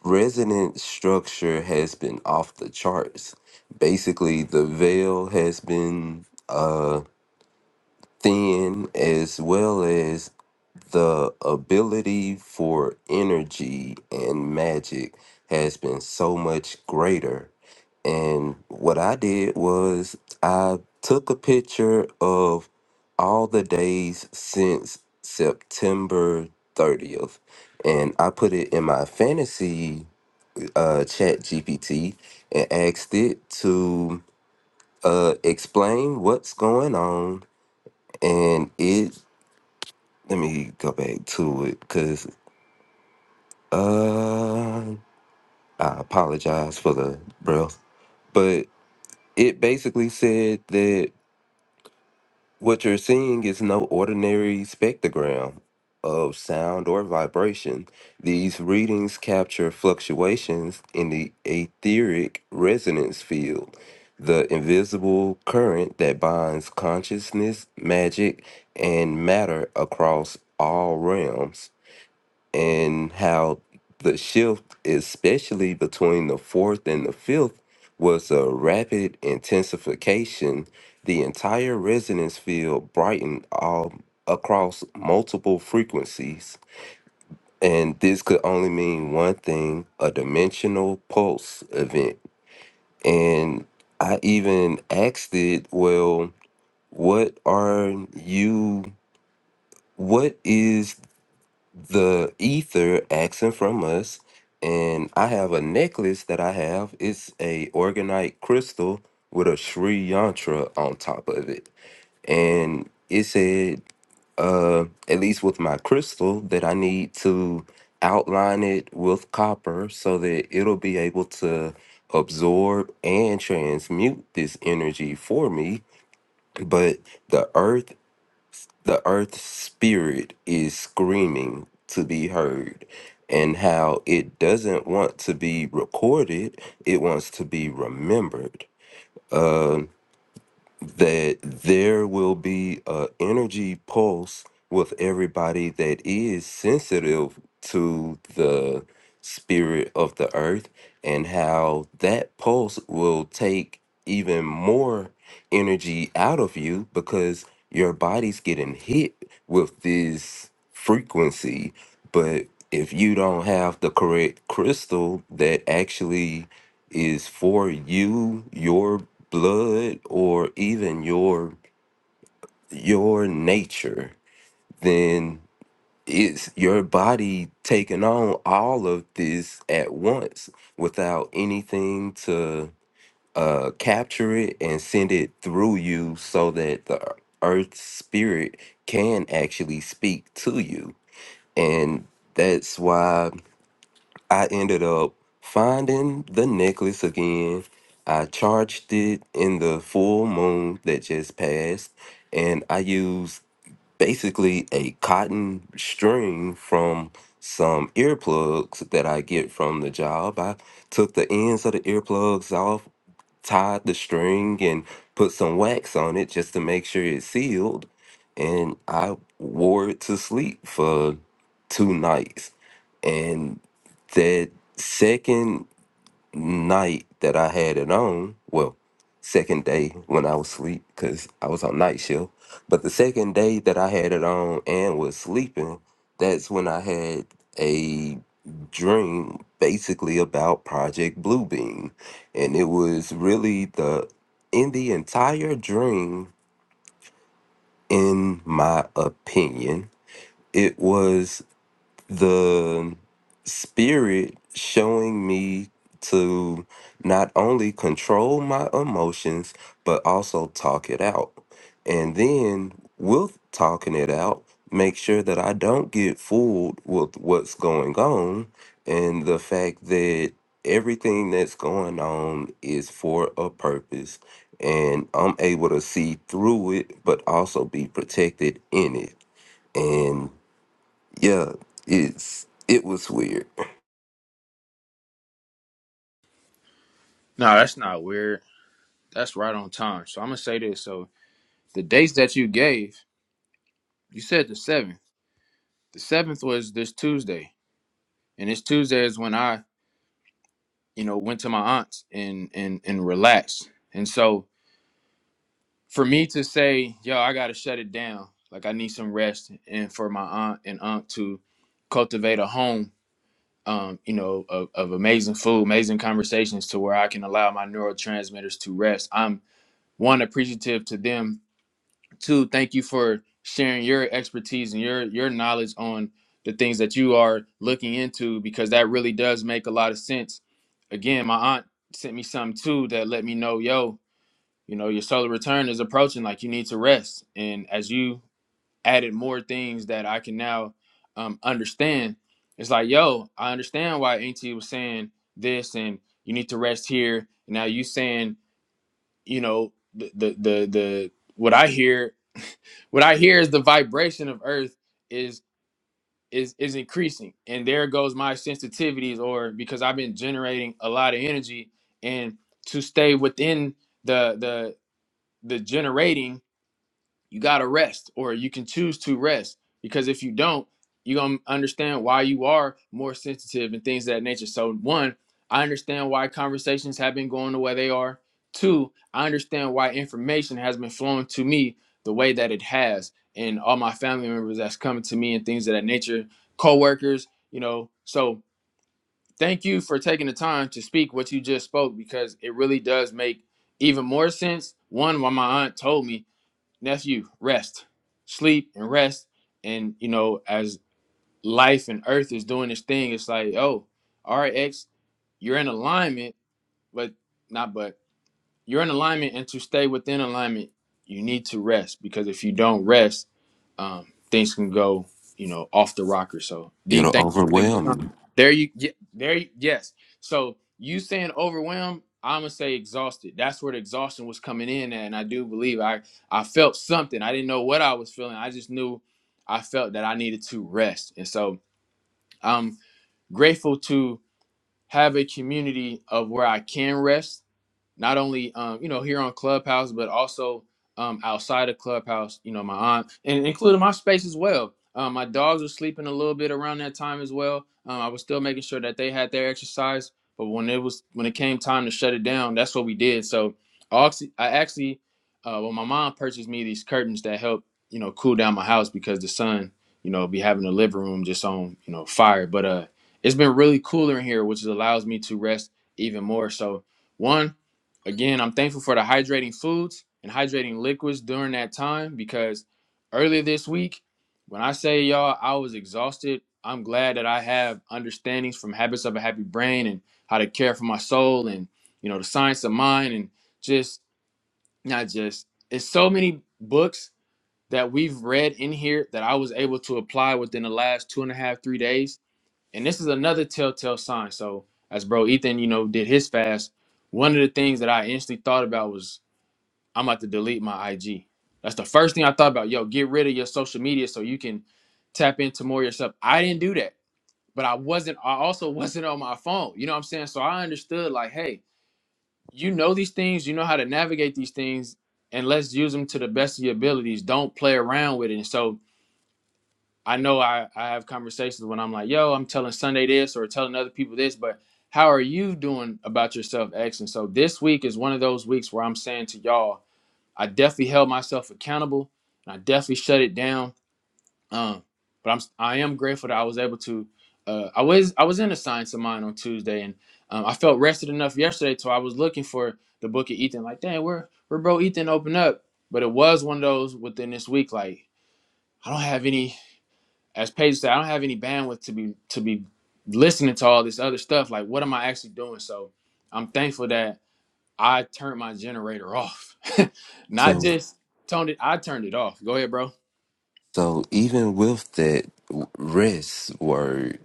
resonance structure has been off the charts. Basically, the veil has been uh, thin as well as the ability for energy and magic has been so much greater. And what I did was I took a picture of all the days since September 30th. And I put it in my fantasy uh, chat GPT and asked it to uh, explain what's going on. And it, let me go back to it cause. Uh, I apologize for the breath, but it basically said that what you're seeing is no ordinary spectrogram of sound or vibration. These readings capture fluctuations in the etheric resonance field, the invisible current that binds consciousness, magic, and matter across all realms. and how the shift, especially between the fourth and the fifth, was a rapid intensification. The entire resonance field brightened all across multiple frequencies. And this could only mean one thing a dimensional pulse event. And I even asked it, well, what are you, what is the ether action from us and i have a necklace that i have it's a organite crystal with a sri yantra on top of it and it said uh at least with my crystal that i need to outline it with copper so that it'll be able to absorb and transmute this energy for me but the earth the earth's spirit is screaming to be heard, and how it doesn't want to be recorded, it wants to be remembered. Uh that there will be a energy pulse with everybody that is sensitive to the spirit of the earth and how that pulse will take even more energy out of you because your body's getting hit with this frequency but if you don't have the correct crystal that actually is for you, your blood or even your your nature then it's your body taking on all of this at once without anything to uh capture it and send it through you so that the earth spirit can actually speak to you and that's why I ended up finding the necklace again. I charged it in the full moon that just passed, and I used basically a cotton string from some earplugs that I get from the job. I took the ends of the earplugs off tied the string and put some wax on it just to make sure it sealed. And I wore it to sleep for two nights. And that second night that I had it on, well, second day when I was asleep because I was on night shift, but the second day that I had it on and was sleeping, that's when I had a dream basically about Project Bluebeam. And it was really the, in the entire dream, in my opinion, it was the spirit showing me to not only control my emotions but also talk it out and then with talking it out make sure that i don't get fooled with what's going on and the fact that everything that's going on is for a purpose and i'm able to see through it but also be protected in it and yeah, it's it was weird. No, that's not weird. That's right on time. So I'm gonna say this. So the dates that you gave, you said the seventh. The seventh was this Tuesday, and this Tuesday is when I, you know, went to my aunt's and and and relaxed. And so for me to say, yo, I gotta shut it down. Like I need some rest, and for my aunt and aunt to cultivate a home, um, you know, of, of amazing food, amazing conversations, to where I can allow my neurotransmitters to rest. I'm one appreciative to them two thank you for sharing your expertise and your your knowledge on the things that you are looking into because that really does make a lot of sense again my aunt sent me something too that let me know yo you know your solar return is approaching like you need to rest and as you added more things that i can now um, understand it's like yo i understand why auntie was saying this and you need to rest here now you saying you know the the the, the what I hear what I hear is the vibration of Earth is is is increasing, and there goes my sensitivities, or because I've been generating a lot of energy, and to stay within the the the generating you got to rest or you can choose to rest because if you don't you're going to understand why you are more sensitive and things of that nature so one i understand why conversations have been going the way they are two i understand why information has been flowing to me the way that it has and all my family members that's coming to me and things of that nature coworkers, you know so thank you for taking the time to speak what you just spoke because it really does make even more sense one why my aunt told me and that's you. Rest, sleep, and rest. And you know, as life and Earth is doing this thing, it's like, oh, all right, X, you're in alignment, but not but you're in alignment and to stay within alignment you need to rest because if you don't rest um, things can go you know off the rocker so d It'll thank you for taking the overwhelm time you. there you get there you, yes so you saying overwhelmed i'm gonna say exhausted that's where the exhaustion was coming in at, and i do believe i i felt something i didn't know what i was feeling i just knew i felt that i needed to rest and so i'm grateful to have a community of where i can rest not only um, you know here on Clubhouse, but also um, outside of Clubhouse. You know, my aunt and including my space as well. Um, my dogs were sleeping a little bit around that time as well. Um, I was still making sure that they had their exercise, but when it was when it came time to shut it down, that's what we did. So I actually, I actually uh, well, my mom purchased me these curtains that help you know cool down my house because the sun you know be having the living room just on you know fire. But uh, it's been really cooler in here, which allows me to rest even more. So one Again, I'm thankful for the hydrating foods and hydrating liquids during that time because earlier this week, when I say y'all, I was exhausted. I'm glad that I have understandings from Habits of a Happy Brain and how to care for my soul and, you know, the science of mind and just not just it's so many books that we've read in here that I was able to apply within the last two and a half, three days and this is another telltale sign. So as bro Ethan, you know, did his fast, one of the things that I instantly thought about was I'm about to delete my IG. That's the first thing I thought about. Yo, get rid of your social media so you can tap into more yourself. I didn't do that, but I wasn't. I also *laughs* wasn't on my phone. You know what I'm saying? So I understood like, hey, you know these things, you know how to navigate these things, and let's use them to the best of your abilities. Don't play around with it. And so I know I, I have conversations when I'm like, yo, I'm telling Sunday this or telling other people this, but how are you doing about your self And So this week is one of those weeks where I'm saying to y'all, I definitely held myself accountable and I definitely shut it down. Um, but I'm I am grateful that I was able to. Uh, I was I was in a science of mine on Tuesday, and um, I felt rested enough yesterday, so I was looking for the book of Ethan. Like, dang, where where bro Ethan open up? But it was one of those within this week, like I don't have any as Paige said, I don't have any bandwidth to be to be listening to all this other stuff. Like, what am I actually doing? So I'm thankful that I turned my generator off. *laughs* Not So just toned it, I turned it off. Go ahead, bro. so even with that rest word.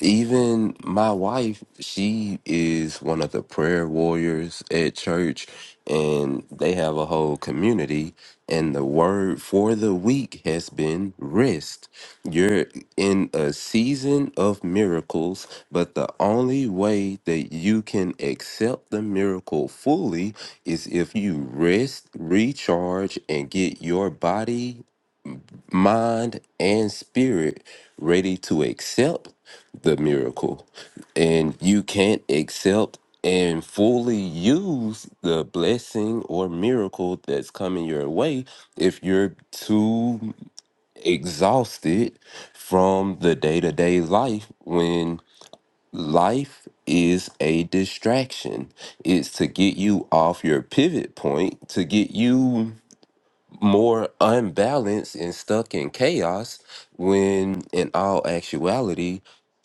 Even my wife, she is one of the prayer warriors at church, and they have a whole community. And the word for the week has been rest. You're in a season of miracles, but the only way that you can accept the miracle fully is if you rest, recharge, and get your body, mind, and spirit ready to accept the miracle. And you can't accept and fully use the blessing or miracle that's coming your way if you're too exhausted from the day to day life when life is a distraction. It's to get you off your pivot point, to get you more unbalanced and stuck in chaos when in all actuality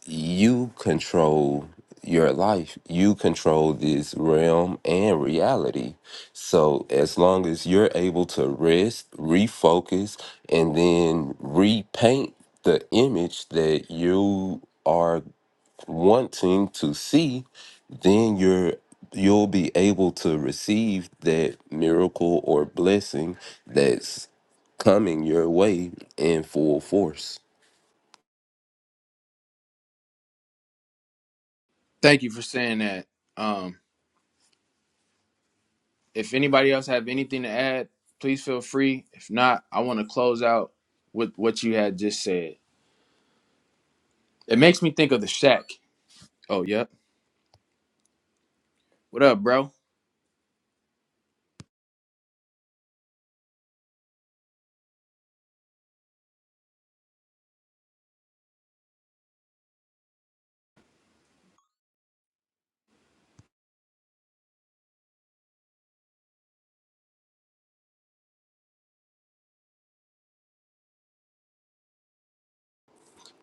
you control your life you control this realm and reality so as long as you're able to rest refocus and then repaint the image that you are wanting to see, then you're you'll be able to receive that miracle or blessing that's coming your way in full force. Thank you for saying that. Um, if anybody else have anything to add, please feel free. If not, I want to close out with what you had just said. It makes me think of the shack. Oh, yep. What up, bro?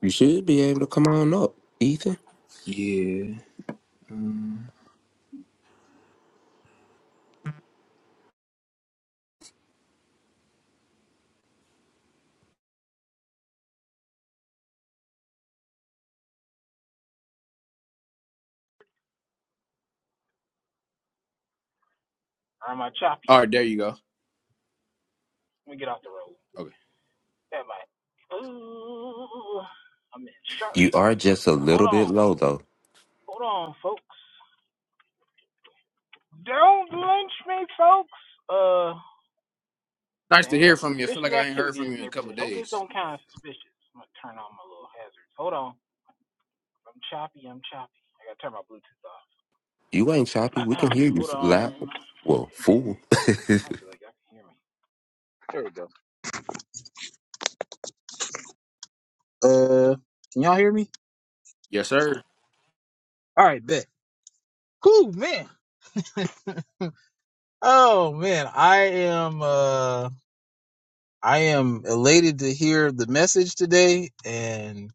You should be able to come on up, Ethan. Yeah. Mm. Or am I choppy? All right, there you go. Let me get off the road. Okay. Am I? Ooh, I'm in You are Sharpsburg just right a now. Hold little bit on. low though. Hold on, folks. Don't lynch me, folks. Uh, Nice to dang, hear got a from you. I feel like suspicious I ain't heard activity from in you this in a couple neighborhood. of Hope this days. don't count as suspicious. I'm gonna turn on my little hazards. Hold on. I'm choppy. I'm choppy. I gotta turn my Bluetooth You ain't choppy. We can off. hear *clears throat* you Hold f- on. loud. Well, full. I don't feel like y'all can hear me. Uh, can y'all hear me? Yes, sir. All right, bet. Cool, man. *laughs* oh man, I am. uh. I am elated to hear the message today, and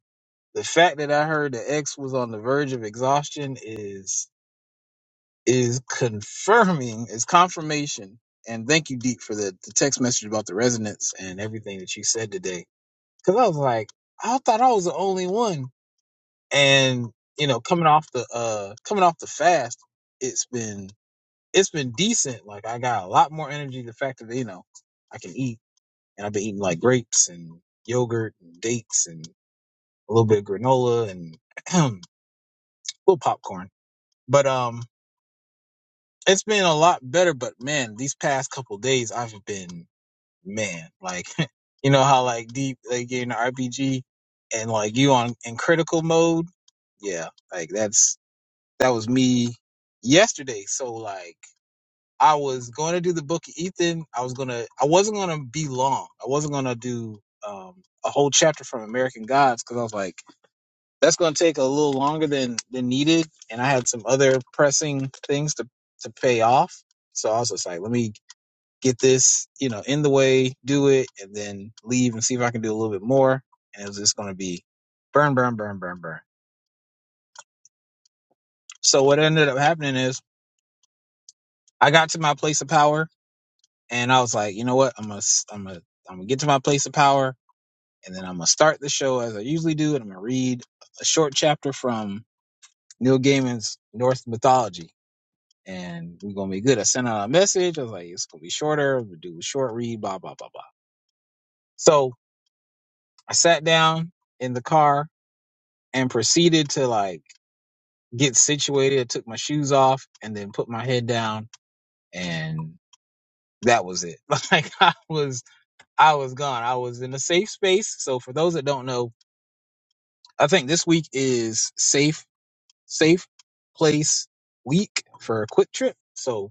the fact that I heard that X was on the verge of exhaustion is is confirming, is confirmation. And thank you, Deep, for the, the text message about the resonance and everything that you said today. Because I was like, I thought I was the only one, and you know, coming off the uh coming off the fast, it's been it's been decent. Like I got a lot more energy. The fact that you know I can eat and I've been eating like grapes and yogurt and dates and a little bit of granola and *clears throat* a little popcorn. But um, it's been a lot better. But man, these past couple days, I've been man like *laughs* you know how like deep like in RPG and like you on in critical mode. Yeah, like that's that was me yesterday. So like. I was going to do the book of Ethan. I was going to, I wasn't going to be long. I wasn't going to do um, a whole chapter from American Gods because I was like, that's going to take a little longer than, than needed. And I had some other pressing things to, to pay off. So I was just like, let me get this, you know, in the way, do it, and then leave and see if I can do a little bit more. And it was just going to be burn, burn, burn, burn, burn. So what ended up happening is I got to my place of power and I was like, you know what? I'm gonna i am I'm gonna I'm gonna get to my place of power, and then I'm gonna start the show as I usually do, and I'm gonna read a short chapter from Neil Gaiman's Norse mythology, and we're gonna be good. I sent out a message. I was like, it's gonna be shorter. We do a short read. Blah blah blah blah. So I sat down in the car and proceeded to like get situated. I took my shoes off and then put my head down, and that was it. *laughs* Like I was I was gone. I was in a safe space. So for those that don't know I think this week is safe, safe place week for a quick trip. So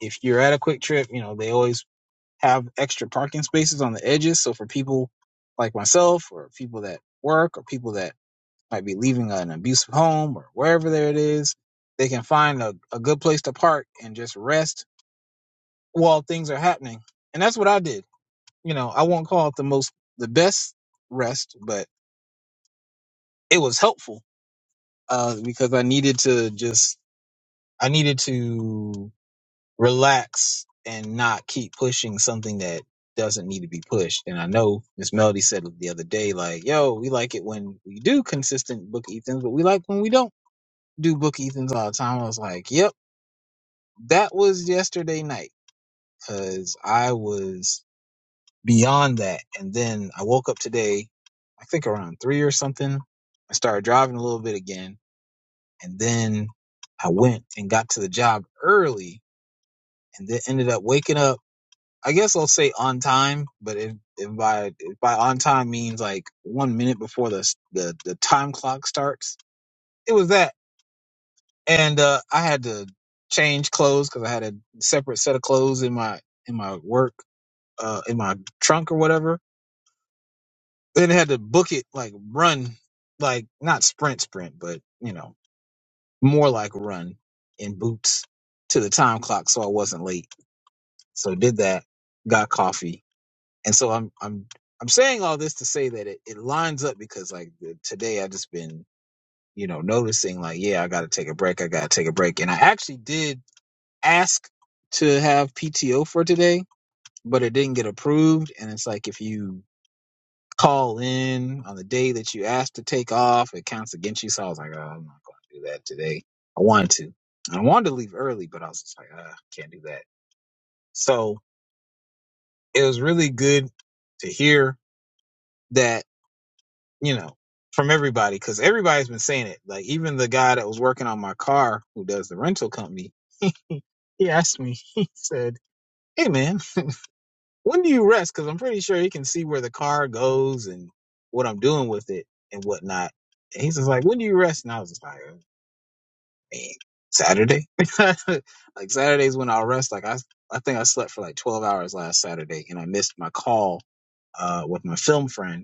if you're at a quick trip, you know, they always have extra parking spaces on the edges. So for people like myself or people that work or people that might be leaving an abusive home or wherever there it is, they can find a, a good place to park and just rest while things are happening. And that's what I did. You know, I won't call it the most, the best rest, but it was helpful uh, because I needed to just I needed to relax and not keep pushing something that doesn't need to be pushed. And I know Miss Melody said the other day, like, yo, we like it when we do consistent book ethans, but we like when we don't do book ethans all the time. I was like, yep, that was yesterday night because I was beyond that. And then I woke up today, I think around three or something. I started driving a little bit again. And then I went and got to the job early and then ended up waking up I guess I'll say on time, but if, if by if by on time means like one minute before the the, the time clock starts, it was that, and uh, I had to change clothes because I had a separate set of clothes in my in my work uh, in my trunk or whatever. Then I had to book it like run, like not sprint sprint, but you know more like run in boots to the time clock, so I wasn't late. So did that, got coffee, And so I'm I'm I'm saying all this to say that it, it lines up because like the, today I just been you know noticing like yeah I got to take a break I got to take a break and I actually did ask to have PTO for today but it didn't get approved and it's like if you call in on the day that you asked to take off it counts against you so I was like oh, I'm not going to do that today I wanted to I wanted to leave early but I was just like uh, can't do that so it was really good to hear that you know, from everybody because everybody's been saying it. Like even the guy that was working on my car who does the rental company, he asked me, *laughs* he said, Hey man, when do you rest? Because I'm pretty sure he can see where the car goes and what I'm doing with it and whatnot. And he's just like, When do you rest? And I was just like, "Oh, Man, Saturday. *laughs* like Saturday's when I'll rest. Like I I think I slept for like twelve hours last Saturday and I missed my call uh with my film friend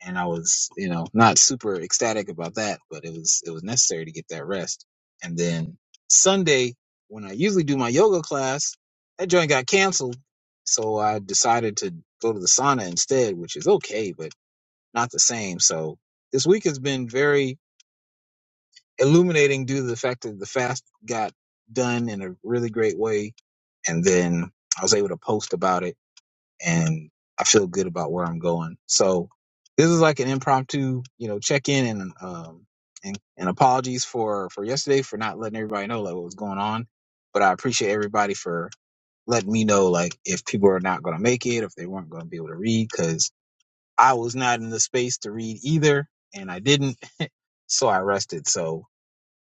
and I was, you know, not super ecstatic about that, but it was it was necessary to get that rest. And then Sunday, when I usually do my yoga class, that joint got canceled, so I decided to go to the sauna instead, which is okay, but not the same. So this week has been very illuminating due to the fact that the fast got done in a really great way, and then I was able to post about it and I feel good about where I'm going. So this is like an impromptu, you know, check in and um and, and apologies for for yesterday for not letting everybody know like what was going on. But I appreciate everybody for letting me know like if people are not going to make it, if they weren't going to be able to read, because I was not in the space to read either, and I didn't, so I rested. So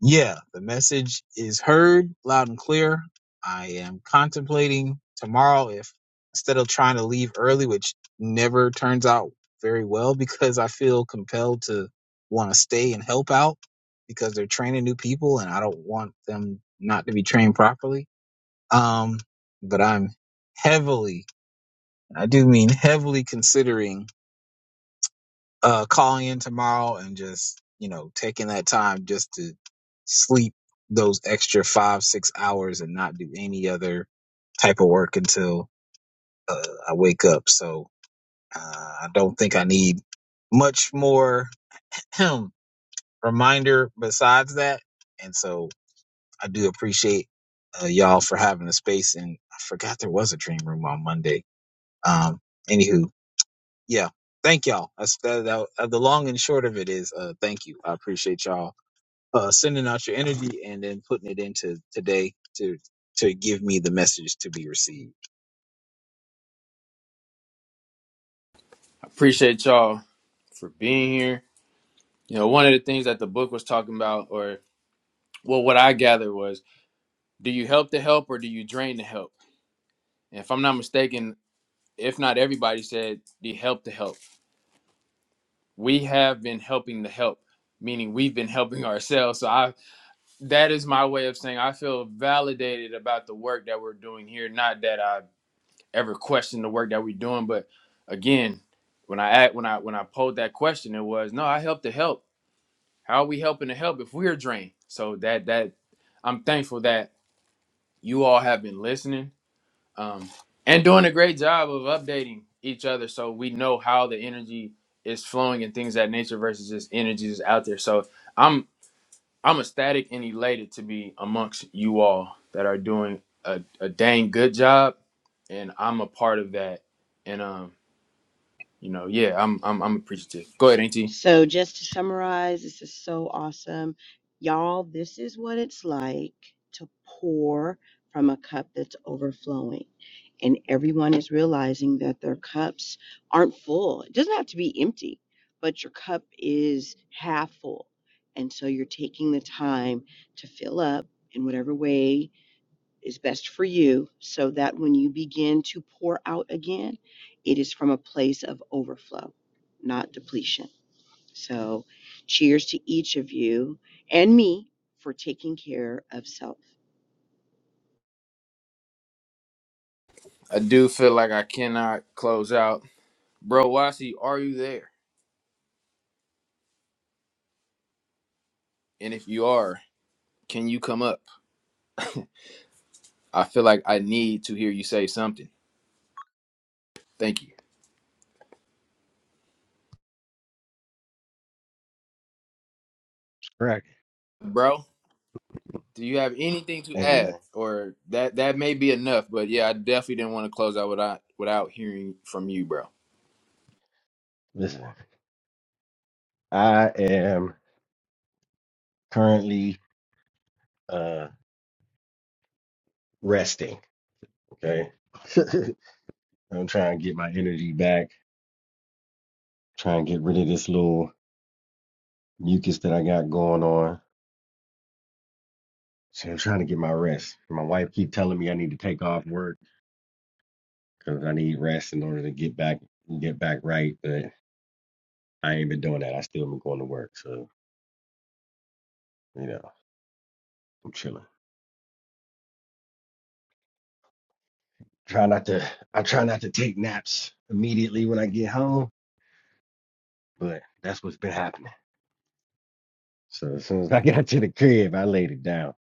yeah, the message is heard loud and clear. I am contemplating tomorrow if instead of trying to leave early, which never turns out very well *laughs* because I feel compelled to want to stay and help out because they're training new people and I don't want them not to be trained properly. Um, but I'm heavily, I do mean heavily considering uh calling in tomorrow and just you know taking that time just to sleep those extra five six hours and not do any other type of work until uh, i wake up so uh, i don't think i need much more *clears throat* reminder besides that and so i do appreciate uh, y'all for having the space and i forgot there was a dream room on monday um anywho yeah thank y'all that's that, that, uh, the long and short of it is uh thank you i appreciate y'all uh sending out your energy and then putting it into today to to give me the message to be received I appreciate y'all for being here. You know, one of the things that the book was talking about, or well, what I gathered was, do you help the help or do you drain the help? And if I'm not mistaken, if not everybody said the help the help. We have been helping the help, meaning we've been helping *laughs* ourselves. So I that is my way of saying I feel validated about the work that we're doing here. Not that I ever question the work that we're doing. But again, when I act, when I when I posed that question, it was no, I help to help. How are we helping to help if we're drained? So that that I'm thankful that you all have been listening um, and doing a great job of updating each other, so we know how the energy is flowing and things of that nature versus just energy is out there. So I'm I'm ecstatic and elated to be amongst you all that are doing a, a dang good job, and I'm a part of that. And um, you know, yeah, I'm I'm I'm appreciative. Go ahead, Auntie. So, just to summarize, this is so awesome. Y'all, this is what it's like to pour from a cup that's overflowing. And everyone is realizing that their cups aren't full. It doesn't have to be empty, but your cup is half full. And so you're taking the time to fill up in whatever way is best for you so that when you begin to pour out again, it is from a place of overflow, not depletion. So, cheers to each of you and me for taking care of self. I do feel like I cannot close out. Bro Wasi, are you there? And if you are, can you come up? I feel like I need to hear you say something. Thank you. Correct. Bro, do you have anything to Ain't add? nothing. Or that that may be enough, but yeah, I definitely didn't want to close out without without hearing from you, bro. Listen, I am currently uh resting. Okay. *laughs* I'm trying to get my energy back, trying to get rid of this little mucus that I got going on. So I'm trying to get my rest. My wife keep telling me I need to take off work because I need rest in order to get back get back right, but I ain't been doing that. I still been going to work. So, you know, I'm chilling. Try not to I try not to take naps immediately when I get home, but that's what's been happening. So as soon as I *laughs* got to the crib, I laid it down.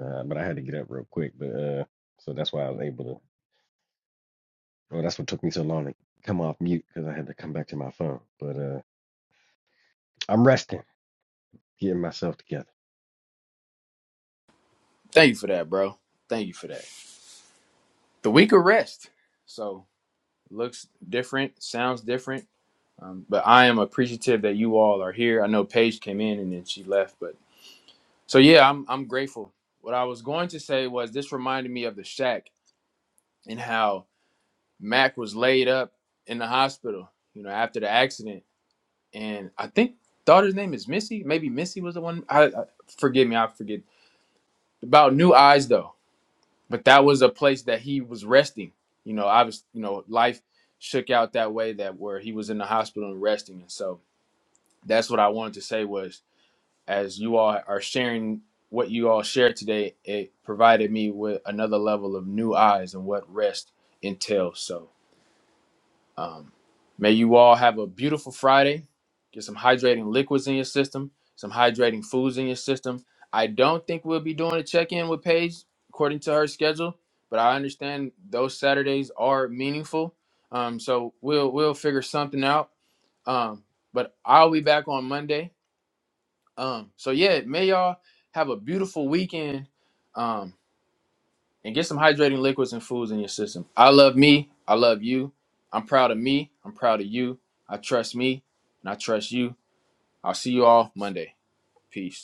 Uh, but I had to get up real quick. But uh, so that's why I was able to. Well, that's what took me so long to come off mute because I had to come back to my phone. But uh, I'm resting, getting myself together. Thank you for that, bro. Thank you for that. The week of rest. So looks different, sounds different Um, but I am appreciative that you all are here. I know Paige came in and then she left, but so yeah, I'm I'm grateful. What I was going to say was this reminded me of the shack and how Mac was laid up in the hospital, you know, after the accident. And I think daughter's name is Missy. Maybe Missy was the one. I, I forgive me, I forget about New Eyes though. But that was a place that he was resting. You know, I was, you know, life shook out that way that where he was in the hospital and resting. And so that's what I wanted to say was as you all are sharing what you all shared today, it provided me with another level of new eyes and what rest entails. So, um, may you all have a beautiful Friday. Get some hydrating liquids in your system, some hydrating foods in your system. I don't think we'll be doing a check in with Paige according to her schedule, but I understand those Saturdays are meaningful. Um, so we'll we'll figure something out. Um, but I'll be back on Monday um, so yeah, may y'all have a beautiful weekend. Um, and get some hydrating liquids and foods in your system. I love me. I love you. I'm proud of me. I'm proud of you. I trust me and I trust you. I'll see you all Monday. Peace.